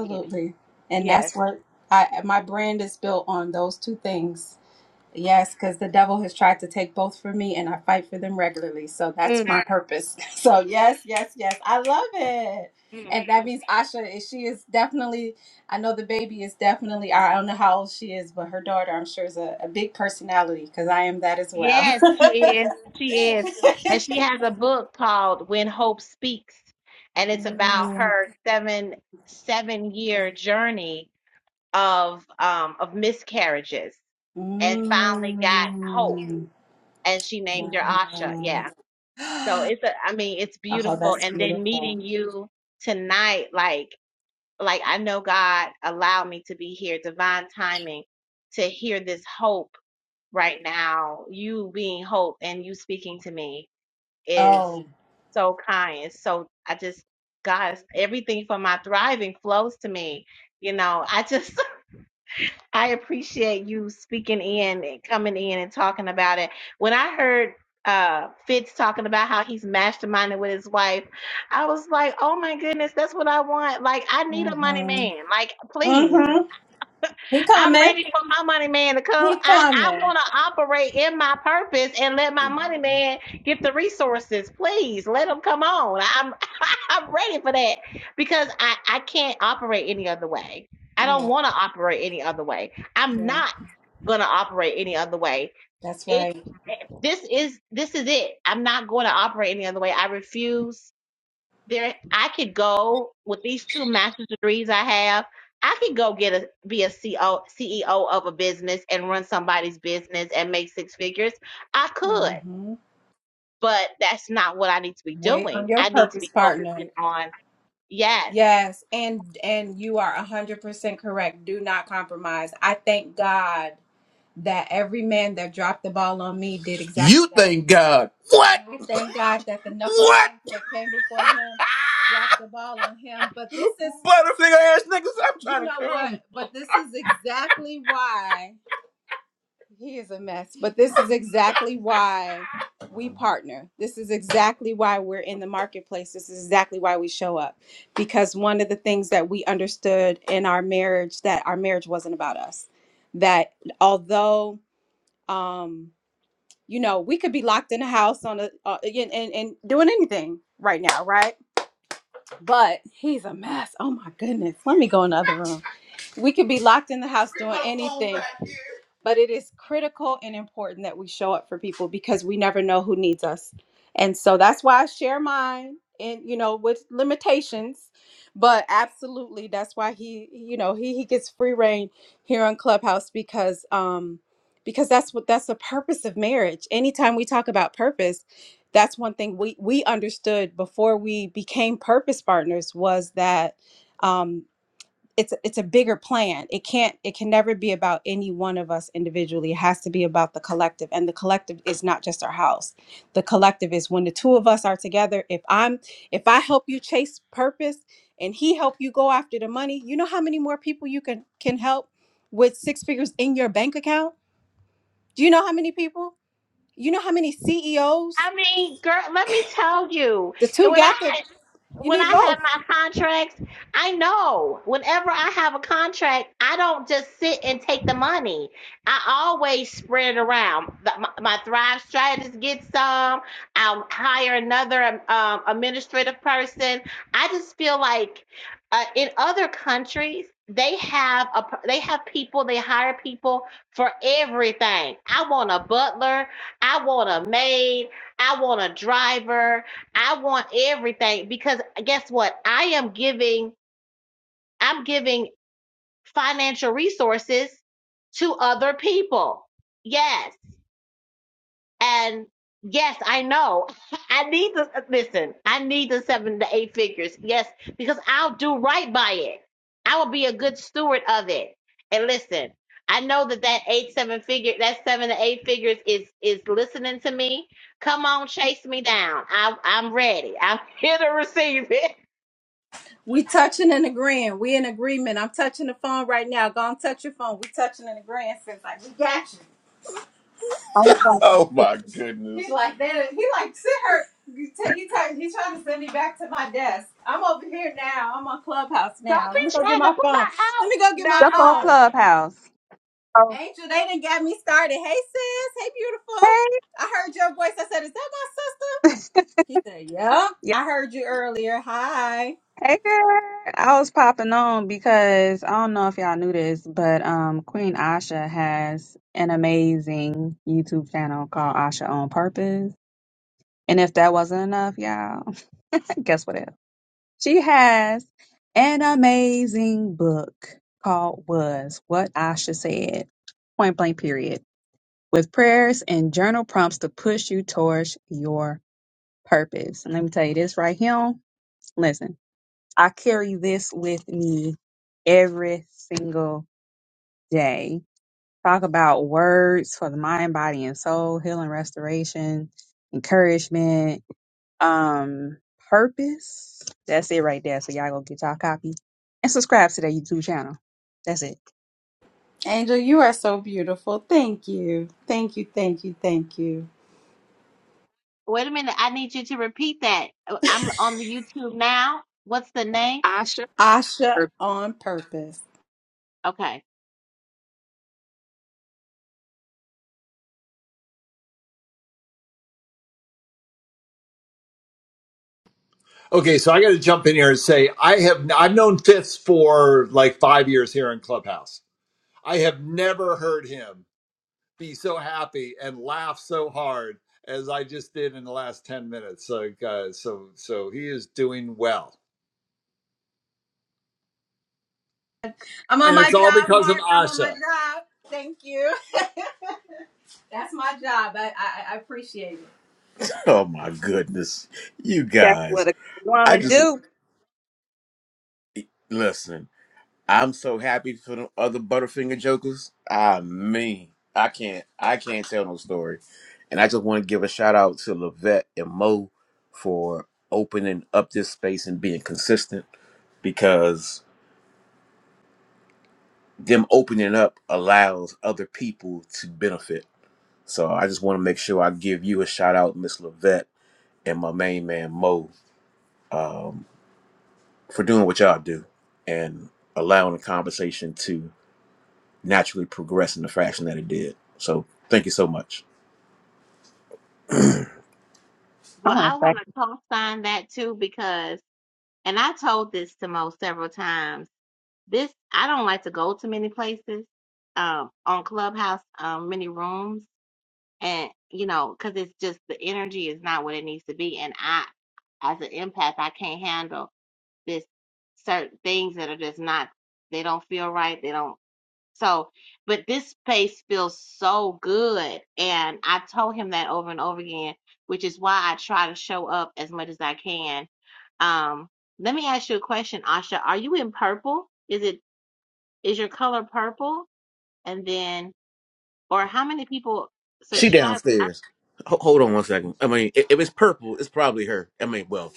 C: Yes.
F: And
C: Yes.
F: that's what I my brand is built on those two things.
C: Mm,
F: Yes, because the devil has tried to take both from me and I fight for them regularly. So that's
C: mm,
F: my purpose. So
C: mm.
F: yes, yes, yes. I love it.
C: Mm,
F: And that
C: mm.
F: means Asha is she is definitely I know the baby is definitely I don't know how old she is, but her daughter I'm sure is a, a big personality because I am that as well.
C: Yes, she is. She is. And she has a book called When Hope Speaks, and it's about
F: Mm,
C: her seven seven year journey of um of miscarriages and finally got hope
F: mm,
C: and she named her Asha.
F: wow.
C: Yeah. So it's a I mean, it's
F: Oh,
C: beautiful.
F: that's
C: And then
F: beautiful.
C: meeting you tonight, like like I know God allowed me to be here, divine timing to hear this hope right now, you being hope and you speaking to me is
F: Oh.
C: so kind. So I just, guys, everything from my thriving flows to me. You know, I just, I appreciate you speaking in and coming in and talking about it. When I heard uh Fitz talking about how he's masterminding with his wife, I was like, oh my goodness, that's what I want. Like, I need a money
F: Mm-hmm.
C: man. Like, please.
F: Mm-hmm. He
C: I'm
F: coming.
C: ready for my money man to come.
F: He
C: I, I
F: coming.
C: want to operate in my purpose and let my money man get the resources. Please let him come on. I'm I'm ready for that because I, I can't operate any other way. I don't
F: Yeah,
C: want to operate any other way. I'm
F: yeah,
C: not gonna operate any other way.
F: that's
C: It
F: right.
C: this is this is it. I'm not going to operate any other way. I refuse there I could go with these two master's degrees I have. I could go get a be a CEO CEO of a business and run somebody's business and make six figures. I could,
F: hmm
C: but that's not what I need to be
F: Wait on
C: doing.
F: your
C: I need to
F: purpose,
C: be
F: partner.
C: focusing on yes.
F: Yes, and and you are a hundred percent correct. Do not compromise. I thank God that every man that dropped the ball on me did exactly You that. thank God. What? I thank God that the knuckle What? knuckleheads that came before him dropped the ball on him. But this is Butterfinger ass niggas, I'm you trying to know what? you. But this is exactly why. He is a mess, but this is exactly why we partner. This is exactly why we're in the marketplace. This is exactly why we show up. Because one of the things that we understood in our marriage that our marriage wasn't about us. That although um you know, we could be locked in a house on a uh, and, and and doing anything right now, right? But he's a mess. Oh my goodness. Let me go in the other room. We could be locked in the house doing anything. But it is critical and important that we show up for people because we never know who needs us. And so that's why I share mine and you know with limitations. But absolutely that's why he you know he he gets free reign here on Clubhouse because um because that's what that's the purpose of marriage. Anytime we talk about purpose, that's one thing we we understood before we became purpose partners was that um it's it's a bigger plan it can't it can never be about any one of us individually it has to be about the collective and the collective is not just our house the collective is when the two of us are together if i'm if i help you chase purpose and he help you go after the money you know how many more people you can can help with six figures in your bank account do you know how many people you know how many ceos
C: I mean, girl, let me tell you.
F: the two
C: When I
F: got the you
C: when I
F: need both
C: have my contracts, I know whenever I have a contract, I don't just sit and take the money. I always spread it around. The- My, my Thrive strategist gets some. I'll hire another um, um, administrative person. I just feel like uh, in other countries, they have a they have people they hire people for everything. I want a butler. I want a maid. I want a driver. I want everything because guess what? I am giving, I'm giving financial resources to other people. Yes. And yes, I know I need the, listen, I need the seven to eight figures. Yes. Because I'll do right by it. I will be a good steward of it. And listen, I know that that eight, seven figure, that seven to eight figures is, is listening to me. Come on, chase me down. I, I'm ready. I'm here to receive it.
F: We touching and agreeing. We in agreement. I'm touching the phone right now. Go and touch your phone. We touching and agreeing. Sis like, we got you.
B: Oh, fuck.
F: Oh my goodness. He's like that. He like sit her. You take. He try, He trying to send me back to my desk. I'm over here now. I'm on Clubhouse now.
C: Don't be
F: Let me go get
C: trying to
F: my
C: pull her
F: phone. Let
C: out.
F: me go get my
B: Up on
F: phone.
C: Nah.
B: Clubhouse. Oh,
F: Angel, they didn't got me started. Hey sis. Hey beautiful.
B: Hey,
F: I heard your voice. I said, is that my sister? He said, yeah.
B: yeah.
F: I heard you earlier. Hi.
B: Hey, girl. I was popping on because I don't know if y'all knew this, but um, Queen Asha has an amazing YouTube channel called Asha on Purpose. And if that wasn't enough, y'all, guess what else? She has an amazing book called Was What Asha Said, Point Blank Period, with prayers and journal prompts to push you towards your purpose. And let me tell you this right here. Listen, I carry this with me every single day. Talk about words for the mind, body, and soul, healing, restoration, encouragement, um purpose. That's it right there. So y'all go get y'all copy and subscribe to their YouTube channel. That's it.
F: Angel, you are so beautiful. Thank you. Thank you. Thank you. Thank you.
C: Wait a minute. I need you to repeat that. Uh, I'm on the YouTube now. What's the name?
B: Asha
F: Asha
B: or
F: on purpose.
C: Okay.
H: Okay, so I got to jump in here and say I have I've known Fitz for like five years here in Clubhouse. I have never heard him be so happy and laugh so hard as I just did in the last 10 minutes. So, uh, so, so he is doing well.
F: I'm on
H: And
F: my
H: it's all
F: job,
H: because of
F: Mark. I'm on my
H: Asha.
F: job. Thank you. That's my job. I, I, I appreciate it. Oh my goodness. You
B: That's
F: guys.
B: what a
F: I
B: woman
F: just
B: do.
F: listen. I'm so happy for the other Butterfinger Jokers. I mean, I can't, I can't tell no story. And I just want to give a shout out to Lavette and Mo for opening up this space and being consistent because them opening up allows other people to benefit. So I just want to make sure I give you a shout out, Miss Lavette and my main man Mo, um, for doing what y'all do and allowing the conversation to naturally progress in the fashion that it did. So thank you so much.
B: I
C: Well,
B: want
C: I
B: to say,
C: want to call sign that too because, and I told this to Mo several times. This I don't like to go to many places, um, on Clubhouse, um, many rooms, and you know, because it's just the energy is not what it needs to be, and I, as an empath, I can't handle this certain things that are just not. They don't feel right. They don't. So, but this space feels so good. And I told him that over and over again, which is why I try to show up as much as I can. Um, let me ask you a question, Asha. Are you in purple? Is it is your color purple? And then, or how many people
F: She
C: subscribe? I-
F: downstairs. Ho- hold on one second. I mean, i- if it's purple, it's probably her. I mean, well,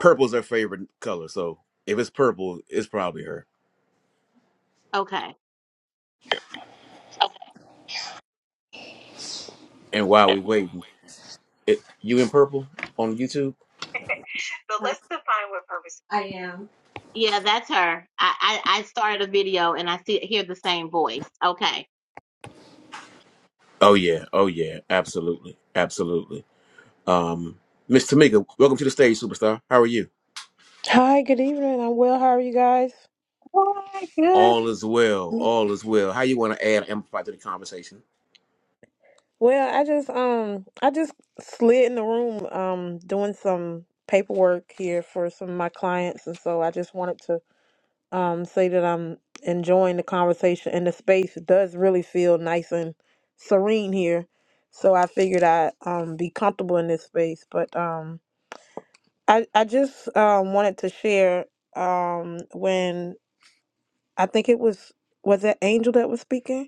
F: purple's her favorite color, so if it's purple, it's probably her.
C: Okay.
F: And while we waiting, it, you in purple on YouTube?
C: But let's define what purpose.
F: I am.
C: Yeah, that's her. I, I, I started a video and I see hear the same voice. Okay.
F: Oh yeah, oh yeah, absolutely, absolutely. Um, Miss Tamika, welcome to the stage, superstar. How are you?
I: Hi, good evening. I'm well. How are you guys?
B: oh my good.
F: All is well,
I: Mm.
F: all is well. How you want to add amplify to the conversation?
I: Well, I just um I just slid in the room um doing some paperwork here for some of my clients and so I just wanted to um say that I'm enjoying the conversation and the space does really feel nice and serene here. So I figured I'd um be comfortable in this space. But um I, I just um wanted to share um when I think it was was it Angel that was speaking?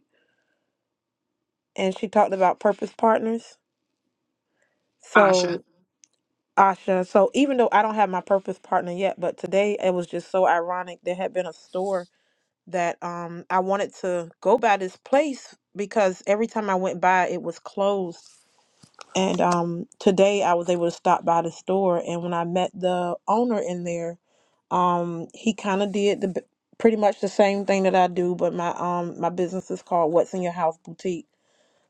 I: and she talked about purpose partners.
B: Asha.
I: So, Asha, so even though I don't have my purpose partner yet, but today it was just so ironic. There had been a store that um I wanted to go by this place because every time I went by it was closed. And um today I was able to stop by the store and when I met the owner in there, um he kind of did the b- pretty much the same thing that I do, but my um my business is called What's in Your House Boutique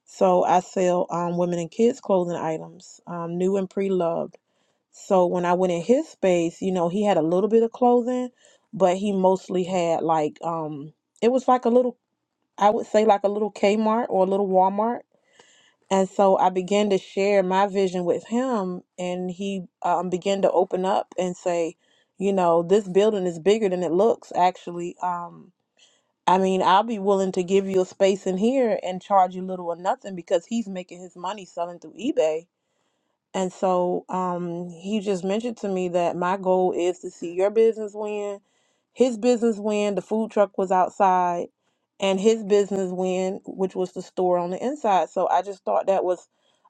I: So I sell um, women and kids clothing items, um, new and pre-loved. So when I went in his space, you know, he had a little bit of clothing, but he mostly had like um, it was like a little, I would say like a little Kmart or a little Walmart. And so I began to share my vision with him, and he um, began to open up and say, you know, this building is bigger than it looks. Actually, um. I mean, I'll be willing to give you a space in here and charge you little or nothing because he's making his money selling through eBay. And so um, he just mentioned to me that my goal is to see your business win, his business win. The food truck was outside, and his business win, which was the store on the inside. So I just thought that was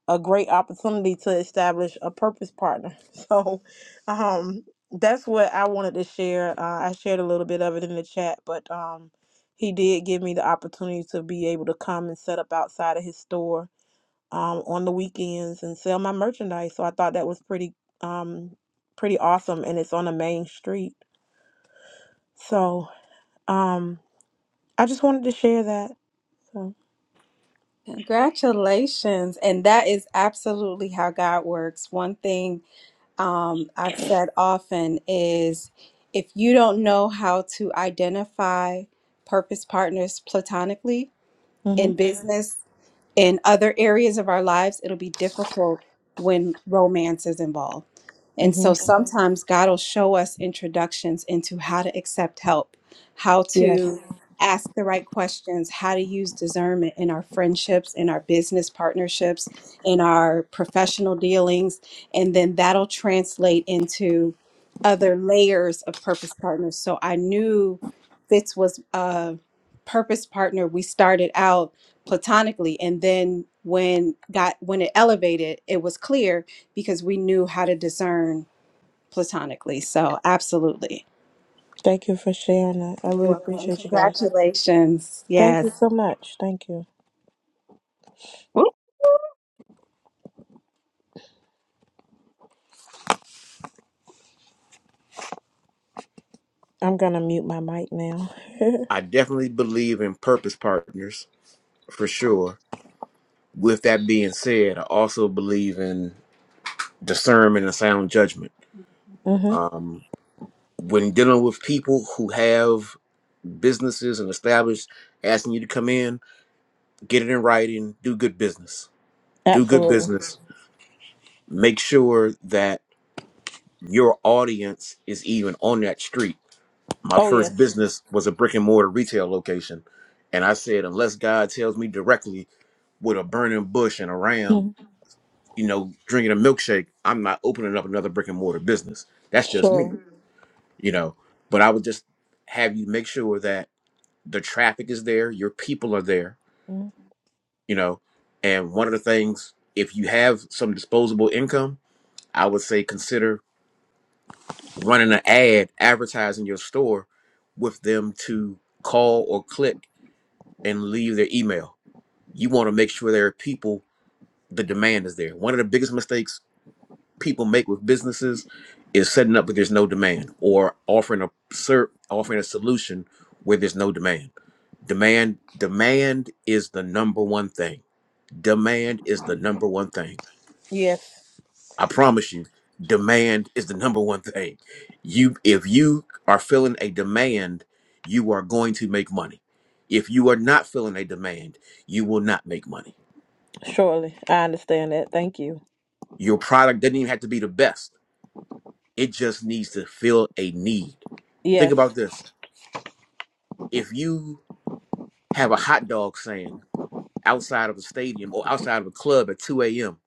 I: a great opportunity to establish a purpose partner. So um, that's what I wanted to share. Uh, I shared a little bit of it in the chat, but um, he did give me the opportunity to be able to come and set up outside of his store um, on the weekends and sell my merchandise. So I thought that was pretty um, pretty awesome, and it's on a main street. So um, I just wanted to share that. So
F: Congratulations. And that is absolutely how God works. One thing um, I've said often is if you don't know how to identify purpose partners platonically in
I: mm-hmm,
F: business, in other areas of our lives, it'll be difficult when romance is involved. And
I: mm-hmm.
F: so sometimes God will show us introductions into how to accept help, how
I: yes,
F: to ask the right questions, how to use discernment in our friendships, in our business partnerships, in our professional dealings. And then that'll translate into other layers of purpose partners. So I knew Fitz was a purpose partner. We started out platonically and then when got when it elevated it was clear because we knew how to discern platonically so absolutely
I: thank you for sharing that. I
F: you're
I: really
F: welcome and
I: appreciate you guys.
F: congratulations
I: Thank
F: yes
I: you so much. Thank you.
B: Whoop,
I: I'm gonna mute my mic now.
F: I definitely believe in purpose partners for sure. With that being said, I also believe in discernment and sound judgment.
I: mm-hmm.
F: Um, when dealing with people who have businesses and established asking you to come in, get it in writing, do good business. Do good
I: Absolutely.
F: business. make sure that your audience is even on that street. My
I: Oh
F: first
I: yes.
F: business was a brick and mortar retail location. And I said, unless God tells me directly with a burning bush and a ram,
I: hmm
F: you know, drinking a milkshake, I'm not opening up another brick and mortar business. That's just me,
I: Sure.
F: Mhm. you know. But I would just have you make sure that the traffic is there, your people are there,
I: Mhm.
F: you know. And one of the things, if you have some disposable income, I would say consider running an ad advertising your store with them to call or click and leave their email. You want to make sure there are people, the demand is there. One of the biggest mistakes people make with businesses is setting up where there's no demand or offering a ser- offering a solution where there's no demand. Demand demand is the number one thing. Demand is the number one thing
I: Yes.
F: I promise you, demand is the number one thing. You if you are feeling a demand, you are going to make money. If you are not feeling a demand, you will not make money.
I: Surely. I understand that. Thank you.
F: Your product doesn't even have to be the best. It just needs to fill a need. Think about
I: Yes.
F: this. If you have a hot dog stand outside of a stadium or outside of a club at 2 a.m.,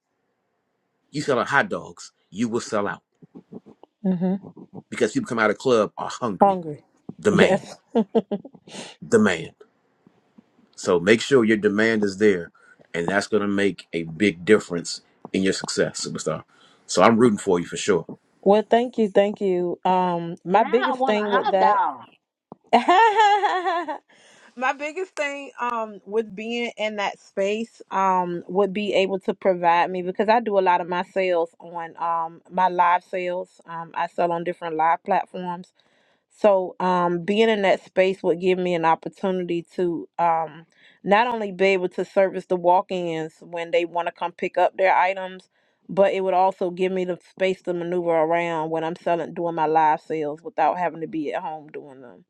F: you selling hot dogs, you will sell out
I: Mm-hmm.
F: because people come out of the club are hungry.
I: Hungry.
F: Demand,
I: Yes.
F: demand. So make sure your demand is there, and that's going to make a big difference in your success, superstar. So I'm rooting for you for sure.
I: Well, thank you, thank you. Um, my
C: Now I
I: biggest
C: want a
I: thing with
C: hot
I: that,
C: dog.
I: my biggest thing, um, with being in that space, um, would be able to provide me because I do a lot of my sales on, um, my live sales. Um, I sell on different live platforms. So, um, being in that space would give me an opportunity to um, not only be able to service the walk ins when they want to come pick up their items, but it would also give me the space to maneuver around when I'm selling, doing my live sales without having to be at home doing them.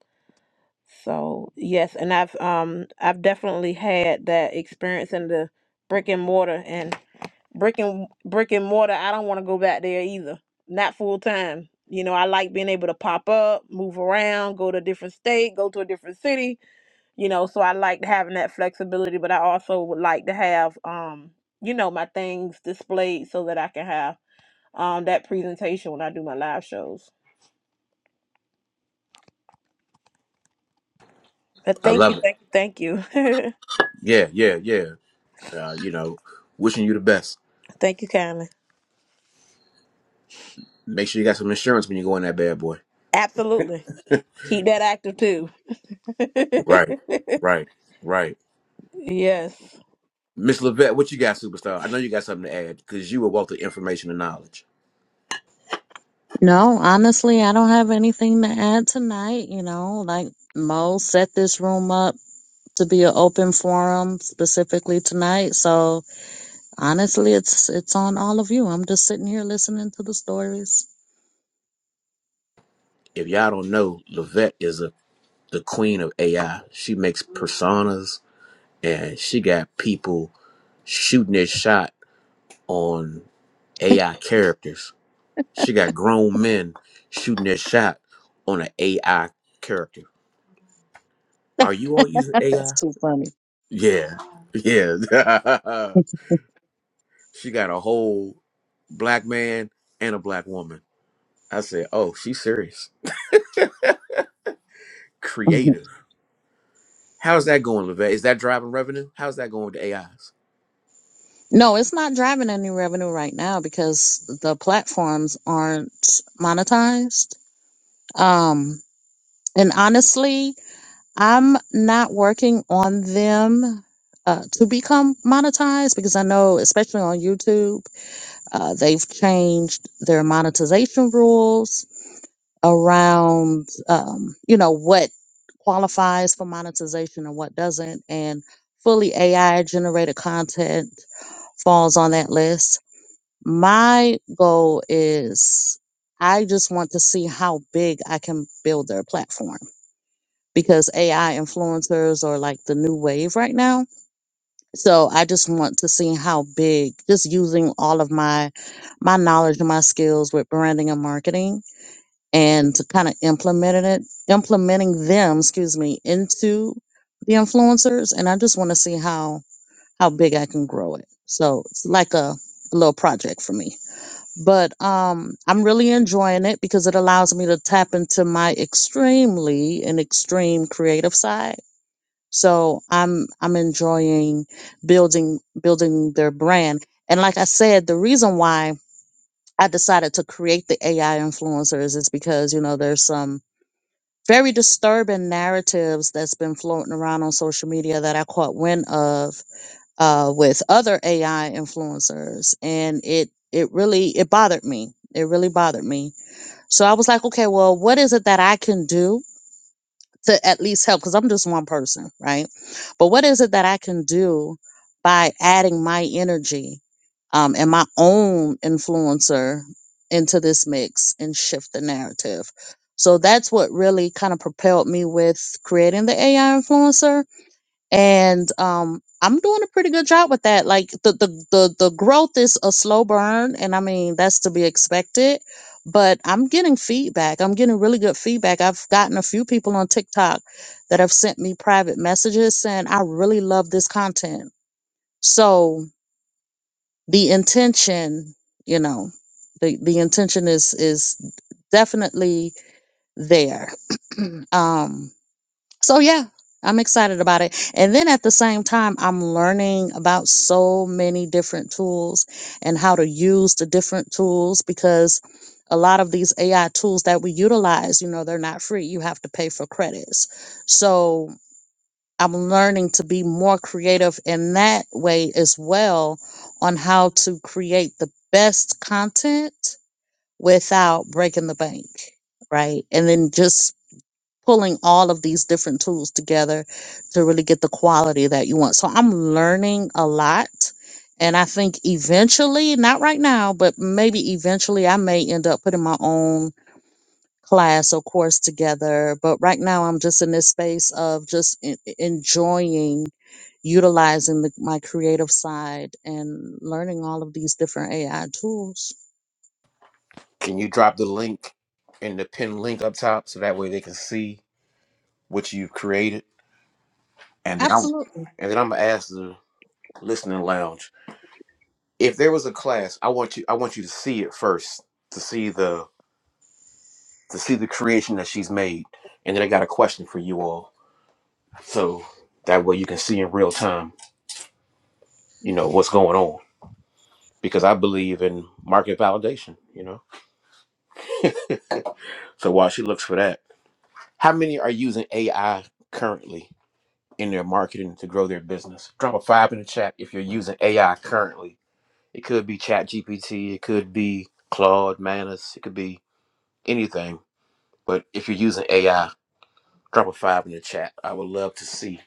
I: So, yes, and I've um, I've definitely had that experience in the brick and mortar, and brick and brick and mortar i don't want to go back there either not full time you know i like being able to pop up move around go to a different state go to a different city you know so i like having that flexibility but i also would like to have um you know my things displayed so that i can have um that presentation when i do my live shows but
F: I
I: thank you
F: love it.
I: thank you thank you
F: Yeah, yeah, yeah. Uh, you know, wishing you the best.
I: thank you kindly
F: Make sure you got some insurance when you go in that bad boy.
I: absolutely keep that active too
F: Right, right, right.
I: yes
F: Miss Levette, what you got, superstar? I know you got something to add because you were wealth of information and knowledge.
D: No, honestly, I don't have anything to add tonight. You know, like Mo set this room up to be an open forum specifically tonight. So honestly, it's it's on all of you. I'm just sitting here listening to the stories.
F: If y'all don't know, Levette is a, the queen of AI. She makes personas, and she got people shooting their shot on AI characters. She got grown men shooting their shot on an AI character. Are you all using
D: That's
F: AI?
D: too funny.
F: Yeah. Yeah. she got a whole black man and a black woman. I said, oh, she's serious.
D: Mhm.
F: Creative. How's that going, Levette? Is that driving revenue? How's that going with the AIs?
D: no, it's not driving any revenue right now because the platforms aren't monetized. Um, and honestly, I'm not working on them uh, to become monetized because I know, especially on YouTube, uh, they've changed their monetization rules around, um, you know, what qualifies for monetization and what doesn't. And fully AI generated content falls on that list. My goal is I just want to see how big I can build their platform because AI influencers are like the new wave right now. So I just want to see how big, just using all of my my knowledge and my skills with branding and marketing and to kind of implementing it, implementing them, excuse me, into the influencers. And I just want to see how how big I can grow it. So it's like a, little project for me. But um I'm really enjoying it because it allows me to tap into my extremely and extreme creative side so I'm I'm enjoying building building their brand. And like I said, the reason why I decided to create the AI influencers is because, you know, there's some very disturbing narratives that's been floating around on social media that I caught wind of uh, with other AI influencers. And it it really it bothered me. It really bothered me. So I was like, okay, well, what is it that I can do to at least help because I'm just one person, right? But what is it that I can do by adding my energy um, and my own influencer into this mix and shift the narrative? So that's what really kind of propelled me with creating the AI influencer and um i'm doing a pretty good job with that like the the the, the growth is a slow burn and i mean that's to be expected but i'm getting feedback i'm getting really good feedback i've gotten a few people on tiktok that have sent me private messages saying i really love this content so the intention you know the, the intention is is definitely there um so yeah, I'm excited about it. And then at the same time, I'm learning about so many different tools and how to use the different tools because a lot of these AI tools that we utilize, you know, they're not free. You have to pay for credits. So I'm learning to be more creative in that way as well on how to create the best content without breaking the bank, right? And then just pulling all of these different tools together to really get the quality that you want. So I'm learning a lot. And I think eventually, not right now, but maybe eventually I may end up putting my own class or course together. But right now I'm just in this space of just en- enjoying utilizing the, my creative side and learning all of these different AI tools.
F: Can you drop the link and the pin link up top so that way they can see what you've created? And then I'm,
D: Absolutely.
F: and then I'm gonna ask the listening lounge if there was a class i want you i want you to see it first to see the to see the creation that she's made and then i got a question for you all so that way you can see in real time you know what's going on because i believe in market validation you know so while she looks for that how many are using ai currently in their marketing to grow their business drop a five in the chat if you're using ai currently it could be chat gpt it could be claude manus it could be anything but if you're using ai drop a five in the chat. I would love to see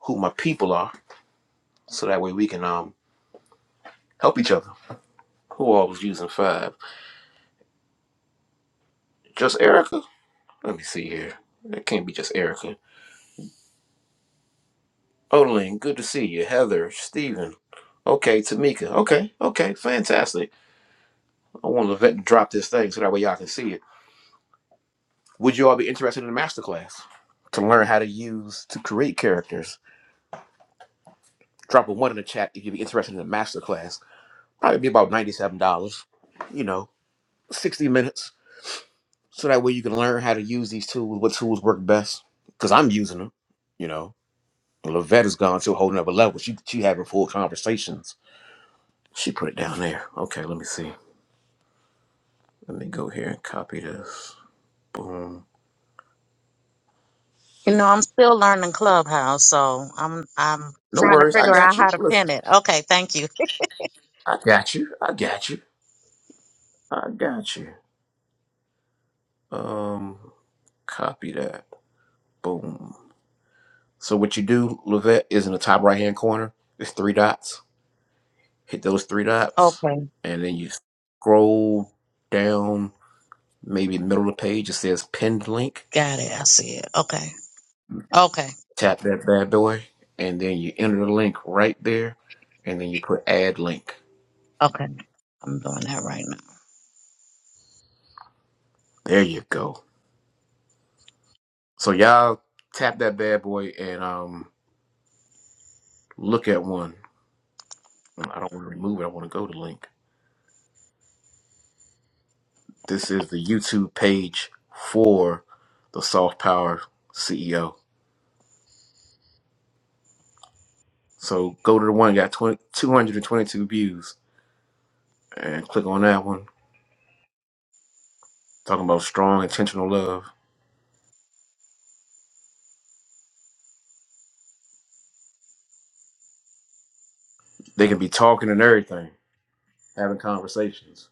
F: who my people are, so that way we can um help each other. Who all was using five? Just Erica? Let me see here. It can't be just Erica. Olin, good to see you. Heather, Steven. Okay, Tamika. Okay, okay, fantastic. I want to let drop this thing so that way y'all can see it. Would you all be interested in a masterclass to learn how to use to create characters? Drop a one in the chat if you'd be interested in a masterclass. Probably be about ninety-seven dollars. You know, sixty minutes so that way you can learn how to use these tools, what tools work best. Because I'm using them, you know. And Lavette has gone to a whole nother level. She she having full conversations. She put it down there. Okay, let me see. Let me go here and copy this. Boom.
D: You know, I'm still learning Clubhouse, so I'm I'm
F: No
D: trying to
F: worries. I
D: figure
F: got
D: out
F: you.
D: how to pin
F: Listen,
D: it. Okay, thank you.
F: I got you. I got you. I got you. Um, copy that. Boom. So what you do, Lavette, is in the top right hand corner. There's three dots. Hit those three dots,
D: Okay,
F: and then you scroll down maybe middle of the page, it says pinned link.
D: got it. I see it. Okay, okay,
F: Tap that bad boy, and then you enter the link right there, and then you put add link.
D: okay. I'm doing that right now.
F: There you go. So y'all tap that bad boy and um look at one. Well, I don't want to remove it. I want to go to link. This is the YouTube page for the Soft Power CEO. So go to the one that got 20 222 views and click on that one. Talking about strong intentional love. They can be talking and everything having conversations.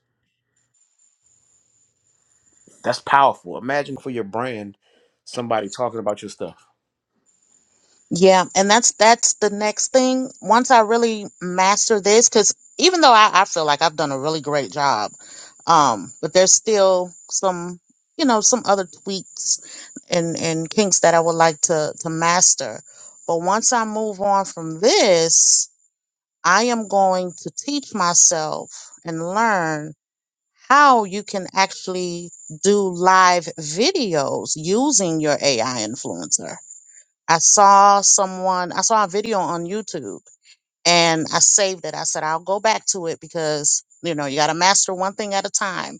F: That's powerful. Imagine for your brand, somebody talking about your stuff.
D: Yeah, and that's that's the next thing. Once I really master this, because even though I, I feel like I've done a really great job, um, but there's still some you know some other tweaks and and kinks that I would like to to master. But once I move on from this, I am going to teach myself and learn how you can actually do live videos using your AI influencer. I saw someone, I saw a video on YouTube and I saved it. I said, I'll go back to it because, you know, you got to master one thing at a time.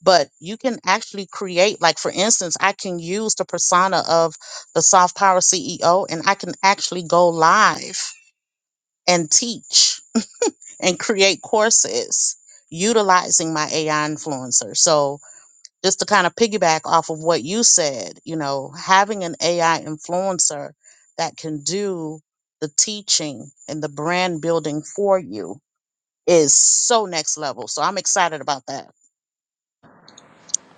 D: But you can actually create, like, for instance, I can use the persona of the Soft Power CEO and I can actually go live and teach and create courses utilizing my AI influencer. So, just to kind of piggyback off of what you said, you know, having an AI influencer that can do the teaching and the brand building for you is so next level. So, I'm excited about that.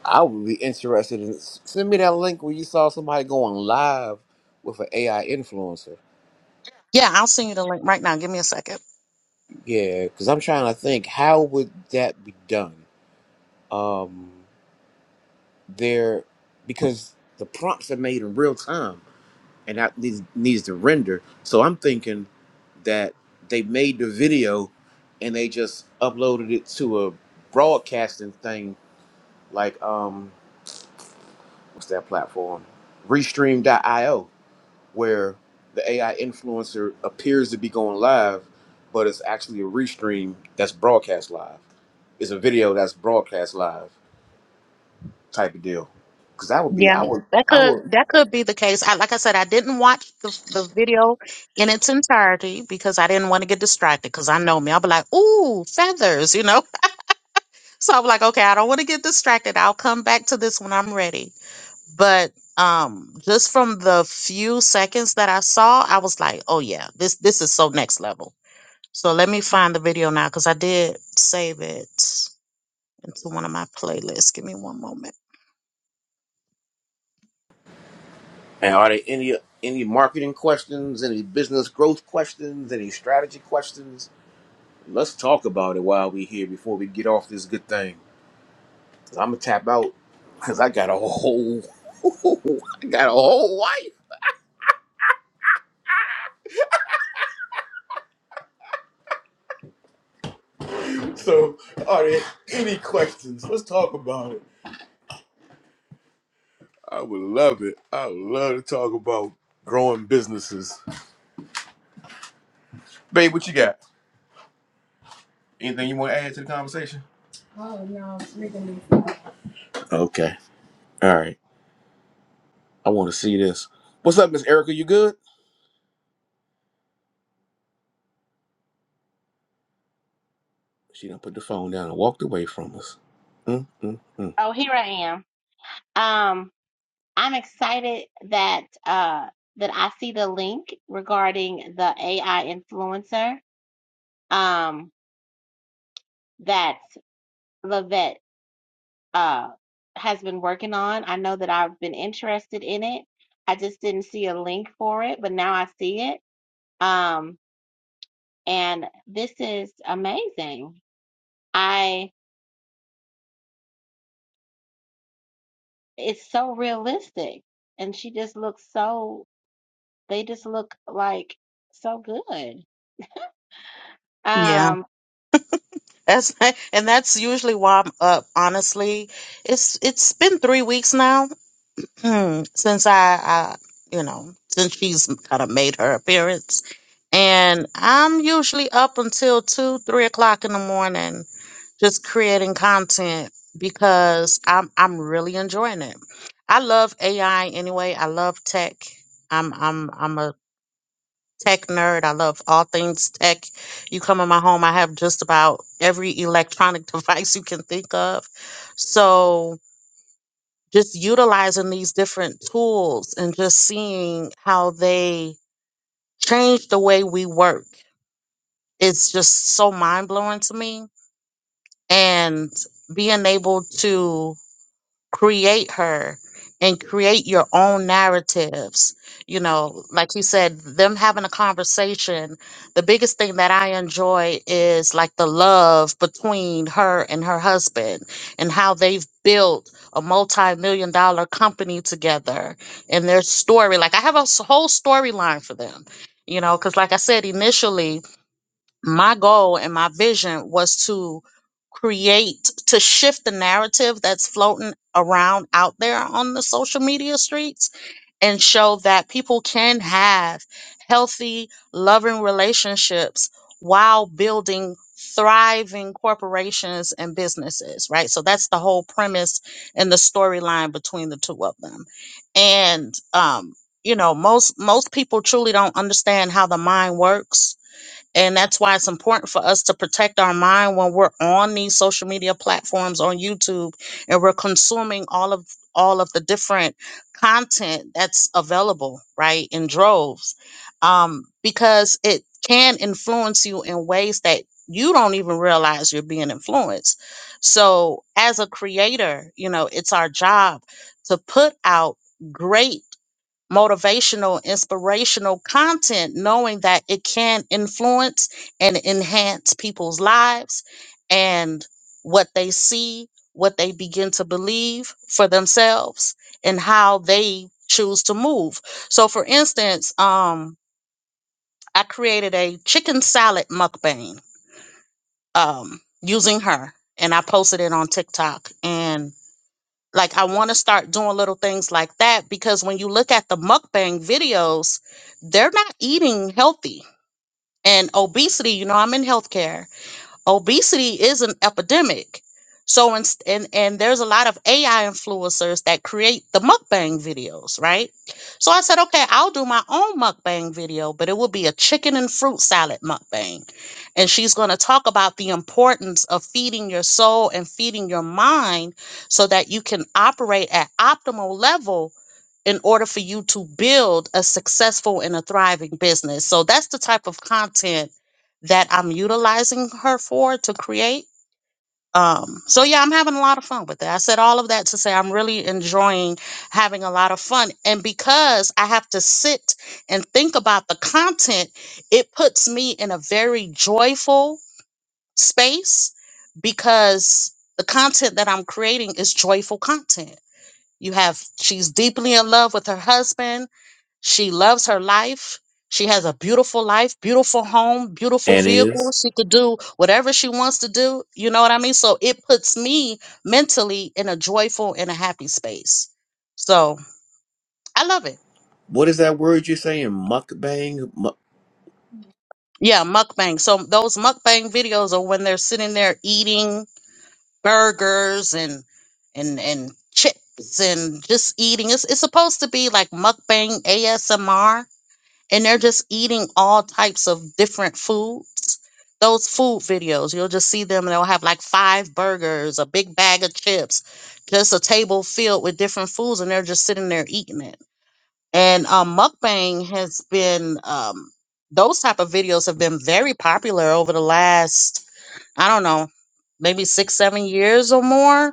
F: I would be interested in send me that link where you saw somebody going live with an AI influencer.
D: Yeah, I'll send you the link right now. Give me a second.
F: Yeah, because I'm trying to think how would that be done? Um, there because the prompts are made in real time. and that needs, needs to render. So I'm thinking that they made the video and they just uploaded it to a broadcasting thing like um what's that platform? Restream.io, where the AI influencer appears to be going live, but it's actually a restream that's broadcast live. It's a video that's broadcast live type of deal. Cause I would be
D: Yeah.
F: I would
D: That
F: I
D: could
F: would
D: that could be the case. I, like I said, I didn't watch the the video in its entirety because I didn't want to get distracted. Because I know me, I'll be like, "Ooh, feathers," you know. So I'm like, okay, I don't want to get distracted. I'll come back to this when I'm ready. But um just from the few seconds that I saw, I was like, oh yeah, this this is so next level. So let me find the video now because I did save it into one of my playlists. Give me one moment.
F: And are there any any marketing questions, any business growth questions, any strategy questions? Let's talk about it while we're here before we get off this good thing. i I'm gonna tap out because I got a whole I got a whole wife. So are there any questions? Let's talk about it. I would love it. I would love to talk about growing businesses. Babe, what you got? Anything you want to add to the conversation? Oh no, it's making me. Okay. All right. I want to see this. What's up, Miss Erica? You good? She done put the phone down and walked away from us. Mm, mm, mm.
C: Oh, here I am. Um. I'm excited that uh that I see the link regarding the AI influencer um that Lavette uh has been working on. I know that I've been interested in it. I just didn't see a link for it, but now I see it. Um and this is amazing. I it's so realistic and she just looks so they just look like so good.
D: Yeah.
C: Um
D: That's and that's usually why I'm up, honestly. It's it's been three weeks now Hmm, since I, I, you know, since she's kind of made her appearance, and I'm usually up until two, three o'clock in the morning, just creating content because I'm I'm really enjoying it. I love AI anyway. I love tech. I'm I'm I'm a tech nerd. I love all things tech. You come in my home, I have just about every electronic device you can think of. So just utilizing these different tools and just seeing how they change the way we work it's just so mind blowing to me and being able to create her and create your own narratives. You know, like you said, them having a conversation. The biggest thing that I enjoy is like the love between her and her husband and how they've built a multi million dollar company together and their story. Like, I have a s- whole storyline for them, you know, because like I said, initially, my goal and my vision was to create to shift the narrative that's floating around out there on the social media streets and show that people can have healthy loving relationships while building thriving corporations and businesses right so that's the whole premise and the storyline between the two of them and um you know most most people truly don't understand how the mind works and that's why it's important for us to protect our mind when we're on these social media platforms on YouTube and we're consuming all of all of the different content that's available, right? In droves. Um, because it can influence you in ways that you don't even realize you're being influenced. So as a creator, you know, it's our job to put out great motivational, inspirational content, knowing that it can influence and enhance people's lives and what they see, what they begin to believe for themselves, and how they choose to move. So, for instance, um, I created a chicken salad mukbang um, using her, and I posted it on TikTok. And like I want to start doing little things like that because when you look at the mukbang videos, they're not eating healthy. And obesity, you know, I'm in healthcare obesity is an epidemic. So in, and and there's a lot of AI influencers that create the mukbang videos, right? So I said, okay, I'll do my own mukbang video, but it will be a chicken and fruit salad mukbang. And she's going to talk about the importance of feeding your soul and feeding your mind so that you can operate at optimal level in order for you to build a successful and a thriving business. So that's the type of content that I'm utilizing her for to create. Um, so yeah, I'm having a lot of fun with it. I said all of that to say I'm really enjoying having a lot of fun. And because I have to sit and think about the content, it puts me in a very joyful space because the content that I'm creating is joyful content. You have she's deeply in love with her husband she loves her life. She has a beautiful life, beautiful home, beautiful
F: And
D: vehicle.
F: is
D: She could do whatever she wants to do. You know what I mean? So it puts me mentally in a joyful and a happy space. So I love it.
F: what is that word you're saying? Mukbang. Mu-
D: Yeah, mukbang. So those mukbang videos are when they're sitting there eating burgers and and and chips and just eating. It's it's supposed to be like mukbang ASMR and they're just eating all types of different foods. Those food videos, you'll just see them, and they'll have like five burgers, a big bag of chips, just a table filled with different foods, and they're just sitting there eating it. And um, mukbang has been um, those type of videos have been very popular over the last, I don't know, maybe six, seven years or more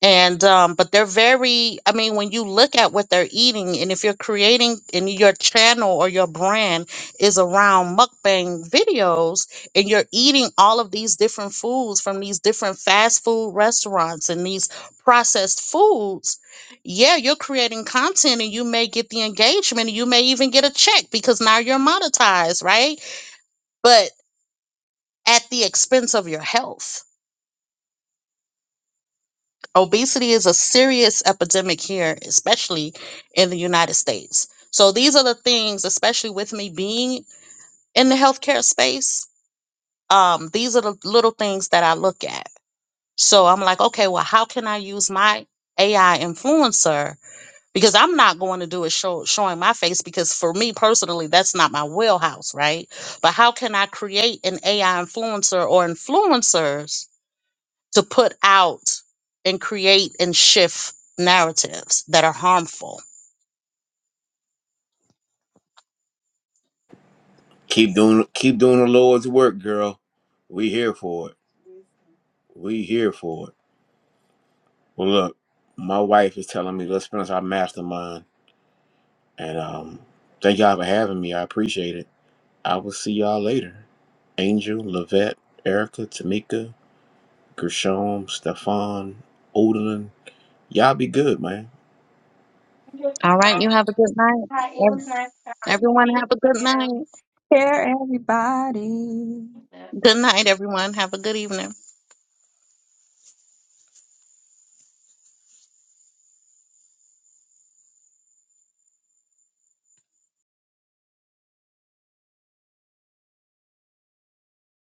D: and um but they're very i mean when you look at what they're eating and if you're creating and your channel or your brand is around mukbang videos and you're eating all of these different foods from these different fast food restaurants and these processed foods yeah you're creating content and you may get the engagement and you may even get a check because now you're monetized right but at the expense of your health obesity is a serious epidemic here, especially in the United States. So these are the things, especially with me being in the healthcare space, um, these are the little things that I look at. So I'm like, okay, well, how can I use my AI influencer? Because I'm not going to do it show, showing my face because for me personally, that's not my wheelhouse, right? But how can I create an AI influencer or influencers to put out and create and shift narratives that are harmful.
F: keep doing, keep doing the Lord's work, girl. We here for it. We here for it. Well, look, my wife is telling me let's finish our mastermind, and um, thank y'all for having me. I appreciate it. I will see y'all later. Angel, Lavette, Erica, Tamika, Gershon, Stefan, Odin. Y'all be good, man.
D: All right, you have a good night.
C: Hi, it was
D: Ev-
C: nice to
D: Everyone
C: speak
D: have a good
C: to
D: night.
B: care everybody.
C: you.
D: Good night, everyone. Have a good evening.